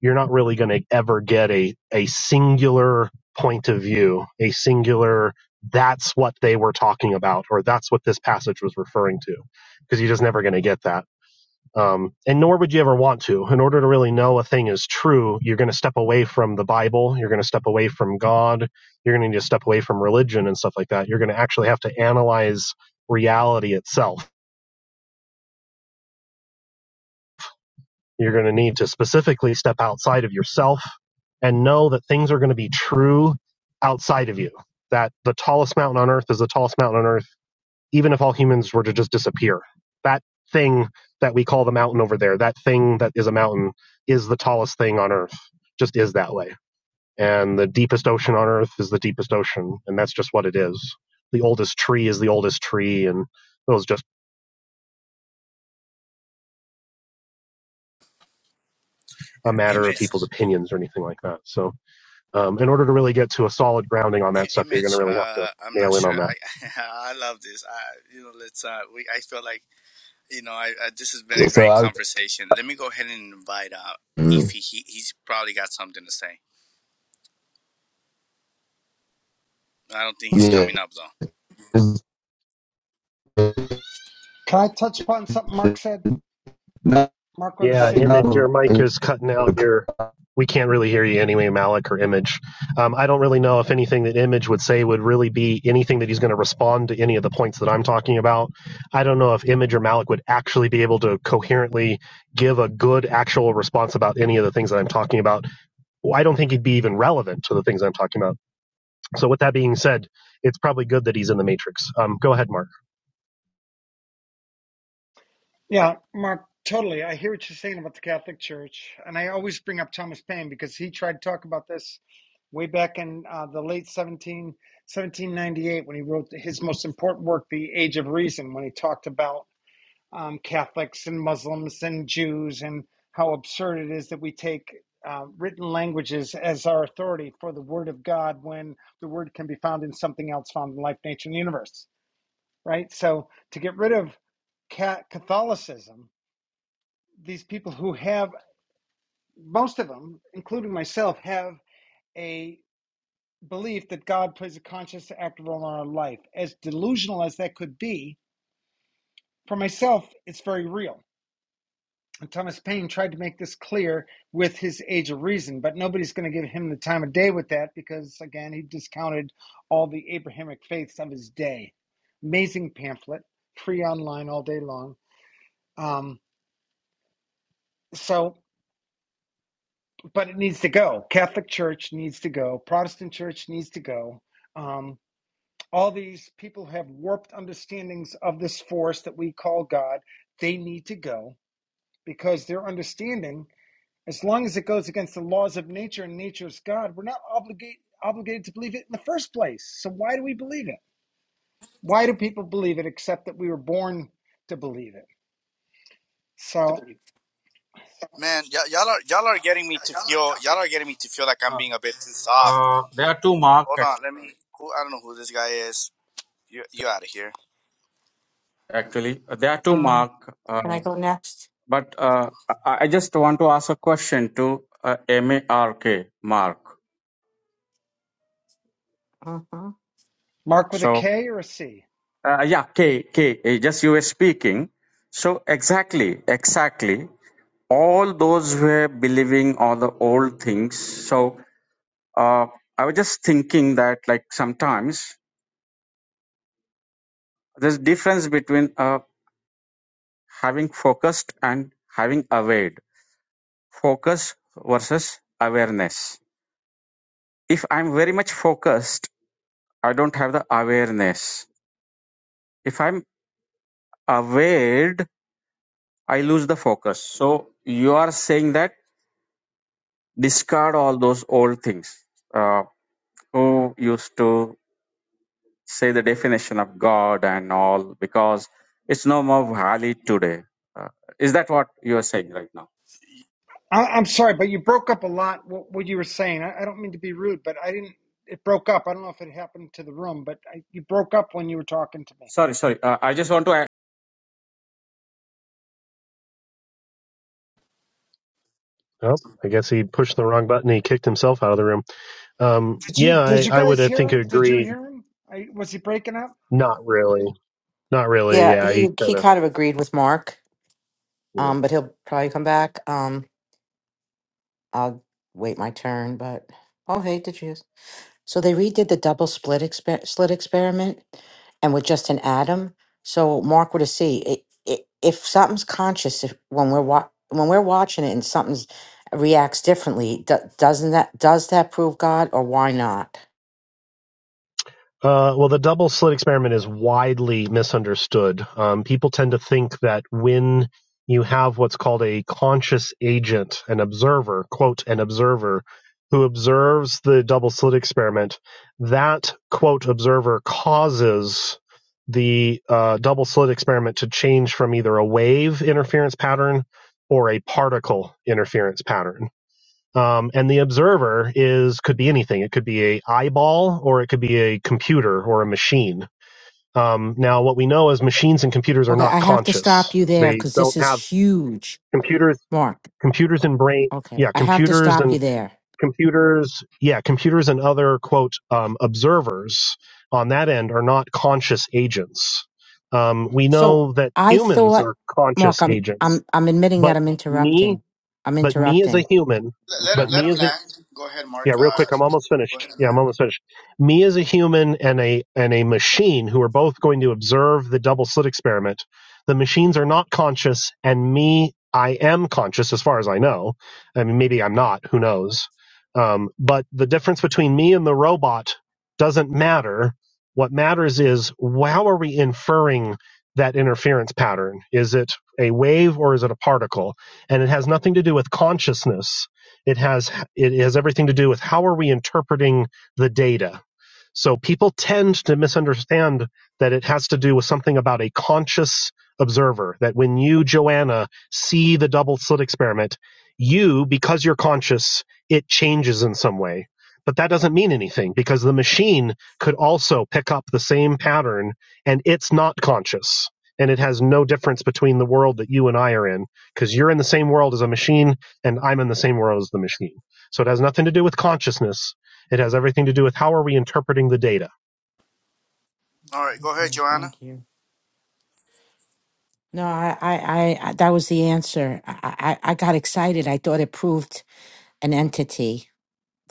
Speaker 5: you're not really going to ever get a, a singular point of view, a singular, that's what they were talking about, or that's what this passage was referring to, because you're just never going to get that. Um, and nor would you ever want to. In order to really know a thing is true, you're going to step away from the Bible. You're going to step away from God. You're going to need to step away from religion and stuff like that. You're going to actually have to analyze reality itself. You're going to need to specifically step outside of yourself and know that things are going to be true outside of you. That the tallest mountain on earth is the tallest mountain on earth even if all humans were to just disappear, that thing that we call the mountain over there, that thing that is a mountain, is the tallest thing on Earth. Just is that way. And the deepest ocean on Earth is the deepest ocean, and that's just what it is. The oldest tree is the oldest tree, and it was just a matter of
Speaker 3: Image.
Speaker 5: people's opinions or anything like that. So, um, in order to really get to a solid grounding on
Speaker 3: I-
Speaker 5: that stuff, you're going to
Speaker 3: image
Speaker 5: really have to
Speaker 3: uh i'm not
Speaker 5: nail in
Speaker 3: sure
Speaker 5: on that.
Speaker 3: i *laughs* i love this i you know let's uh we i feel like you know i, I this has been
Speaker 1: Yeah.
Speaker 3: a
Speaker 1: So
Speaker 3: great
Speaker 1: I was,
Speaker 3: conversation let me go ahead and invite uh if
Speaker 1: Mm.
Speaker 3: he, he he's probably got something to say i don't think he's
Speaker 1: yeah,
Speaker 3: coming up though
Speaker 1: this
Speaker 7: Can I touch upon something Mark said? Mark with a
Speaker 5: Yeah,
Speaker 7: C.
Speaker 5: image,
Speaker 1: All
Speaker 5: your mic is cutting out. Your we can't really hear you anyway, Malik or Image. Um, I don't really know if anything that Image would say would really be anything that he's going to respond to any of the points that I'm talking about. I don't know if Image or Malik would actually be able to coherently give a good actual response about any of the things that I'm talking about. Well, I don't think he'd be even relevant to the things I'm talking about. So with that being said, it's probably good that he's in the Matrix. Um, go ahead, Mark.
Speaker 7: Yeah, Mark, totally. I hear what you're saying about the Catholic Church. And I always bring up Thomas Paine because he tried to talk about this way back in uh, the late 17, 1798 when he wrote his most important work, The Age of Reason, when he talked about um, Catholics and Muslims and Jews and how absurd it is that we take uh, written languages as our authority for the Word of God when the Word can be found in something else found in life, nature, and the universe right? So to get rid of Catholicism, these people who have, most of them, including myself, have a belief that God plays a conscious, active role in our life. As delusional as that could be, for myself, it's very real. And Thomas Paine tried to make this clear with his Age of Reason, but nobody's going to give him the time of day with that because, again, he discounted all the Abrahamic faiths of his day. Amazing pamphlet, free online all day long. Um, so but it needs to go. Catholic Church needs to go. Protestant Church needs to go. Um, all these people have warped understandings of this force that we call God. They need to go because their understanding, as long as it goes against the laws of nature and nature's God, we're not obligated obligated to believe it in the first place. So why do we believe it? Why do people believe it except that we were born to believe it? So,
Speaker 3: man y- y'all are y'all are getting me to feel y'all are getting me to feel like i'm
Speaker 8: Uh,
Speaker 3: being a bit too soft
Speaker 8: uh, there are two mark
Speaker 3: hold
Speaker 8: act-
Speaker 3: on let me who i don't know who this guy is you you out of here
Speaker 8: actually. Uh, There are two mark. Uh, but uh, I I just want to ask a question to uh, M A R K Mark.
Speaker 9: Uh-huh.
Speaker 7: Mark with a
Speaker 8: So
Speaker 7: K or a C?
Speaker 8: uh, yeah, K K. uh, Just you were speaking. So exactly, exactly. All those who were believing all the old things. So uh, I was just thinking that like sometimes there's difference between uh, having focused and having aware. Focus versus awareness. If I'm very much focused, I don't have the awareness. If I'm aware, I lose the focus. So you are saying that discard all those old things. Uh, who used to say the definition of God and all because it's no more valid today. Uh, is that what you are saying right now?
Speaker 7: I, I'm sorry, but you broke up a lot. What, what you were saying, I, I don't mean to be rude, but I didn't. It broke up. I don't know if it happened to the room, but I, you broke up when you were talking to me.
Speaker 8: Sorry, sorry. Uh, I just want to
Speaker 5: Oh, I guess he pushed the wrong button. He kicked himself out of the room. Um,
Speaker 7: Did
Speaker 5: yeah,
Speaker 7: you? Did
Speaker 5: I,
Speaker 7: you
Speaker 5: I would,
Speaker 7: guys
Speaker 5: I
Speaker 7: hear
Speaker 5: think,
Speaker 7: him? Did you
Speaker 5: agree.
Speaker 7: hear him? I, was he breaking up?
Speaker 5: Not really. Not really.
Speaker 9: Yeah,
Speaker 5: Yeah,
Speaker 9: he
Speaker 5: he kind
Speaker 9: he
Speaker 5: of,
Speaker 9: kind of agreed with Mark,
Speaker 5: you know.
Speaker 9: um, but he'll probably come back. Um, I'll wait my turn, but oh hey, did you? So they redid the double split exper- slit experiment, and with just an atom. So Mark would have see it, it, if something's conscious if, when we're wa- when we're watching it and something's reacts differently. Do- doesn't that does that prove God or why not?
Speaker 5: Uh, well, the double slit experiment is widely misunderstood. Um, people tend to think that when you have what's called a conscious agent, an observer, quote, an observer, who observes the double slit experiment, that, quote, observer causes the uh, double slit experiment to change from either a wave interference pattern or a particle interference pattern. Um, and the observer is could be anything. It could be a eyeball, or it could be a computer or a machine. Um, now, what we know is machines and computers are
Speaker 9: Okay,
Speaker 5: not
Speaker 9: I have to stop
Speaker 5: conscious.
Speaker 9: you there
Speaker 5: They
Speaker 9: because this
Speaker 5: don't
Speaker 9: is
Speaker 5: have
Speaker 9: huge,
Speaker 5: computers.
Speaker 9: Mark.
Speaker 5: Computers and brain,
Speaker 9: Okay,
Speaker 5: yeah,
Speaker 9: I have to
Speaker 5: computers
Speaker 9: stop
Speaker 5: and
Speaker 9: you there.
Speaker 5: computers, yeah, computers and other quote um, observers on that end are not conscious agents. Um, we
Speaker 9: So
Speaker 5: know that
Speaker 9: I
Speaker 5: humans
Speaker 9: thought,
Speaker 5: are
Speaker 9: Mark,
Speaker 5: conscious
Speaker 9: I'm
Speaker 5: agents,
Speaker 9: I'm I'm admitting that
Speaker 5: but
Speaker 9: I'm
Speaker 5: me,
Speaker 9: interrupting. I'm
Speaker 5: but me as a
Speaker 9: interrupting.
Speaker 5: human,
Speaker 3: let, let him
Speaker 5: but
Speaker 9: Okay.
Speaker 3: let
Speaker 5: me
Speaker 3: him
Speaker 5: as a
Speaker 3: land go ahead mark
Speaker 5: Yeah, real
Speaker 3: uh
Speaker 5: quick, I'm almost
Speaker 3: go
Speaker 5: finished.
Speaker 3: ahead and
Speaker 5: Yeah, I'm
Speaker 3: land
Speaker 5: almost finished. Me as a human and a and a machine who are both going to observe the double slit experiment. The machines are not conscious, and me, I am conscious as far as I know. I mean, maybe I'm not. Who knows? Um, but the difference between me and the robot doesn't matter. What matters is how are we inferring that interference pattern? Is it a wave or is it a particle? And it has nothing to do with consciousness it has it has everything to do with how are we interpreting the data so people tend to misunderstand that it has to do with something about a conscious observer, that when you, Joanna, see the double slit experiment, you, because you're conscious, it changes in some way. But that doesn't mean anything because the machine could also pick up the same pattern and it's not conscious. And it has no difference between the world that you and I are in because you're in the same world as a machine and I'm in the same world as the machine. So it has nothing to do with consciousness it has everything to do with how are we interpreting the data.
Speaker 3: all right go
Speaker 9: Okay.
Speaker 3: ahead joanna
Speaker 9: Thank you. No, I I, I I- that was the answer. I, I I got excited. I thought it proved an entity.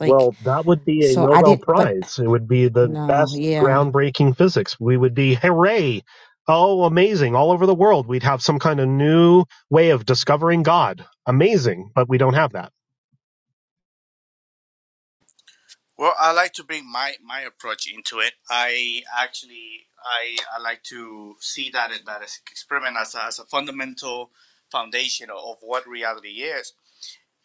Speaker 9: Like,
Speaker 5: that would be a
Speaker 9: so I
Speaker 5: Nobel
Speaker 9: didn't, but
Speaker 5: Prize. It would be the
Speaker 9: no,
Speaker 5: best
Speaker 9: yeah.
Speaker 5: groundbreaking physics. We would be, hooray! Oh, amazing. All over the world, we'd have some kind of new way of discovering God. Amazing. But we don't have that.
Speaker 3: Well, I like to bring my my approach into it. I actually I I like to see that that experiment as a, as a fundamental foundation of what reality is.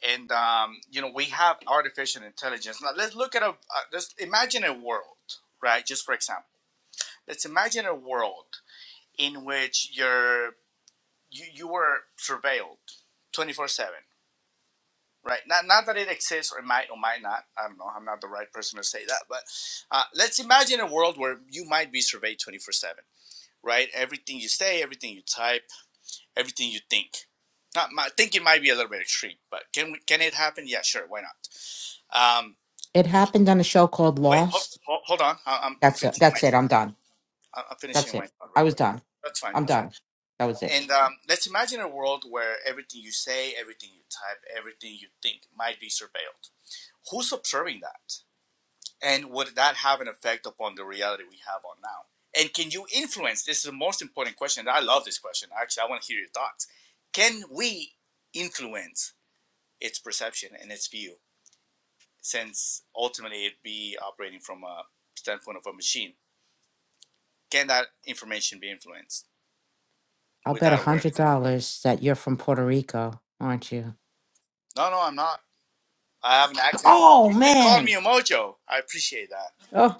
Speaker 3: And um, you know, we have artificial intelligence. Now, let's look at a uh, let's imagine a world, right? Just for example, let's imagine a world in which you're you, you were surveilled 24/7 Right. Not, not that it exists or it might or might not. I don't know. I'm not the right person to say that. But uh, let's imagine a world where you might be surveyed 24 7, right? Everything you say, everything you type, everything you think. Not my, thinking might be a little bit extreme, but can we, can it happen? Yeah, sure. Why not? Um,
Speaker 9: It happened on a show called
Speaker 3: wait, hold,
Speaker 9: Lost.
Speaker 3: hold, hold on. I, I'm, I'm
Speaker 9: That's it.
Speaker 3: finishing my
Speaker 9: That's it.
Speaker 3: thought.
Speaker 9: I'm done.
Speaker 3: I- am
Speaker 9: That's
Speaker 3: finishing my
Speaker 9: it.
Speaker 3: thought
Speaker 9: I
Speaker 3: real
Speaker 9: was
Speaker 3: quick.
Speaker 9: done.
Speaker 3: That's fine.
Speaker 9: I'm
Speaker 3: That's fine.
Speaker 9: done. That was it.
Speaker 3: And um, let's imagine a world where everything you say, everything you type, everything you think might be surveilled. Who's observing that? and would that have an effect upon the reality we have on now? And can you influence? This is the most important question. I love this question. Actually, I want to hear your thoughts. Can we influence its perception and its view, since ultimately it be operating from a standpoint of a machine? Can that information be influenced
Speaker 9: I'll
Speaker 3: with
Speaker 9: bet a
Speaker 3: that
Speaker 9: hundred
Speaker 3: awareness?
Speaker 9: dollars that you're from Puerto Rico, aren't you?
Speaker 3: No, no, I'm not. I have an accent.
Speaker 9: Oh
Speaker 3: You just called me
Speaker 9: man.
Speaker 3: a mojo. I appreciate that.
Speaker 9: Oh,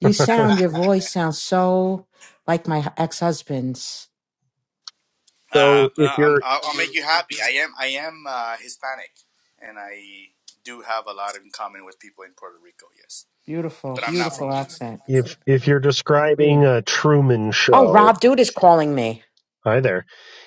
Speaker 9: you
Speaker 5: *laughs*
Speaker 9: sound. Your voice sounds so like my ex-husband's.
Speaker 3: Uh,
Speaker 5: so if
Speaker 3: uh, I'm,
Speaker 5: you're,
Speaker 3: I'll, I'll make you happy. I am I am uh, Hispanic, and I do have a lot in common with people in Puerto Rico. Yes,
Speaker 9: Beautiful,
Speaker 3: but I'm not
Speaker 9: beautiful
Speaker 3: from over there.
Speaker 9: accent.
Speaker 5: if, if you're
Speaker 9: Yeah.
Speaker 5: describing a Truman
Speaker 9: Oh,
Speaker 5: show,
Speaker 9: Rob Dude is calling me.
Speaker 5: hi there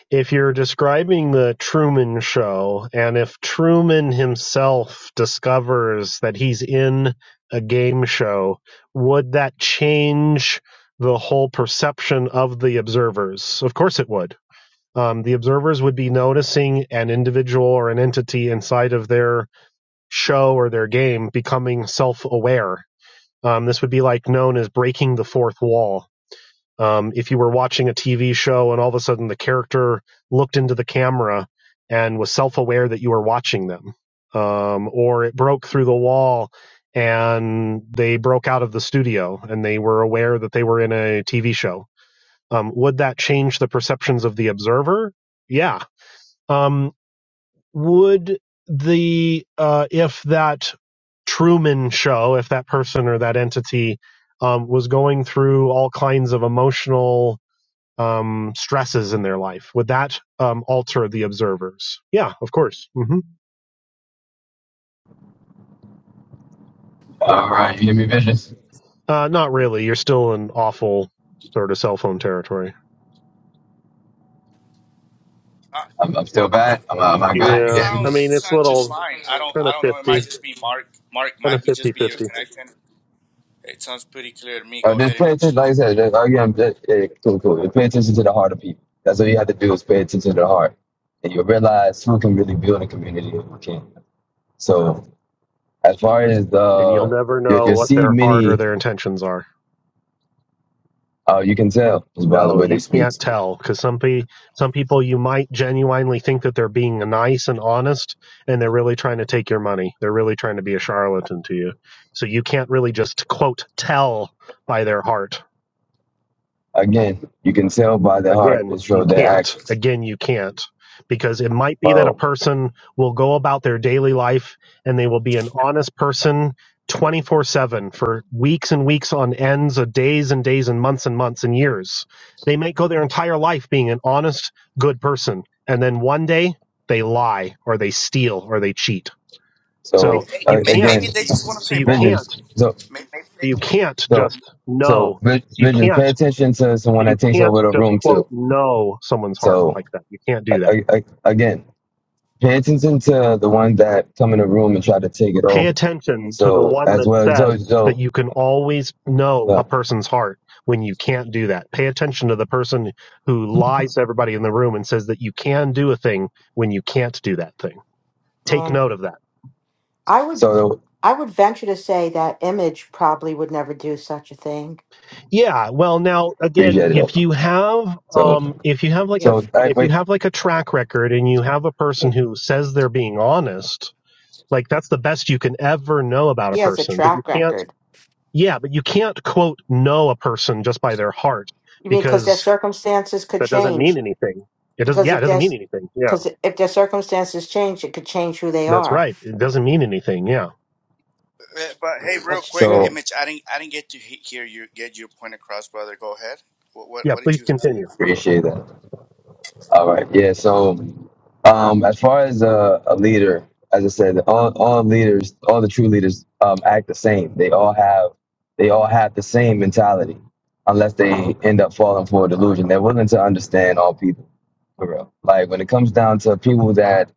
Speaker 5: if you're describing the Truman Show, and if Truman himself discovers that he's in a game show, would that change the whole perception of the observers? Of course, it would. Um, the observers would be noticing an individual or an entity inside of their show or their game becoming self aware. Um, this would be like known as breaking the fourth wall um, if you were watching a TV show and all of a sudden the character looked into the camera and was self aware that you were watching them, um, or it broke through the wall and they broke out of the studio and they were aware that they were in a TV show, um, would that change the perceptions of the observer? Yeah. Um, would the, uh, if that Truman show, if that person or that entity um, was going through all kinds of emotional um, stresses in their life? Would that um, alter the observers? Yeah, of course. hmm
Speaker 1: right, you hear me, bitches?
Speaker 5: Uh, not really. You're still in awful sort of cell phone territory.
Speaker 3: Uh,
Speaker 1: I'm, I'm still
Speaker 3: you
Speaker 1: bad. I'm,
Speaker 3: sound
Speaker 1: I'm not
Speaker 3: you
Speaker 1: good. You get
Speaker 5: Yeah,
Speaker 3: sound
Speaker 1: me?
Speaker 5: I
Speaker 3: you
Speaker 5: mean, it's
Speaker 3: sound just
Speaker 5: little
Speaker 3: fine. I don't
Speaker 5: kind
Speaker 3: I
Speaker 5: of
Speaker 3: don't know. It might
Speaker 5: 50,
Speaker 3: just be Mark. Mark
Speaker 5: kind
Speaker 3: might
Speaker 5: of
Speaker 3: be
Speaker 5: 50
Speaker 3: just be your
Speaker 5: 50.
Speaker 3: connection. It sounds pretty clear to me.
Speaker 1: Uh,
Speaker 3: Go
Speaker 1: just
Speaker 3: ahead,
Speaker 1: pay
Speaker 3: Image.
Speaker 1: attention. Like I said, just, again, just, yeah, cool, cool. Just pay attention to the heart of people. That's all you have to do is pay attention to the heart, and you'll realize who can really build a community and who can So, as far as
Speaker 5: And you'll
Speaker 1: the
Speaker 5: never
Speaker 1: you,
Speaker 5: know
Speaker 1: you
Speaker 5: what
Speaker 1: see
Speaker 5: their heart or their
Speaker 1: many,
Speaker 5: intentions are.
Speaker 1: uh, you can tell just by the
Speaker 5: No,
Speaker 1: way they
Speaker 5: you
Speaker 1: speak.
Speaker 5: can't tell because some, pe- some people you might genuinely think that they're being nice and honest and they're really trying to take your money. They're really trying to be a charlatan to you. So you can't really just, quote, tell by their heart
Speaker 1: Again, you can tell by their heart. It
Speaker 5: Again, you
Speaker 1: shows their
Speaker 5: can't.
Speaker 1: actions.
Speaker 5: Again, you can't. Because it might be that a
Speaker 1: Well,
Speaker 5: person will go about their daily life and they will be an honest person 24 7 for weeks and weeks on ends of days and days and months and months and years. They might go their entire life being an honest, good person. And then one day they lie or they steal or they cheat. So
Speaker 1: so
Speaker 3: Hey,
Speaker 1: uh,
Speaker 5: you
Speaker 3: may-
Speaker 5: can't.
Speaker 3: Maybe
Speaker 1: again,
Speaker 3: they just want to
Speaker 5: So
Speaker 3: play
Speaker 5: you
Speaker 3: ball.
Speaker 1: visions.
Speaker 5: can't.
Speaker 1: So.
Speaker 3: May- Maybe they,
Speaker 5: So You can't
Speaker 1: So,
Speaker 5: just
Speaker 1: so
Speaker 5: know.
Speaker 1: vi-
Speaker 5: You
Speaker 1: visions.
Speaker 5: can't
Speaker 1: Pay attention to someone
Speaker 5: you
Speaker 1: that takes
Speaker 5: can't
Speaker 1: over the
Speaker 5: just
Speaker 1: room
Speaker 5: quote
Speaker 1: too.
Speaker 5: know someone's heart like
Speaker 1: So,
Speaker 5: that. You can't do that.
Speaker 1: I, I, again, pay attention to the ones that come in the room and try to take it
Speaker 5: Pay
Speaker 1: over.
Speaker 5: attention to the
Speaker 1: So,
Speaker 5: one
Speaker 1: as
Speaker 5: that
Speaker 1: well as so,
Speaker 5: says that
Speaker 1: so,
Speaker 5: you can always know
Speaker 1: yeah.
Speaker 5: a person's heart when you can't do that. Pay attention to the person who lies to everybody in the room and says that you can do a thing when you can't do that thing. Take
Speaker 9: Um,
Speaker 5: note of that.
Speaker 9: I would,
Speaker 1: so
Speaker 9: I would venture to say that Image probably would never do such a thing.
Speaker 5: Yeah. Well, now again,
Speaker 1: appreciate it.
Speaker 5: if you have,
Speaker 1: So,
Speaker 5: um, if you have like
Speaker 9: Yeah,
Speaker 5: a,
Speaker 1: so I
Speaker 9: yeah,
Speaker 5: if you
Speaker 1: wait.
Speaker 5: have like a track record and you have a person
Speaker 9: yeah.
Speaker 5: who says they're being honest, like that's the best you can ever know about
Speaker 9: He
Speaker 5: a
Speaker 9: has a
Speaker 5: person, but you
Speaker 9: track
Speaker 5: can't
Speaker 9: record.
Speaker 5: Yeah, but you can't quote know a person just by their heart
Speaker 9: You mean because their
Speaker 5: because
Speaker 9: circumstances could
Speaker 5: that doesn't mean
Speaker 9: change?
Speaker 5: anything. It doesn't.
Speaker 9: Because
Speaker 5: Yeah, it
Speaker 9: if
Speaker 5: doesn't mean
Speaker 9: there's,
Speaker 5: anything. Yeah,
Speaker 9: because if their circumstances change, it could change who they
Speaker 5: that's
Speaker 9: are.
Speaker 5: right. It doesn't mean anything. Yeah.
Speaker 3: uh, but hey, real
Speaker 9: That's
Speaker 3: quick,
Speaker 1: So
Speaker 9: true.
Speaker 3: Image. I didn't I didn't get to he- hear you get your point across, brother. Go ahead. What what,
Speaker 5: Yeah.
Speaker 3: what did
Speaker 5: Please
Speaker 3: you?
Speaker 5: continue.
Speaker 1: appreciate that. All right. Yeah. So, um, as far as a, a leader, as I said, all, all leaders, all the true leaders, um, act the same. They all have, they all have the same mentality, unless they end up falling for a delusion. They're willing to understand all people for real. Like when it comes down to people that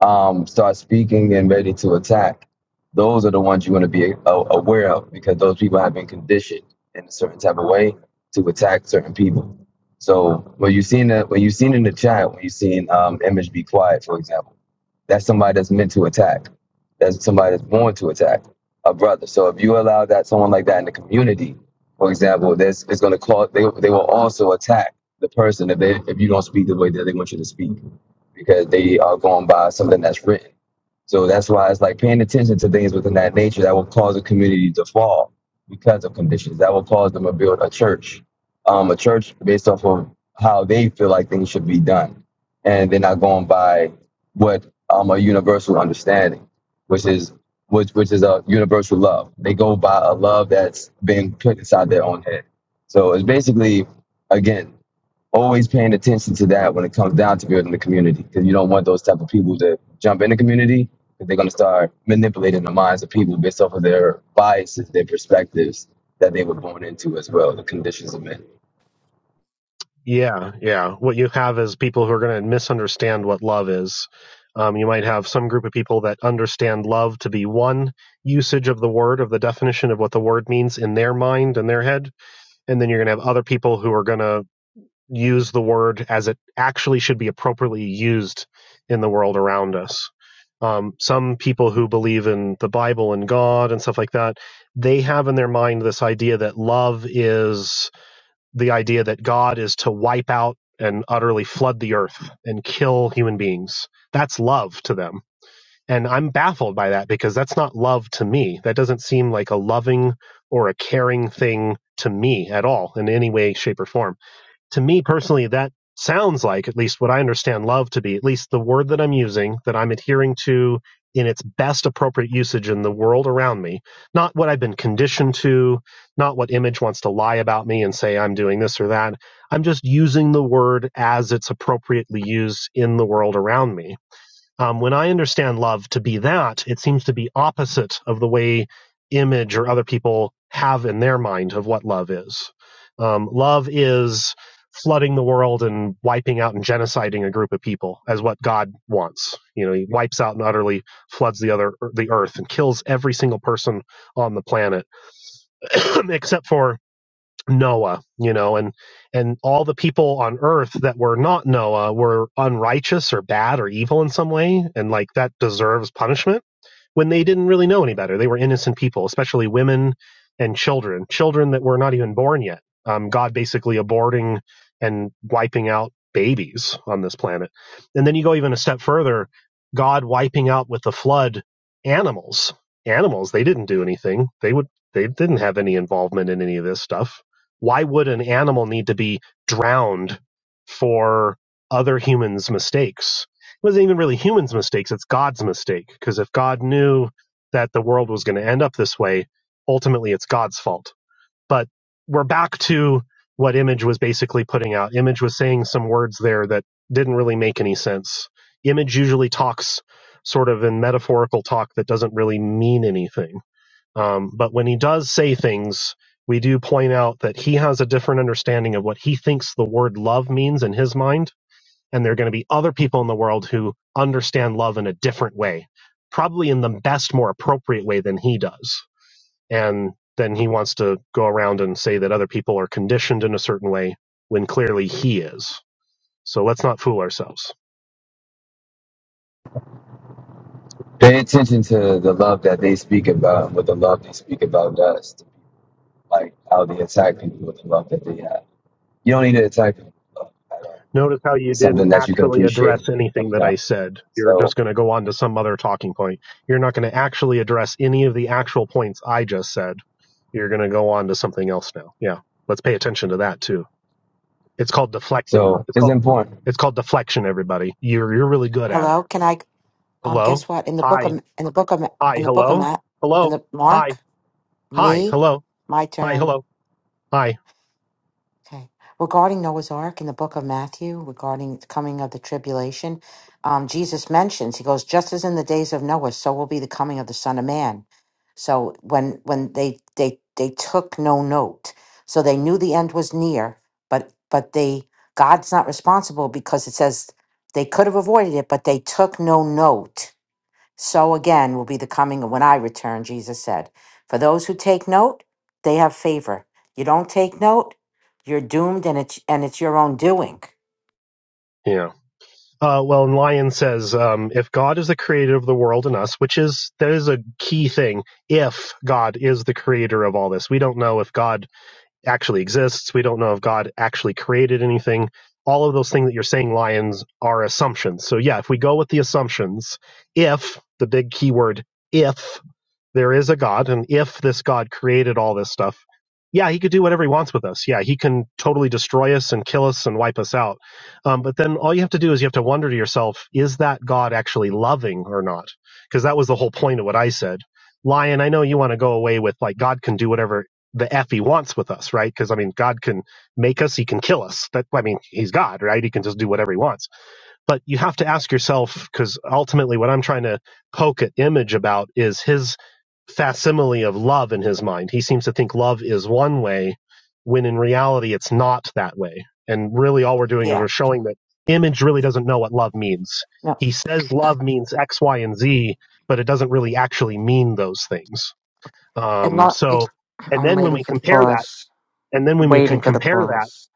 Speaker 1: um, start speaking and ready to attack, those are the ones you want to be a- aware of because those people have been conditioned in a certain type of way to attack certain people. So when you seen that, when you seen in the chat, when you seen um, image be quiet, for example. That's somebody that's meant to attack. That's somebody that's born to attack a brother. So if you allow that someone like that in the community, for example, this is going to cause they they will also attack the person if they if you don't speak the way that they want you to speak because they are going by something that's written so that's why it's like paying attention to things within that nature that will cause a community to fall because of conditions that will cause them to build a church, um, a church based off of how they feel like things should be done, and they're not going by what um, a universal understanding, which is which which is a universal love. They go by a love that's been put inside their own head. So it's basically again always paying attention to that when it comes down to building the community because you don't want those type of people to jump in the community because they're going to start manipulating the minds of people based off of their biases their perspectives that they were born into as well the conditions of men
Speaker 5: Yeah, yeah. What you have is people who are going to misunderstand what love is. Um, you might have some group of people that understand love to be one usage of the word, of the definition of what the word means in their mind and their head, and then you're going to have other people who are going to use the word as it actually should be appropriately used in the world around us. Um, some people who believe in the Bible and God and stuff like that, they have in their mind this idea that love is the idea that God is to wipe out and utterly flood the earth and kill human beings. That's love to them. And I'm baffled by that because that's not love to me. That doesn't seem like a loving or a caring thing to me at all in any way, shape, or form to me personally, that sounds like, at least what I understand love to be, at least the word that I'm using, that I'm adhering to in its best appropriate usage in the world around me, not what I've been conditioned to, not what image wants to lie about me and say I'm doing this or that. I'm just using the word as it's appropriately used in the world around me. Um, when I understand love to be that, it seems to be opposite of the way image or other people have in their mind of what love is. Um, love is flooding the world and wiping out and genociding a group of people as what God wants. You know, he wipes out and utterly floods the other the earth and kills every single person on the planet *coughs* *clears throat* except for Noah, you know, and and all the people on earth that were not Noah were unrighteous or bad or evil in some way and like that deserves punishment when they didn't really know any better. They were innocent people, especially women and children, children that were not even born yet. Um, God basically aborting and wiping out babies on this planet. And then you go even a step further God wiping out with the flood animals. Animals, they didn't do anything. They would they didn't have any involvement in any of this stuff. Why would an animal need to be drowned for other humans' mistakes? wasn't even really humans' mistakes. It's God's mistake. Because if God knew that the world was going to end up this way, ultimately it's God's fault. But we're back to what Image was basically putting out. Image was saying some words there that didn't really make any sense. Image usually talks sort of in metaphorical talk that doesn't really mean anything. Um, but when he does say things, we do point out that he has a different understanding of what he thinks the word love means in his mind and there are going to be other people in the world who understand love in a different way, probably in the best, more appropriate way than he does. And then he wants to go around and say that other people are conditioned in a certain way when clearly he is. So let's not fool ourselves.
Speaker 1: pay attention to the love that they speak about what the love they speak about does like how they attack people with the love that they have you don't need to attack people with love at all
Speaker 5: Notice how you
Speaker 1: it's
Speaker 5: didn't
Speaker 1: something that you can
Speaker 5: actually
Speaker 1: appreciate
Speaker 5: address
Speaker 1: when it
Speaker 5: anything
Speaker 1: comes
Speaker 5: that I
Speaker 1: down
Speaker 5: said. You're
Speaker 1: so
Speaker 5: just going to go on to some other talking point. You're not going to actually address any of the actual points I just said. You're going to go on to something else now. Yeah. Let's pay attention to that too. It's called deflection.
Speaker 1: so
Speaker 5: It's
Speaker 1: it's
Speaker 5: called
Speaker 1: important
Speaker 5: it's called deflection. Everybody, you're you're really good at it.
Speaker 9: Hello, can I? Um,
Speaker 5: Hello,
Speaker 9: guess what? In the book
Speaker 5: hi,
Speaker 9: of in the book of
Speaker 5: hi,
Speaker 9: in the book of
Speaker 5: hello,
Speaker 9: Matt in
Speaker 5: hello,
Speaker 9: the
Speaker 5: hi,
Speaker 9: Mark,
Speaker 5: hi,
Speaker 9: me,
Speaker 5: hello,
Speaker 9: my
Speaker 5: hi,
Speaker 9: turn.
Speaker 5: hello, hi.
Speaker 9: Okay. Regarding Noah's Ark in the book of Matthew, regarding the coming of the tribulation, um, Jesus mentions, he goes, just as in the days of Noah, so will be the coming of the Son of Man. So when when they they they took no note. So they knew the end was near, but but they God's not responsible because it says they could have avoided it, but they took no note so again will be the coming of when I return, Jesus said. For those who take note, they have favor. You don't take note, you're doomed and it's and it's your own doing.
Speaker 5: Yeah. Uh, well, and Lyon says, um, if God is the creator of the world and us, which is that is a key thing. If God is the creator of all this, we don't know if God actually exists. We don't know if God actually created anything. All of those things that you're saying, Lions, are assumptions. So, yeah, if we go with the assumptions, if the big keyword, if there is a God, and if this God created all this stuff, yeah, he could do whatever he wants with us. Yeah, he can totally destroy us and kill us and wipe us out. Um, but then all you have to do is you have to wonder to yourself, is that God actually loving or not? Because that was the whole point of what I said. Lion, I know you want to go away with like God can do whatever the f he wants with us, right? Because I mean, God can make us, he can kill us. That I mean, he's God, right? He can just do whatever he wants but you have to ask yourself because ultimately what i'm trying to poke at image about is his facsimile of love in his mind he seems to think love is one way when in reality it's not that way and really all we're doing is
Speaker 9: Yeah.
Speaker 5: we're showing that image really doesn't know what love means
Speaker 9: No.
Speaker 5: he says love means x y and z but it doesn't really actually mean those things
Speaker 9: It
Speaker 5: um,
Speaker 9: lo- it's,
Speaker 5: so
Speaker 9: *clears throat*
Speaker 5: and
Speaker 9: I'm
Speaker 5: then when
Speaker 9: waiting
Speaker 5: we
Speaker 9: for the
Speaker 5: compare that
Speaker 9: pause.
Speaker 5: and then when we
Speaker 9: Waiting
Speaker 5: can
Speaker 9: for the
Speaker 5: compare that
Speaker 9: pause.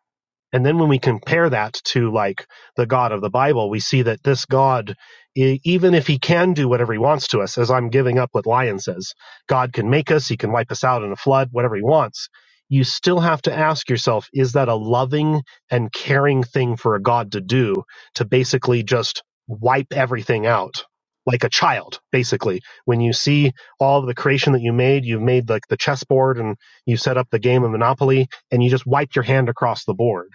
Speaker 5: and then when we compare that to like the God of the Bible, we see that this God, e- even if he can do whatever he wants to us, as I'm giving up what Lion says, God can make us, he can wipe us out in a flood, whatever he wants. You still have to ask yourself, is that a loving and caring thing for a God to do to basically just wipe everything out? Like a child, basically. When you see all of the creation that you made, you've made like the chessboard and you set up the game of Monopoly and you just wipe your hand across the board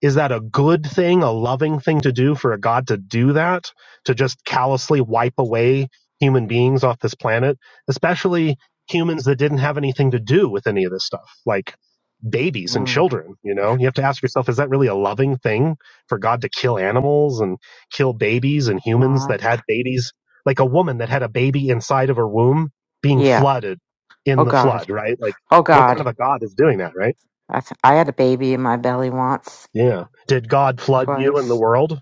Speaker 5: is that a good thing, a loving thing to do for a God to do that? To just callously wipe away human beings off this planet, especially humans that didn't have anything to do with any of this stuff, like babies and
Speaker 9: Mm.
Speaker 5: children, you know? You have to ask yourself, is that really a loving thing for God to kill animals and kill babies and humans
Speaker 9: Ma.
Speaker 5: that had babies? Like a woman that had a baby inside of her womb being
Speaker 9: Yeah.
Speaker 5: flooded
Speaker 9: Oh
Speaker 5: in the
Speaker 9: God.
Speaker 5: flood, right? Like,
Speaker 9: Oh
Speaker 5: what kind
Speaker 9: God.
Speaker 5: of a God is doing that, right?
Speaker 9: I, th- I had a baby in my belly once,
Speaker 5: Yeah. Did God flood you and the
Speaker 9: twice.
Speaker 5: world?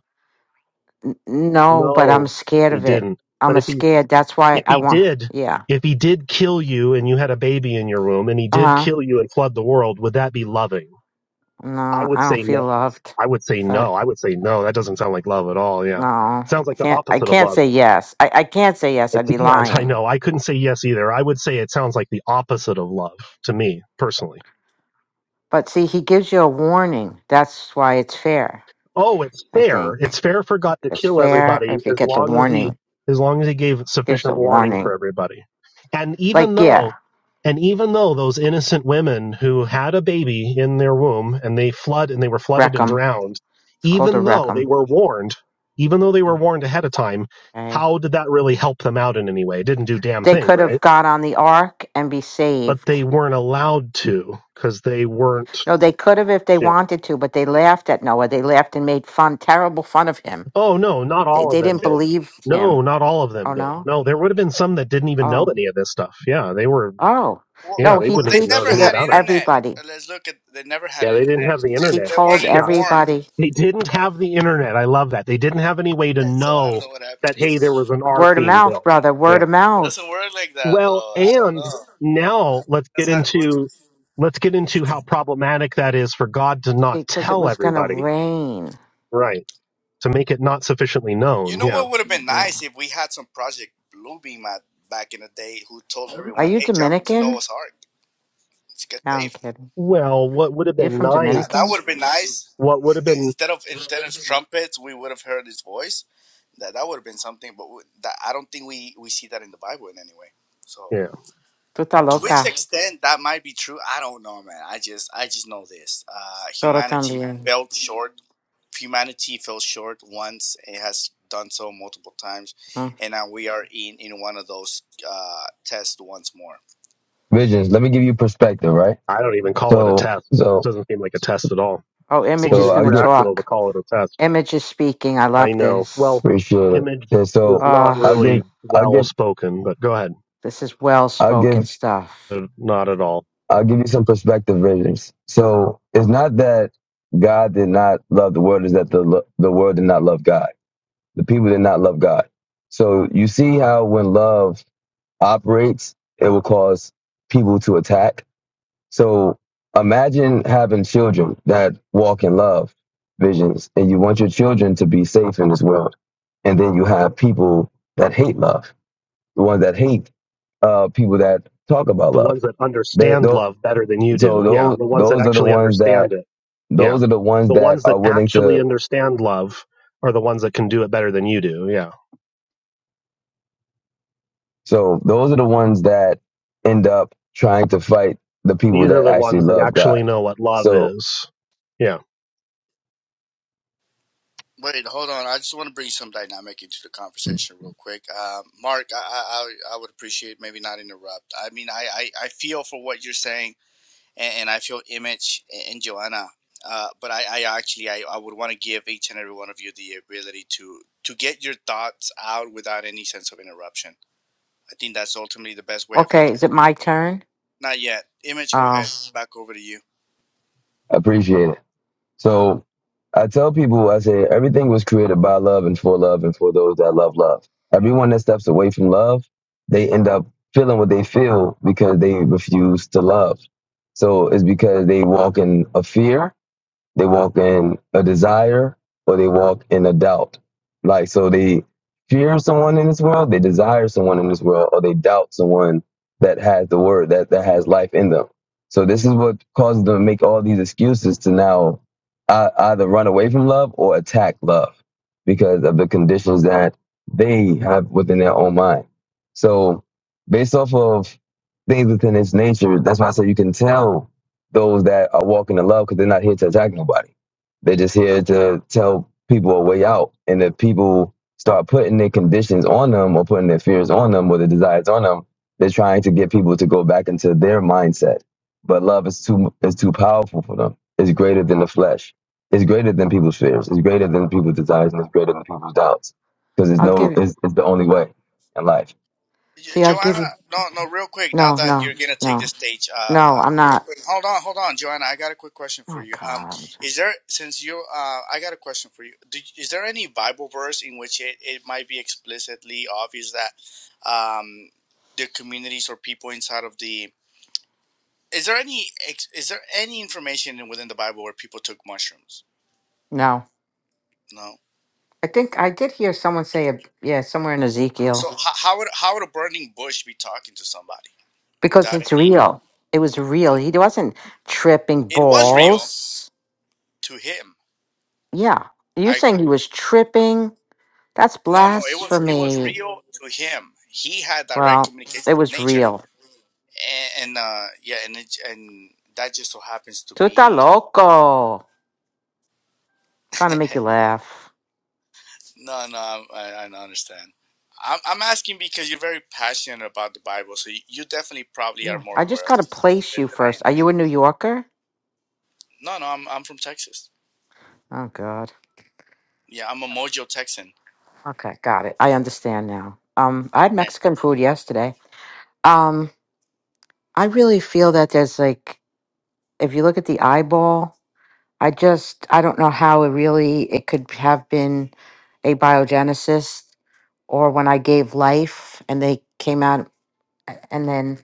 Speaker 9: N- no, but I'm
Speaker 5: No,
Speaker 9: scared
Speaker 5: he
Speaker 9: of it.
Speaker 5: didn't. But
Speaker 9: I'm a
Speaker 5: if he
Speaker 9: scared. That's why
Speaker 5: if
Speaker 9: I
Speaker 5: he
Speaker 9: want.
Speaker 5: did
Speaker 9: Yeah.
Speaker 5: if he did kill you and you had a baby in your womb and he did
Speaker 9: Uh-huh.
Speaker 5: kill you and flood the world, would that be loving? I
Speaker 9: No, I
Speaker 5: would
Speaker 9: don't
Speaker 5: say no.
Speaker 9: feel loved.
Speaker 5: I would say
Speaker 9: But
Speaker 5: no. I would say no. That doesn't sound like love at all. Yeah.
Speaker 9: no,
Speaker 5: Sounds
Speaker 9: I
Speaker 5: like the
Speaker 9: can't. I
Speaker 5: opposite of
Speaker 9: can't
Speaker 5: love.
Speaker 9: say yes. I, I can't say yes.
Speaker 5: I
Speaker 9: I'd be
Speaker 5: can't. *laughs* I
Speaker 9: lying.
Speaker 5: know. I couldn't say yes either. I would say it sounds like the opposite of love to me personally.
Speaker 9: But see, he gives you a warning. That's why it's fair.
Speaker 5: oh, it's
Speaker 9: I
Speaker 5: fair.
Speaker 9: think
Speaker 5: It's fair for God to
Speaker 9: it's
Speaker 5: kill
Speaker 9: fair
Speaker 5: everybody
Speaker 9: if you
Speaker 5: as
Speaker 9: get the
Speaker 5: long as he
Speaker 9: warning.
Speaker 5: as long as he gave
Speaker 9: Gives a
Speaker 5: sufficient warning
Speaker 9: warning.
Speaker 5: for everybody. And
Speaker 9: Like
Speaker 5: even
Speaker 9: yeah,
Speaker 5: though and even though those innocent women who had a baby in their womb and they flood and they were flooded and
Speaker 9: Reckham.
Speaker 5: drowned,
Speaker 9: It's called a
Speaker 5: even though they
Speaker 9: Reckham.
Speaker 5: were warned, even though they were warned ahead of time,
Speaker 9: Okay.
Speaker 5: how did that really help them out in any way? It didn't do damn
Speaker 9: They
Speaker 5: thing,
Speaker 9: could have
Speaker 5: right?
Speaker 9: got on the ark and be
Speaker 5: But
Speaker 9: saved.
Speaker 5: they weren't allowed to because they weren't.
Speaker 9: No, they could have if they
Speaker 5: Yeah.
Speaker 9: wanted to, but they laughed at Noah. They laughed and made fun, terrible fun of him.
Speaker 5: Oh no, not
Speaker 9: They
Speaker 5: all
Speaker 9: they
Speaker 5: of them
Speaker 9: didn't
Speaker 5: did.
Speaker 9: believe
Speaker 5: No,
Speaker 9: him.
Speaker 5: not all of them
Speaker 9: Oh
Speaker 5: did.
Speaker 9: no.
Speaker 5: No, there would have been some that didn't even know
Speaker 9: Oh.
Speaker 5: any of this stuff. Yeah, they were.
Speaker 9: Oh,
Speaker 3: Well,
Speaker 5: Yeah,
Speaker 9: no,
Speaker 5: they
Speaker 9: he
Speaker 3: well,
Speaker 5: wouldn't
Speaker 3: they
Speaker 5: even
Speaker 9: preached
Speaker 5: known
Speaker 3: never
Speaker 9: to
Speaker 5: any
Speaker 3: had
Speaker 9: the
Speaker 5: about it.
Speaker 3: internet.
Speaker 9: everybody.
Speaker 3: Uh, Let's look at. They never had
Speaker 5: Yeah, they didn't have
Speaker 3: internet.
Speaker 5: the
Speaker 9: He
Speaker 5: internet.
Speaker 3: They, they
Speaker 9: told
Speaker 3: weren't
Speaker 5: Yeah,
Speaker 3: informed.
Speaker 9: everybody,
Speaker 5: they didn't
Speaker 3: Oh.
Speaker 5: have the internet. I love that. They didn't have any way to
Speaker 3: And so I don't
Speaker 5: know
Speaker 3: know what happened.
Speaker 5: that hey, there was an ark
Speaker 9: word of
Speaker 5: being
Speaker 9: mouth,
Speaker 5: built.
Speaker 9: brother,
Speaker 5: Yeah.
Speaker 9: word of
Speaker 3: Doesn't
Speaker 9: mouth.
Speaker 3: work like that
Speaker 5: Well,
Speaker 3: though. I don't know.
Speaker 5: and now let's get
Speaker 3: That's how it works.
Speaker 5: into let's get into
Speaker 9: Yeah.
Speaker 5: how problematic that is for God to
Speaker 9: See,
Speaker 5: not
Speaker 9: because it
Speaker 5: tell
Speaker 9: was going to
Speaker 5: everybody,
Speaker 9: rain.
Speaker 5: right? To make it not sufficiently
Speaker 3: You
Speaker 5: known.
Speaker 3: know
Speaker 5: Yeah.
Speaker 3: what would have been nice
Speaker 9: Yeah.
Speaker 3: if we had some Project Bluebeam at back in the day who told
Speaker 9: Are
Speaker 3: everyone,
Speaker 9: you
Speaker 3: "Hey, jump to
Speaker 9: Dominican?
Speaker 3: Noah's Ark. Let's get
Speaker 9: No, I'm
Speaker 3: safe."
Speaker 9: kidding.
Speaker 5: Well, what would have
Speaker 9: You're
Speaker 5: been
Speaker 9: from
Speaker 3: That, that
Speaker 9: Dominican?
Speaker 3: would
Speaker 5: nice
Speaker 3: have been nice.
Speaker 5: What would have
Speaker 3: *laughs*
Speaker 5: been,
Speaker 3: instead of instead of trumpets, we would have heard his voice. That that would have been something. But we, that I don't think we we see that in the Bible in any way. So.
Speaker 5: yeah,
Speaker 9: Tú
Speaker 3: to which Mhm.
Speaker 9: loca.
Speaker 3: extent that might be true i don't know man i just i just know this uh
Speaker 9: Todo
Speaker 3: humanity
Speaker 9: también.
Speaker 3: fell short humanity fell short once it has done so multiple times
Speaker 9: Mm.
Speaker 3: and now we are in in one of those uh tests once more
Speaker 1: visions let me give you perspective right
Speaker 5: I don't even call it a
Speaker 1: So
Speaker 5: test. It
Speaker 1: so
Speaker 5: doesn't seem like a test at all.
Speaker 9: Oh, Image
Speaker 5: Seems
Speaker 9: is
Speaker 1: so
Speaker 9: going
Speaker 1: I
Speaker 9: to
Speaker 1: get
Speaker 5: irrational to
Speaker 9: talk.
Speaker 5: call it a test.
Speaker 9: Image is speaking. I
Speaker 5: I
Speaker 9: love
Speaker 5: know.
Speaker 9: this.
Speaker 5: Well,
Speaker 1: appreciate it.
Speaker 5: image
Speaker 1: And
Speaker 5: is
Speaker 1: so
Speaker 5: not
Speaker 1: I'll
Speaker 9: Oh,
Speaker 5: really
Speaker 1: give I'll
Speaker 5: well
Speaker 1: give
Speaker 5: spoken, but go ahead.
Speaker 9: this is well
Speaker 1: I'll
Speaker 9: spoken
Speaker 1: give
Speaker 9: stuff.
Speaker 5: Uh, Not at all.
Speaker 1: I'll give you some perspective visions. So it's not that God did not love the world, is that the lo- the world did not love God. The people did not love God. So you see how when love operates, it will cause people to attack. So imagine having children that walk in love visions and you want your children to be safe in this world and then you have people that hate love the ones that hate uh, people that talk about
Speaker 5: The
Speaker 1: love.
Speaker 5: ones that
Speaker 1: They
Speaker 5: understand
Speaker 1: those,
Speaker 5: love better than you
Speaker 1: so
Speaker 5: do. Yeah.
Speaker 1: those
Speaker 5: The ones that
Speaker 1: those are the
Speaker 5: actually
Speaker 1: ones that
Speaker 5: understand it. Yeah.
Speaker 1: those are the ones
Speaker 5: The
Speaker 1: that
Speaker 5: ones that
Speaker 1: are willing
Speaker 5: actually
Speaker 1: to.
Speaker 5: understand love are the ones that can do it better than you do. Yeah.
Speaker 1: So those are the ones that end up trying to fight the people
Speaker 5: These are
Speaker 1: that
Speaker 5: the
Speaker 1: actually
Speaker 5: ones that
Speaker 1: love God.
Speaker 5: actually know what love
Speaker 1: So
Speaker 5: is. Yeah.
Speaker 3: wait hold on i just want to bring some dynamic into the conversation real quick um mark i i i I would appreciate maybe not interrupt i mean i i, I feel for what you're saying and, and I feel Image and Joanna. Uh, but I, I actually I, I would want to give each and every one of you the ability to to get your thoughts out without any sense of interruption. I think that's ultimately the best way of. Com-
Speaker 9: Okay, is it my turn?
Speaker 3: Not yet. Image, go ahead.
Speaker 9: Oh,
Speaker 3: Back over to you.
Speaker 1: I appreciate it. So I tell people, I say everything was created by love and for love and for those that love love. Everyone that steps away from love, they end up feeling what they feel because they refuse to love. So it's because they walk in a fear They walk in a desire or they walk in a doubt. Like, so they fear someone in this world, they desire someone in this world, or they doubt someone that has the word, that, that has life in them. So this is what causes them to make all these excuses to now uh, either run away from love or attack love because of the conditions that they have within their own mind. So based off of things within its nature, that's why I say you can tell those that are walking in love because they're not here to attack nobody they're just here to tell people a way out. And if people start putting their conditions on them or putting their fears on them or their desires on them, they're trying to get people to go back into their mindset. But love is too is too powerful for them. It's greater than the flesh. It's greater than people's fears. It's greater than people's desires and it's greater than people's doubts. Because it's
Speaker 9: I'll give
Speaker 1: no
Speaker 9: you.
Speaker 1: it's, it's the only way in life.
Speaker 9: See, I'll give
Speaker 3: Joanna,
Speaker 9: you.
Speaker 3: no, no, real quick. Now
Speaker 9: No,
Speaker 3: that
Speaker 9: no,
Speaker 3: you're gonna take
Speaker 9: no.
Speaker 3: the stage, uh,
Speaker 9: No,
Speaker 3: uh,
Speaker 9: I'm
Speaker 3: real
Speaker 9: not.
Speaker 3: quick. Hold on, hold on, Joanna. I got a quick question for
Speaker 9: Oh
Speaker 3: you. Um,
Speaker 9: God,
Speaker 3: is there since you, uh, I got a question for you. Do, is there any Bible verse in which it, it might be explicitly obvious that, um, the communities or people inside of the is there any ex- is there any information within the Bible where people took mushrooms?
Speaker 9: no.
Speaker 3: No.
Speaker 9: I think I did hear someone say, it, yeah, somewhere in Ezekiel,
Speaker 3: So h- how would how would a burning bush be talking to somebody
Speaker 9: because
Speaker 3: without
Speaker 9: it's
Speaker 3: any?
Speaker 9: real. It was real. He wasn't tripping
Speaker 3: It was real
Speaker 9: balls.
Speaker 3: to him.
Speaker 9: Yeah, you
Speaker 3: I agree.
Speaker 9: saying he was tripping? That's
Speaker 3: No, no, it was it was
Speaker 9: blasphemy.
Speaker 3: real to him. He had direct
Speaker 9: Well,
Speaker 3: communication
Speaker 9: it
Speaker 3: with
Speaker 9: was
Speaker 3: nature,
Speaker 9: real.
Speaker 3: and, and uh, yeah, and it, and that just so happens to
Speaker 9: Tuta
Speaker 3: be.
Speaker 9: loco, trying
Speaker 3: *laughs*
Speaker 9: to make you laugh.
Speaker 3: no, no, i I don't understand. I'm I'm asking because you're very passionate about the Bible, so you, you definitely probably are
Speaker 9: Yeah.
Speaker 3: more
Speaker 9: I
Speaker 3: aware
Speaker 9: just
Speaker 3: of
Speaker 9: gotta place you
Speaker 3: it than I
Speaker 9: first.
Speaker 3: am.
Speaker 9: Are you a New Yorker?
Speaker 3: No, no, I'm I'm from Texas.
Speaker 9: Oh God.
Speaker 3: Yeah, I'm a Mojo Texan.
Speaker 9: Okay, got it. I understand now. Um, I had
Speaker 3: *laughs*
Speaker 9: Mexican food yesterday. Um, I really feel that there's like, if you look at the eyeball, I just, I don't know how it really, it could have been a biogenesis or when I gave life and they came out a- and then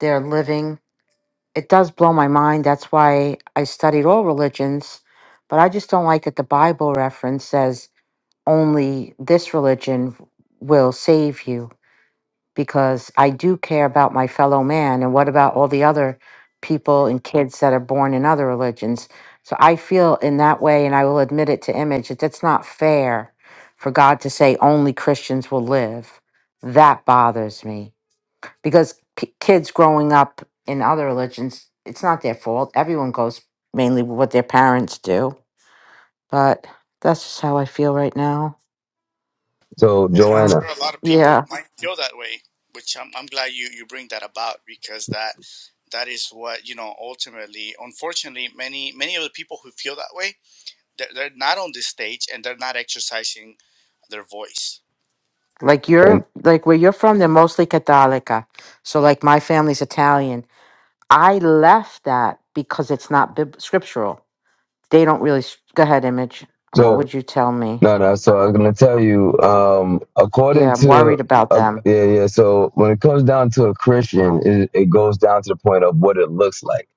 Speaker 9: they're living. It does blow my mind. That's why I studied all religions, but I just don't like that the Bible reference says only this religion will save you because I do care about my fellow man. And what about all the other people and kids that are born in other religions? So I feel in that way, and I will admit it to Image, that it's not fair for God to say only Christians will live. That bothers me because p- kids growing up in other religions, it's not their fault. Everyone goes mainly with what their parents do. But that's just how I feel right now.
Speaker 1: So
Speaker 3: And I'm
Speaker 9: Oh.
Speaker 3: sure
Speaker 1: Joanna
Speaker 3: a lot of people
Speaker 9: yeah.
Speaker 3: might feel that way, which I'm, I'm glad you, you bring that about because that that is what you know ultimately unfortunately many many of the people who feel that way they're, they're not on this stage and they're not exercising their voice
Speaker 9: like
Speaker 1: and
Speaker 9: you're like where you're from they're mostly catholica so like my family's italian i left that because it's not bib- scriptural they don't really s- go ahead image what
Speaker 1: so
Speaker 9: would you tell me
Speaker 1: No, no. So I'm gonna tell you. Um,
Speaker 9: yeah
Speaker 1: according
Speaker 9: i'm worried
Speaker 1: to
Speaker 9: about
Speaker 1: uh,
Speaker 9: them
Speaker 1: yeah, yeah. So when it comes down to a Christian, it, it goes down to the point of what it looks like.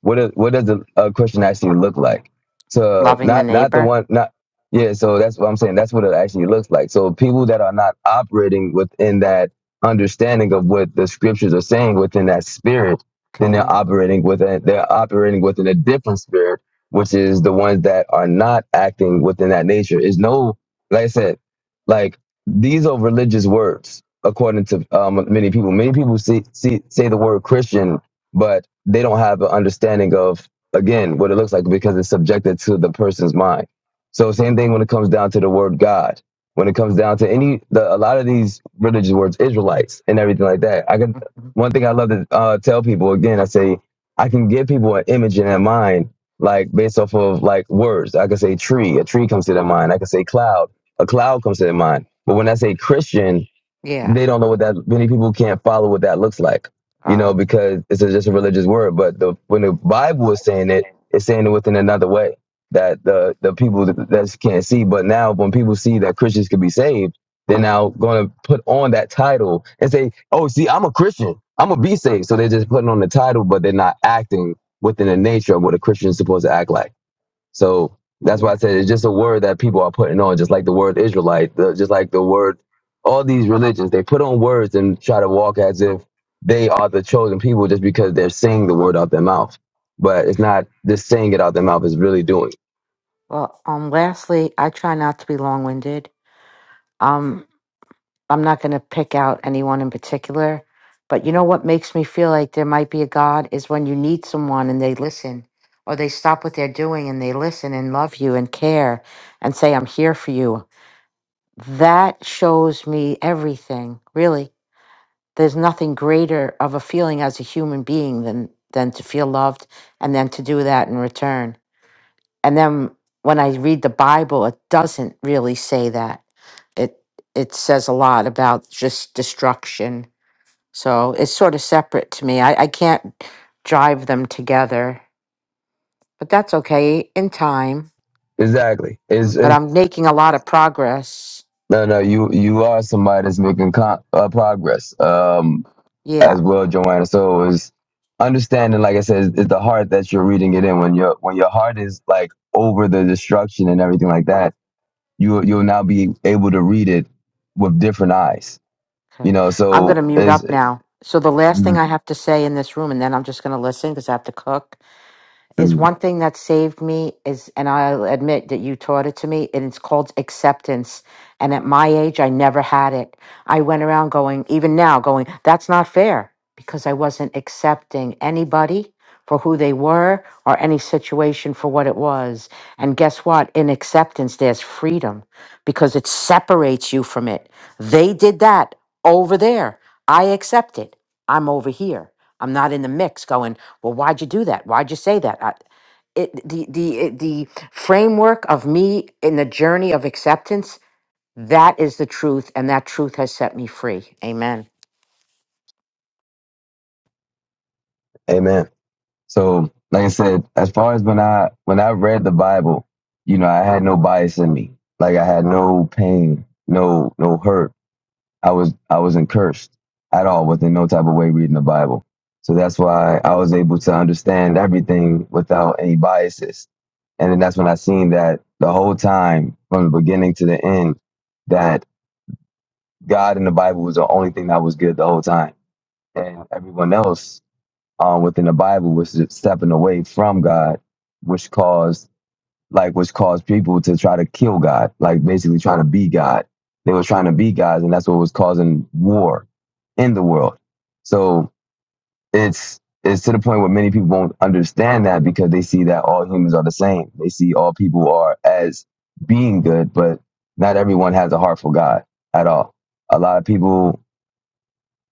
Speaker 1: What is, what does the a Christian actually look like? So
Speaker 9: loving the
Speaker 1: not not the
Speaker 9: neighbor
Speaker 1: one not yeah. So that's what I'm saying. That's what it actually looks like. So people that are not operating within that understanding of what the scriptures are saying within that spirit, then they're
Speaker 9: okay
Speaker 1: operating within they're operating within a different spirit which is the ones that are not acting within that nature. Is no, like I said, like these are religious words according to um, many people. Many people see, see say the word Christian, but they don't have an understanding of again what it looks like because it's subjected to the person's mind. So same thing when it comes down to the word God. When it comes down to any the a lot of these religious words, Israelites and everything like that. I can
Speaker 9: hmm
Speaker 1: one thing I love to uh, tell people again. I say I can give people an image in their mind like based off of like words. I could say tree, a tree comes to their mind. I could say cloud, a cloud comes to their mind. But when I say Christian,
Speaker 9: yeah
Speaker 1: they don't know what that many people can't follow what that looks like you
Speaker 9: uh,
Speaker 1: know because it's a, just a religious word but the when the bible is saying it it's saying it within another way that the the people that, that can't see but now when people see that christians can be saved they're now going to put on that title and say oh see i'm a christian i'm gonna be saved so they're just putting on the title but they're not acting within the nature of what a christian is supposed to act like so that's why I
Speaker 9: yeah
Speaker 1: said it's just a word that people are putting on, just like the word Israelite, the, just like the word, all these religions, they put on words and try to walk as if they are the chosen people just because they're saying the word out their mouth. But it's not just saying it out their mouth, it's really doing
Speaker 9: well um lastly i try not to be long-winded um I'm not going to pick out anyone in particular, but you know what makes me feel like there might be a God is when you need someone and they listen, or they stop what they're doing and they listen and love you and care and say, I'm here for you. That shows me everything, really. There's nothing greater of a feeling as a human being than, than to feel loved and then to do that in return. And then when I read the Bible, it doesn't really say that. It it says a lot about just destruction. So it's sort of separate to me. I, I can't drive them together. But that's okay in time.
Speaker 1: it. Exactly. It's,
Speaker 9: But
Speaker 1: it's,
Speaker 9: I'm making a lot of progress.
Speaker 1: no, no, you, you are somebody that's making con- uh, progress um, as
Speaker 9: Yeah.
Speaker 1: well, Joanna. So it's understanding, like I said, it's the heart that you're reading it in. When, your when your heart is like over the destruction and everything like that, you you'll now be able to read it with different eyes. You
Speaker 9: Okay.
Speaker 1: know,
Speaker 9: I'm
Speaker 1: so
Speaker 9: gonna mute
Speaker 1: is
Speaker 9: up now. So the last thing
Speaker 1: mm,
Speaker 9: I have to say in this room, and then I'm just gonna listen because I have to cook is
Speaker 1: mm,
Speaker 9: one thing that saved me is and I'll admit that you taught it to me and it's called acceptance and at my age I never had it. I went around going even now going that's not fair because I wasn't accepting anybody for who they were or any situation for what it was. And guess what? In acceptance there's freedom because it separates you from it. They did that over there. I accept it. I'm over here. I'm not in the mix going well why'd you do that why'd you say that I, it, the the it- the framework of me in the journey of acceptance that is the truth and that truth has set me free amen
Speaker 1: amen. So like I said, as far as when I when I read the Bible, you know, I had no bias in me. Like I had no pain, no no hurt. I was I wasn't cursed at all within no type of way reading the Bible. So that's why I was able to understand everything without any biases. And then that's when I seen that the whole time from the beginning to the end that. God in the Bible was the only thing that was good the whole time, and everyone else um, within the Bible was just stepping away from God, which caused like which caused people to try to kill God, like basically trying to be God. They were trying to be gods, and that's what was causing war in the world. So it's it's to the point where many people won't understand that because they see that all humans are the same. They see all people are as being good, but not everyone has a heart for God at all. A lot of people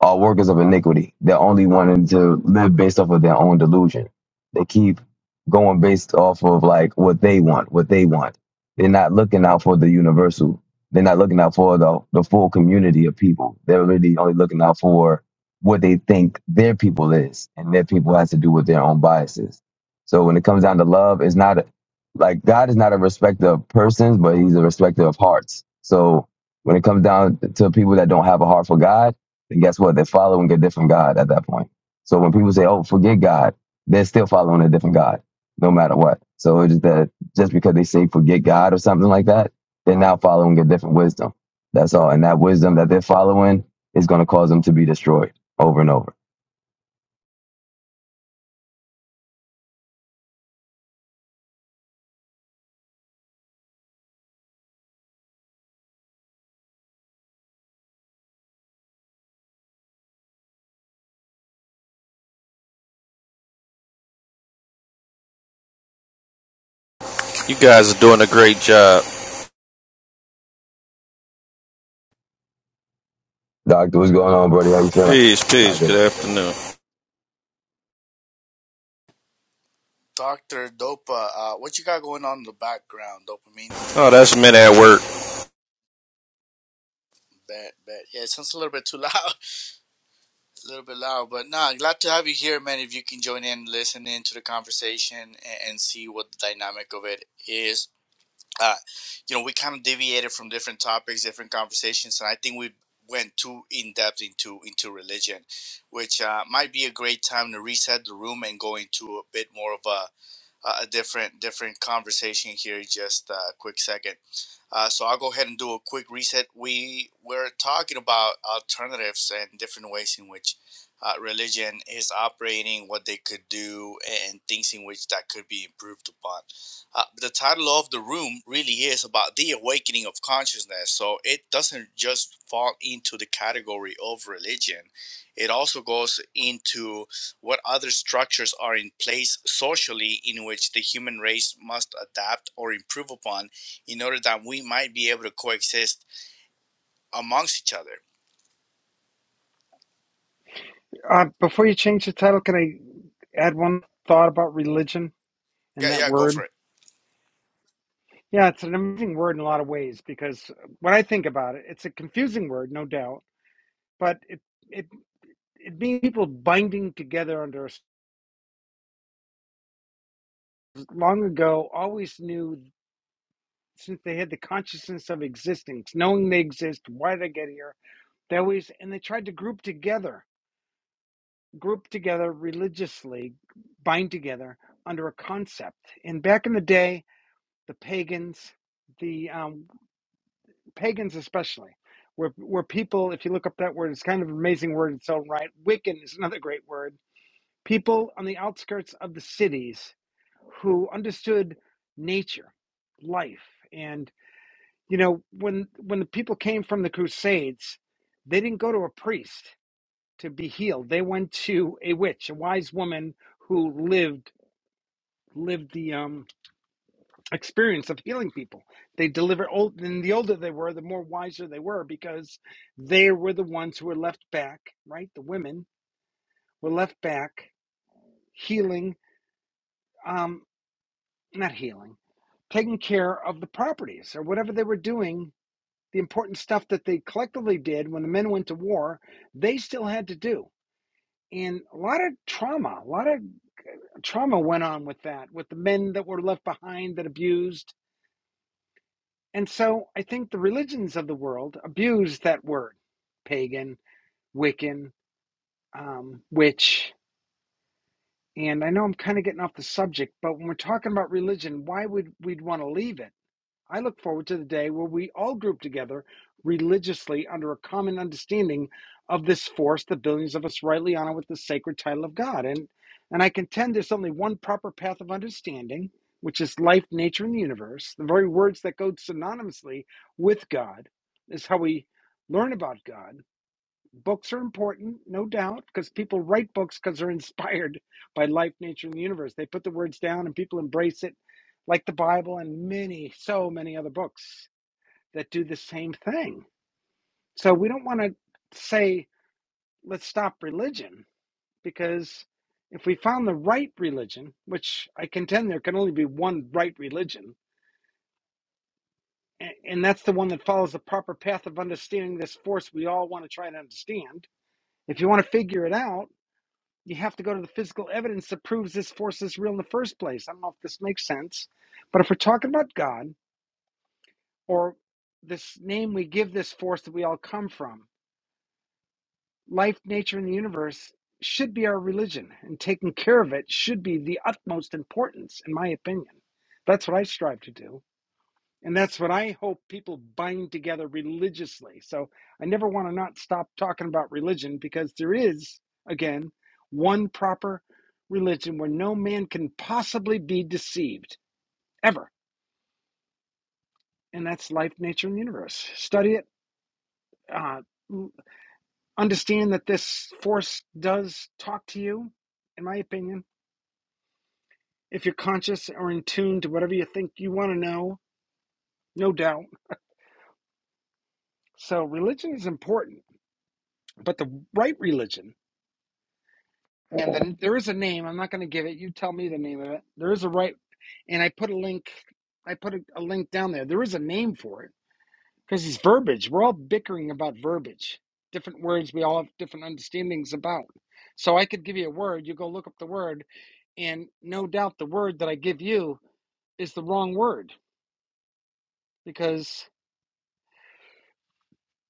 Speaker 1: are workers of iniquity. They're only wanting to live based off of their own delusion. They keep going based off of like what they want, what they want. They're not looking out for the universal. They're not looking out for the, the full community of people. They're really only looking out for what they think their people is, and their people has to do with their own biases. So when it comes down to love, it's not a, like God is not a respecter of persons, but He's a respecter of hearts. So when it comes down to people that don't have a heart for God, then guess what? They're following a different God at that point. So when people say, "Oh, forget God," they're still following a different God, no matter what. So it's just that just because they say "forget God" or something like that, they're now following a different wisdom. That's all, and that wisdom that they're following is going to cause them to be destroyed over and over.
Speaker 10: You guys are doing a great job.
Speaker 1: Doctor, what's going on, brother? How you feeling?
Speaker 10: Peace,
Speaker 1: How's
Speaker 10: peace. Good
Speaker 1: everything going? on?
Speaker 10: afternoon.
Speaker 3: dr dopa uh, what you got going on in the background dopamine
Speaker 10: Oh, that's men at work.
Speaker 3: bet bet yeah it sounds a little bit too loud *laughs* a little bit loud but nah glad to have you here man if you can join in listen in to the conversation and, and see what the dynamic of it is uh, you know, we kind of deviated from different topics, different conversations, and I think we went too in depth into into religion, which uh, might be a great time to reset the room and go into a bit more of a a different different conversation here. in Just a quick second. Uh, so I'll go ahead and do a quick reset. We we're talking about alternatives and different ways in which uh, religion is operating, what they could do, and things in which that could be improved upon. Uh, the title of the room really is about the awakening of consciousness. So it doesn't just fall into the category of religion. It also goes into what other structures are in place socially in which the human race must adapt or improve upon in order that we might be able to coexist amongst each other.
Speaker 7: Uh, before you change the title, can I add one thought about religion and
Speaker 3: Yeah,
Speaker 7: that
Speaker 3: yeah, go
Speaker 7: word?
Speaker 3: for it.
Speaker 7: Yeah, it's an amazing word in a lot of ways because when I think about it, it's a confusing word, no doubt, but it it it means people binding together under a s- long ago always knew since they had the consciousness of existence, knowing they exist, why they get here. They always and they tried to group together, group together religiously, bind together under a concept. And back in the day, the pagans, the um, pagans especially, were were people. If you look up that word, it's kind of an amazing word in its own right. Wiccan is another great word. People on the outskirts of the cities who understood nature, life, and you know when when the people came from the crusades they didn't go to a priest to be healed they went to a witch a wise woman who lived lived the um experience of healing people they delivered. old and the older they were the more wiser they were because they were the ones who were left back right the women were left back healing um not healing taking care of the properties or whatever they were doing the important stuff that they collectively did when the men went to war, they still had to do. And a lot of trauma, a lot of trauma went on with that, with the men that were left behind that abused. And so I think the religions of the world abused that word pagan, Wiccan, um, witch. And I know I'm kind of getting off the subject, but when we're talking about religion, why would we would want to leave it? I look forward to the day where we all group together religiously under a common understanding of this force that billions of us rightly honor with the sacred title of God. And and I contend there's only one proper path of understanding, which is life, nature, and the universe. The very words that go synonymously with God is how we learn about God Books are important, no doubt, because people write books because they're inspired *laughs* by life, nature, and the universe. They put the words down and people embrace it, like the Bible and many, so many other books that do the same thing. So we don't want to say, let's stop religion, because if we found the right religion, which I contend there can only be one right religion, and that's the one that follows the proper path of understanding this force we all want to try to understand. If you want to figure it out, you have to go to the physical evidence that proves this force is real in the first place. I don't know if this makes sense, but if we're talking about God or this name we give this force that we all come from, life, nature, and the universe should be our religion, and taking care of it should be the utmost importance, in my opinion. That's what I strive to do. And that's what I hope people bind together religiously. So I never want to not stop talking about religion because there is, again, one proper religion where no man can possibly be deceived ever. And that's life, nature, and universe. Study it. Uh, understand that this force does talk to you, in my opinion, if you're conscious or in tune to whatever you think you want to know, no doubt. So religion is important, but the right religion And then there is a name. I'm not going to give it. You tell me the name of it. There is a right, and I put a link. I put a, a link down there. There is a name for it because it's verbiage. We're all bickering about verbiage. Different words we all have different understandings about. So I could give you a word. You go look up the word, and no doubt the word that I give you is the wrong word because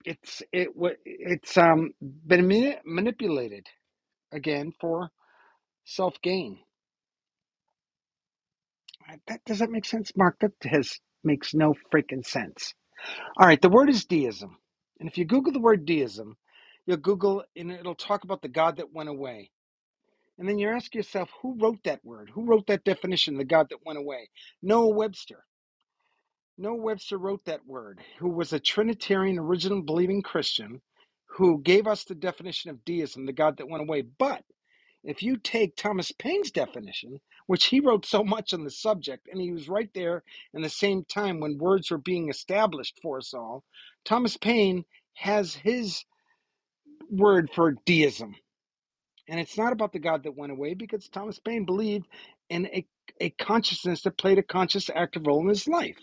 Speaker 7: it's it wa- it's um been manipulated again for self gain. That doesn't make sense, Mark. That has makes no freaking sense. All right, the word is deism, and if you Google the word deism, you'll Google and it'll talk about the God that went away. And then you ask yourself, who wrote that word? Who wrote that definition? The God that went away? Noah Webster. Noah Webster wrote that word. Who was a Trinitarian, original believing Christian, who gave us the definition of deism, the God that went away. But if you take Thomas Paine's definition, which he wrote so much on the subject, and he was right there in the same time when words were being established for us all, Thomas Paine has his word for deism. And it's not about the God that went away because Thomas Paine believed in a, a consciousness that played a conscious active role in his life.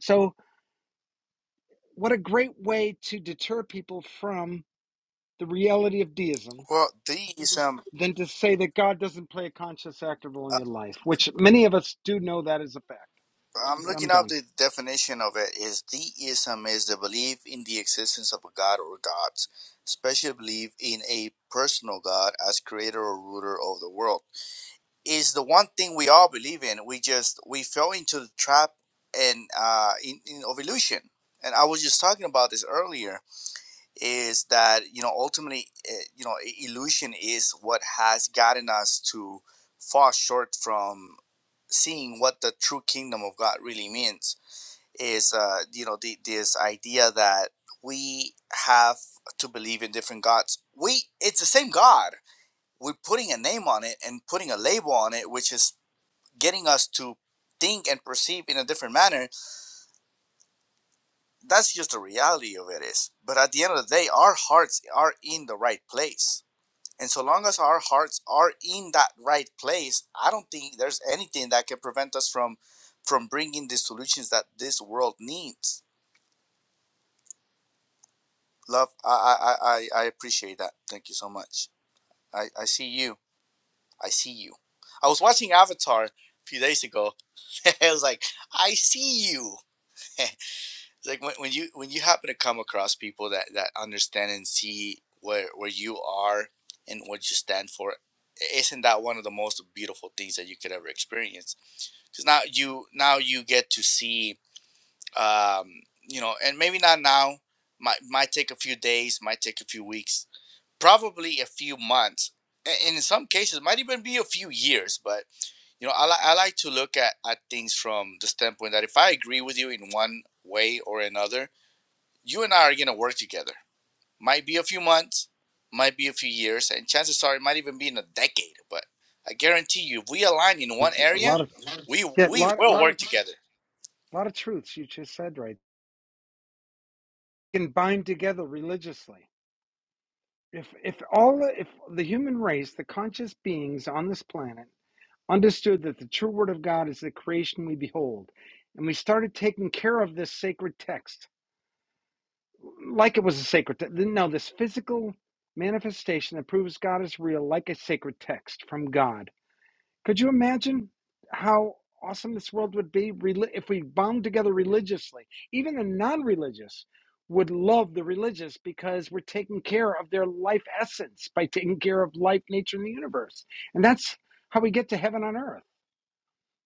Speaker 7: So, what a great way to deter people from the reality of deism
Speaker 3: Well, deism,
Speaker 7: than to say that God doesn't play a conscious active role in
Speaker 3: uh,
Speaker 7: your life, which many of us do know that is a fact.
Speaker 3: I'm
Speaker 7: I'm
Speaker 3: looking up
Speaker 7: done.
Speaker 3: the definition of it, is deism is the belief in the existence of a god or gods, especially belief in a personal god as creator or ruler of the world. Is the one thing we all believe in. We just, we fell into the trap and uh, in, in, of illusion. And I was just talking about this earlier is that you know ultimately eh, you know e-, illusion is what has gotten us to fall short from seeing what the true kingdom of god really means is uh you know the, this idea that we have to believe in different gods we it's the same god we're putting a name on it and putting a label on it which is getting us to think and perceive in a different manner that's just the reality of it is but at the end of the day our hearts are in the right place And so long as our hearts are in that right place, I don't think there's anything that can prevent us from from bringing the solutions that this world needs. Love, I I I, I appreciate that. Thank you so much. I I see you. I see you. I was watching Avatar a few days ago. *laughs* I was like, I see you. *laughs* It's like when, when you when you happen to come across people that that understand and see where where you are and what you stand for isn't that one of the most beautiful things that you could ever experience because now you now you get to see um you know and maybe not now might might take a few days might take a few weeks probably a few months and in some cases might even be a few years but you know i, li- I like to look at, at things from the standpoint that if i agree with you in one way or another you and I are gonna work together. Might be a few months, might be a few years, and chances are it might even be in a decade. But I guarantee you, if we align in one
Speaker 7: A
Speaker 3: area,
Speaker 7: lot of
Speaker 3: we
Speaker 7: yeah, a
Speaker 3: we
Speaker 7: lot, a
Speaker 3: will
Speaker 7: lot
Speaker 3: work
Speaker 7: of,
Speaker 3: together.
Speaker 7: a lot of truths you just said right. You can bind together religiously. If if all if the human race, the conscious beings on this planet, understood that the true word of God is the creation we behold, and we started taking care of this sacred text like it was a sacred text. No, this physical manifestation that proves God is real, like a sacred text from God Could you imagine how awesome this world would be if we bound together religiously? Even the non religious would love the religious because we're taking care of their life essence by taking care of life, nature, and the universe. And that's how we get to heaven on earth.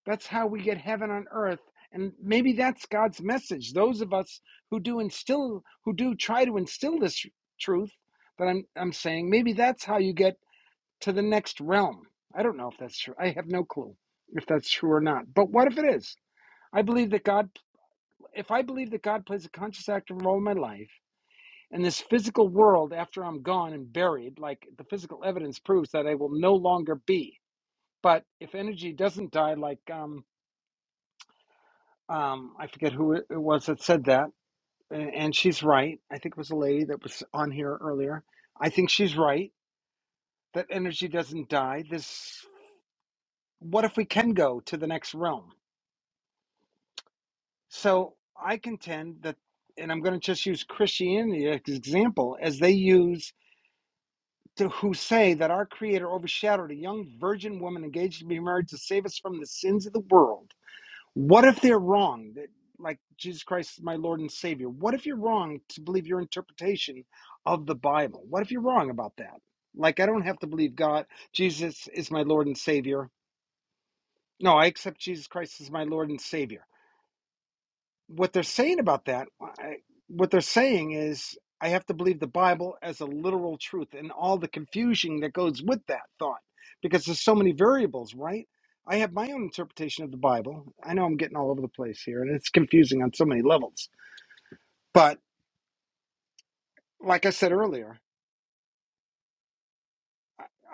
Speaker 7: That's how we get heaven on earth. And maybe that's God's message. Those of us who do instill, who do try to instill this truth that I'm, I'm saying, maybe that's how you get to the next realm. I don't know if that's true. I have no clue if that's true or not. But what if it is? I believe that God, if I believe that God plays a conscious active role in my life, and this physical world after I'm gone and buried, like the physical evidence proves that I will no longer be. But if energy doesn't die, like um, um, I forget who it was that said that, and she's right. I think it was a lady that was on here earlier. I think she's right that energy doesn't die. This, what if we can go to the next realm? So I contend that, and I'm going to just use Christianity as an example, as they use to who say that our Creator overshadowed a young virgin woman engaged to be married to save us from the sins of the world. What if they're wrong? That like Jesus Christ is my Lord and Savior. What if you're wrong to believe your interpretation of the Bible? What if you're wrong about that? Like I don't have to believe God. Jesus is my Lord and Savior. No, I accept Jesus Christ as my Lord and Savior what they're saying about that, I, what they're saying is, I have to believe the Bible as a literal truth and all the confusion that goes with that thought, because there's so many variables, right? I have my own interpretation of the Bible. I know I'm getting all over the place here, and it's confusing on so many levels. But like I said earlier,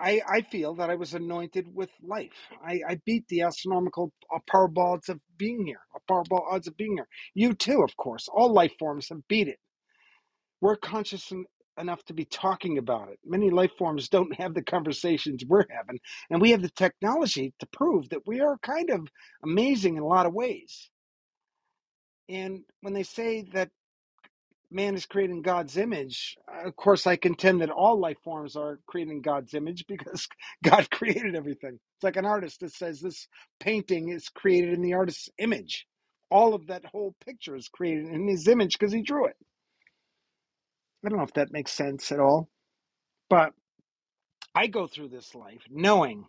Speaker 7: I, I feel that I was anointed with life. I, I beat the astronomical uh, powerball odds of being here, a powerball odds of being here. You too, of course. All life forms have beat it We're conscious en- enough to be talking about it. Many life forms don't have the conversations we're having, and we have the technology to prove that we are kind of amazing in a lot of ways. And when they say that man is created in God's image, uh, of course, I contend that all life forms are created in God's image because God *laughs* created everything. It's like an artist that says this painting is created in the artist's image. All of that whole picture is created in his image because he drew it. I don't know if that makes sense at all, but I go through this life knowing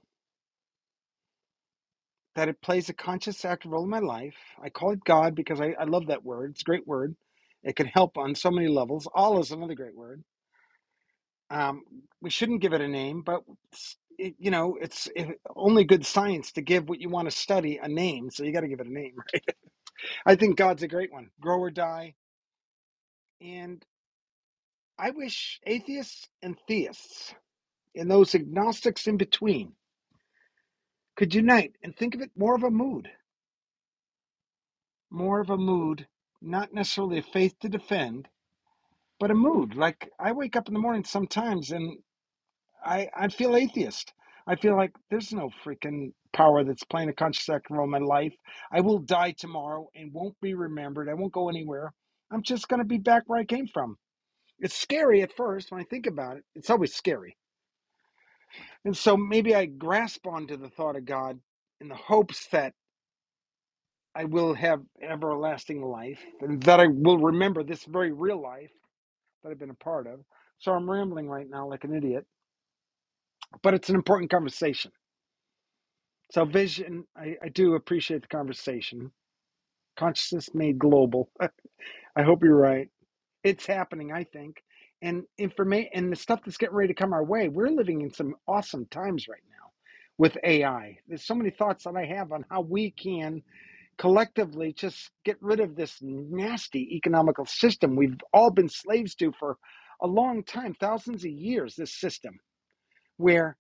Speaker 7: that it plays a conscious active role in my life. I call it God because I, I love that word. It's a great word. It can help on so many levels. All is another great word. Um, we shouldn't give it a name, but it, you know, it's it, only good science to give what you want to study a name. So you got to give it a name. Right? I think God's a great one. Grow or die. And I wish atheists and theists and those agnostics in between could unite and think of it more of a mood more of a mood, not necessarily a faith to defend, but a mood. Like I wake up in the morning sometimes and I, I feel atheist. I feel like there's no freaking power that's playing a conscious active role in my life. I will die tomorrow and won't be remembered. I won't go anywhere. I'm just going to be back where I came from. It's scary at first when I think about it. It's always scary. And so maybe I grasp onto the thought of God in the hopes that I will have everlasting life and that I will remember this very real life that I've been a part of. So I'm rambling right now like an idiot, but it's an important conversation. So, vision, I, I do appreciate the conversation. Consciousness made global. I, I hope you're right. It's happening, I think. And information and the stuff that's getting ready to come our way, we're living in some awesome times right now with AI. There's so many thoughts that I have on how we can collectively just get rid of this nasty economical system we've all been slaves to for a long time, thousands of years, this system where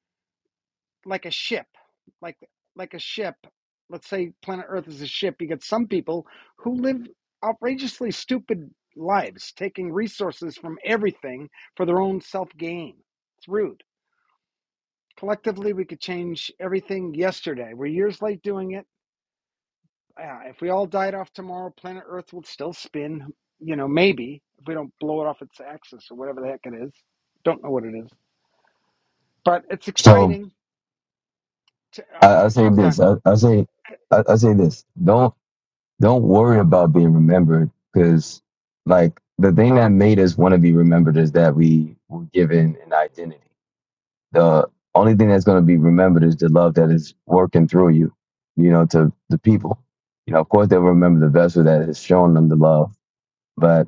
Speaker 7: like a ship, like like a ship. Let's say planet Earth is a ship. You get some people who live outrageously stupid lives, taking resources from everything for their own self gain. It's rude. Collectively, we could change everything yesterday. We're years late doing it. Yeah, if we all died off tomorrow, planet Earth would still spin. You know, maybe if we don't blow it off its axis or whatever the heck it is. Don't know what it is, but it's
Speaker 1: So
Speaker 7: exciting. To, uh,
Speaker 1: I, I say
Speaker 7: I'm done.
Speaker 1: this. I, I say, I, I say this. Don't. Don't worry about being remembered because, like, the thing that made us want to be remembered is that we were given an identity. The only thing that's going to be remembered is the love that is working through you, you know, to the people. You know, of course, they'll remember the vessel that has shown them the love, but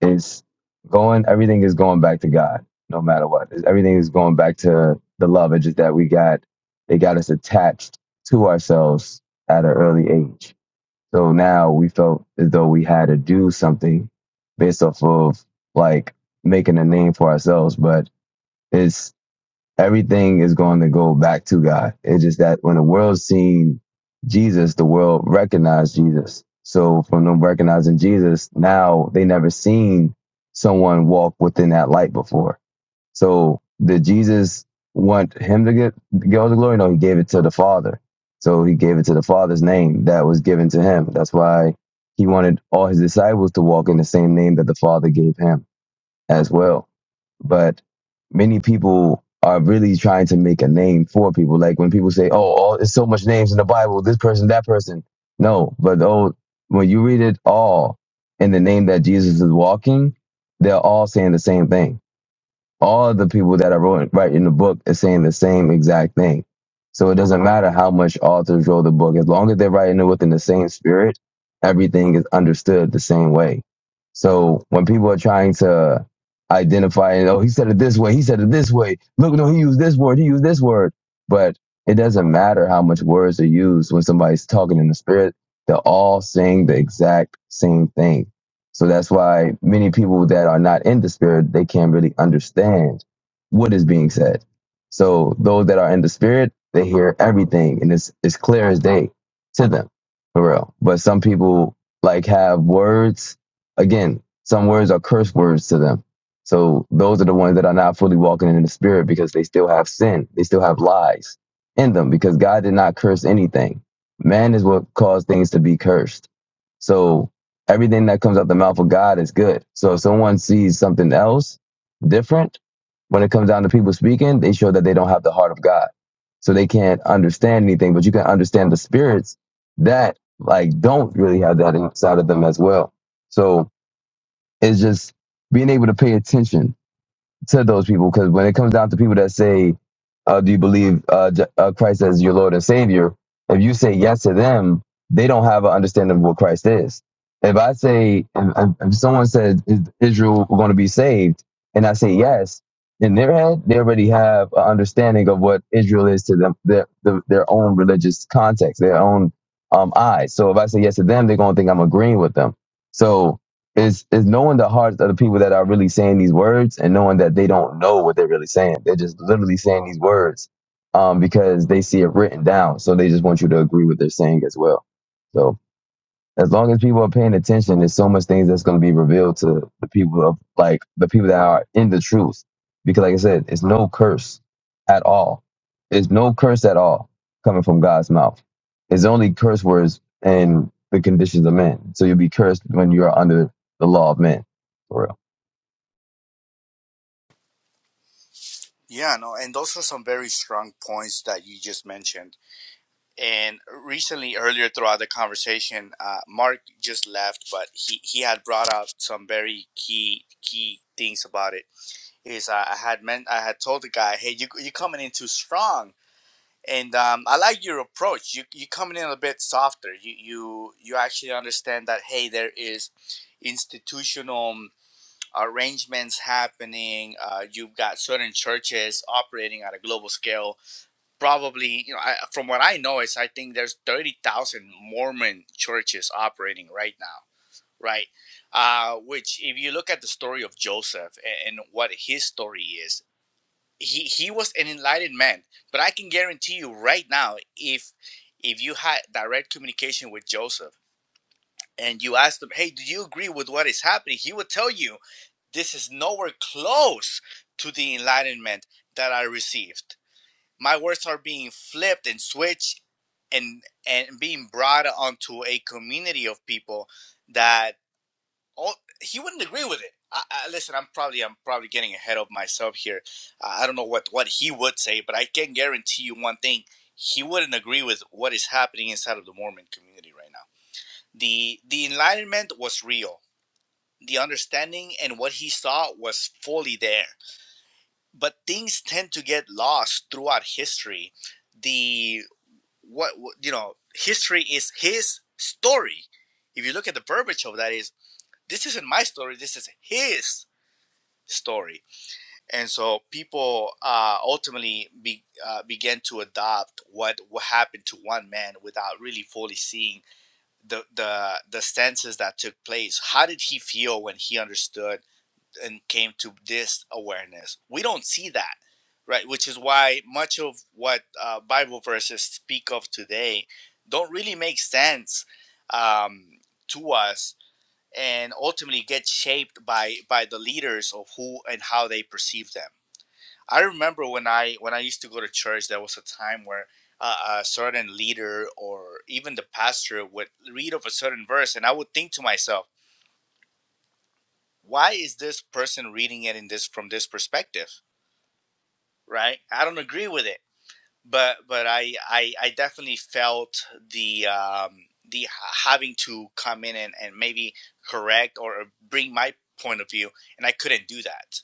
Speaker 1: it's going, everything is going back to God no matter what. It's- Everything is going back to the love. It's just that we got, they got us attached to ourselves at an early age so now we felt as though we had to do something based off of like making a name for ourselves. But it's everything is going to go back to God. It's just that when the world seen Jesus, the world recognized Jesus. So from them recognizing Jesus, now they never seen someone walk within that light before. So did Jesus want him to get get all the glory? No, he gave it to the Father. So he gave it to the Father's name that was given to him. That's why he wanted all his disciples to walk in the same name that the Father gave him as well. But many people are really trying to make a name for people. Like when people say, "Oh, all, it's so much names in the Bible. This person, that person." No, but oh, when you read it all in the name that Jesus is walking, they're all saying the same thing all the people that are wrote, writing the book is saying the same exact thing. So it doesn't matter how much authors wrote the book, as long as they're writing it within the same spirit, everything is understood the same way. So when people are trying to identify, oh, he said it this way, he said it this way. Look, no, he used this word, he used this word. But it doesn't matter how much words are used when somebody's talking in the spirit. They're all saying the exact same thing. So that's why many people that are not in the spirit, they can't really understand what is being said. So those that are in the spirit, they hear everything and it's it's clear as day to them, for real. But some people like have words. Again, some words are curse words to them. So those are the ones that are not fully walking in the spirit because they still have sin. They still have lies in them because God did not curse anything. Man is what caused things to be cursed. So everything that comes out the mouth of God is good. So if someone sees something else different, when it comes down to people speaking, they show that they don't have the heart of God. So they can't understand anything, but you can understand the spirits that like don't really have that inside of them as well. So it's just being able to pay attention to those people because when it comes down to people that say, uh, "Do you believe uh, J- uh, Christ as your Lord and Savior?" If you say yes to them, they don't have an understanding of what Christ is. If I say, if, if someone says is Israel going to be saved, and I say yes, in their head they already have an understanding of what Israel is to them, their their, their own religious context, their own um, eyes. So if I say yes to them, they're going to think I'm agreeing with them. So is is knowing the hearts of the people that are really saying these words and knowing that they don't know what they're really saying. They're just literally saying these words um, because they see it written down. So they just want you to agree with their saying as well. So as long as people are paying attention, there's so much things that's going to be revealed to the people of like the people that are in the truth. Because like I said, it's no curse at all. It's no curse at all coming from God's mouth. It's only curse words and the conditions of men. So you'll be cursed when you are under the law of men. for real.
Speaker 3: Yeah, no, and those are some very strong points that you just mentioned. And recently, earlier throughout the conversation, uh, Mark just left, but he, he had brought out some very key key things about it. Is I had meant I had told the guy, hey, you you coming in too strong and um, I like your approach. You you coming in a bit softer. You you you actually understand that hey, there is institutional um, arrangements happening. Uh, you've got certain churches operating at a global scale. Probably, you know, I, from what I know is I think there's thirty thousand Mormon churches operating right now. Right, uh, which if you look at the story of Joseph and, and what his story is he he was an enlightened man but i can guarantee you right now if if you had direct communication with joseph and you asked him hey do you agree with what is happening he would tell you this is nowhere close to the enlightenment that i received my words are being flipped and switched and and being brought onto a community of people that all he wouldn't agree with it. I, I, listen, I'm probably I'm probably getting ahead of myself here. I, I don't know what what he would say, but I can guarantee you one thing: he wouldn't agree with what is happening inside of the Mormon community right now. the The Enlightenment was real. The understanding and what he saw was fully there, but things tend to get lost throughout history. The what what- you know, history is his story. If you look at the verbiage of that, is this isn't my story. This is his story. And so people uh, ultimately be, uh, began to adopt what, what happened to one man without really fully seeing the, the, the senses that took place. How did he feel when he understood and came to this awareness? We don't see that. Right, which is why much of what uh, Bible verses speak of today don't really make sense um, to us and ultimately get shaped by by the leaders of who and how they perceive them. I remember when I when I used to go to church, there was a time where uh, a certain leader or even the pastor would read of a certain verse, and I would think to myself, "Why is this person reading it in this from this perspective? Right? I don't agree with it." but but I, I I definitely felt the um, the having to come in and, and maybe correct or bring my point of view, and I couldn't do that.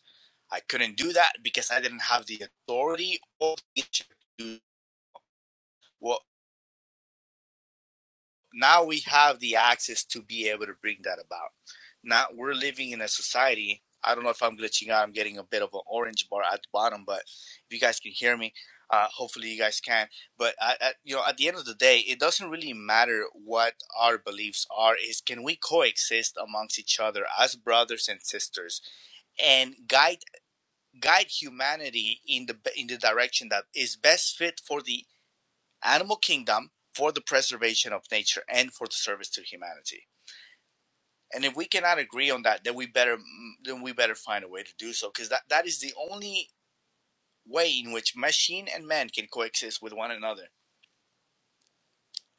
Speaker 3: I couldn't do that because I didn't have the authority or the leadership to do what now we have the access to be able to bring that about. Now we're living in a society. I don't know if I'm glitching out. I'm getting a bit of an orange bar at the bottom, but if you guys can hear me, uh, hopefully you guys can. But I, I, you know, at the end of the day, it doesn't really matter what our beliefs are. Is can we coexist amongst each other as brothers and sisters and guide guide humanity in the in the direction that is best fit for the animal kingdom for the preservation of nature and for the service to humanity. And if we cannot agree on that, then we better mm, then we better find a way to do so because that, that is the only way in which machine and man can coexist with one another.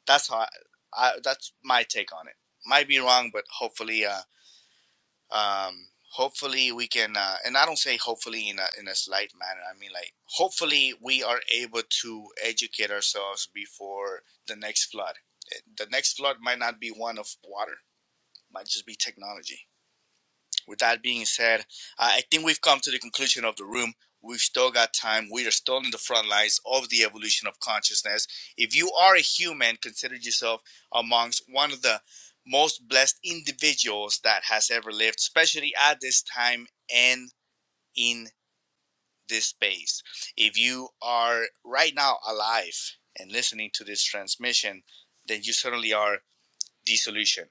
Speaker 3: That's how I, I that's my take on it. Might be wrong, but hopefully uh, um hopefully we can uh, and i don't say hopefully in a, in a slight manner i mean like hopefully we are able to educate ourselves before the next flood Eh, the next flood might not be one of water might just be technology with that being said, I think we've come to the conclusion of the room. We've still got time. We are still in the front lines of the evolution of consciousness. If you are a human, consider yourself amongst one of the most blessed individuals that has ever lived, especially at this time and in this space. If you are right now alive and listening to this transmission, then you certainly are the solution.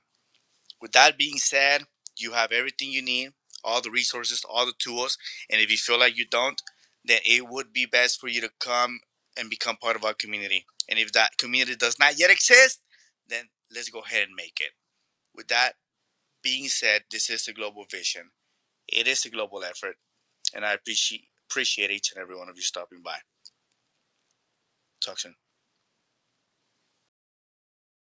Speaker 3: With that being said, you have everything you need, all the resources, all the tools, and if you feel like you don't, then it would be best for you to come and become part of our community. And if that community does not yet exist, then let's go ahead and make it. With that being said, this is a global vision. It is a global effort, and I appreciate appreciate each and every one of you stopping by. Talk soon.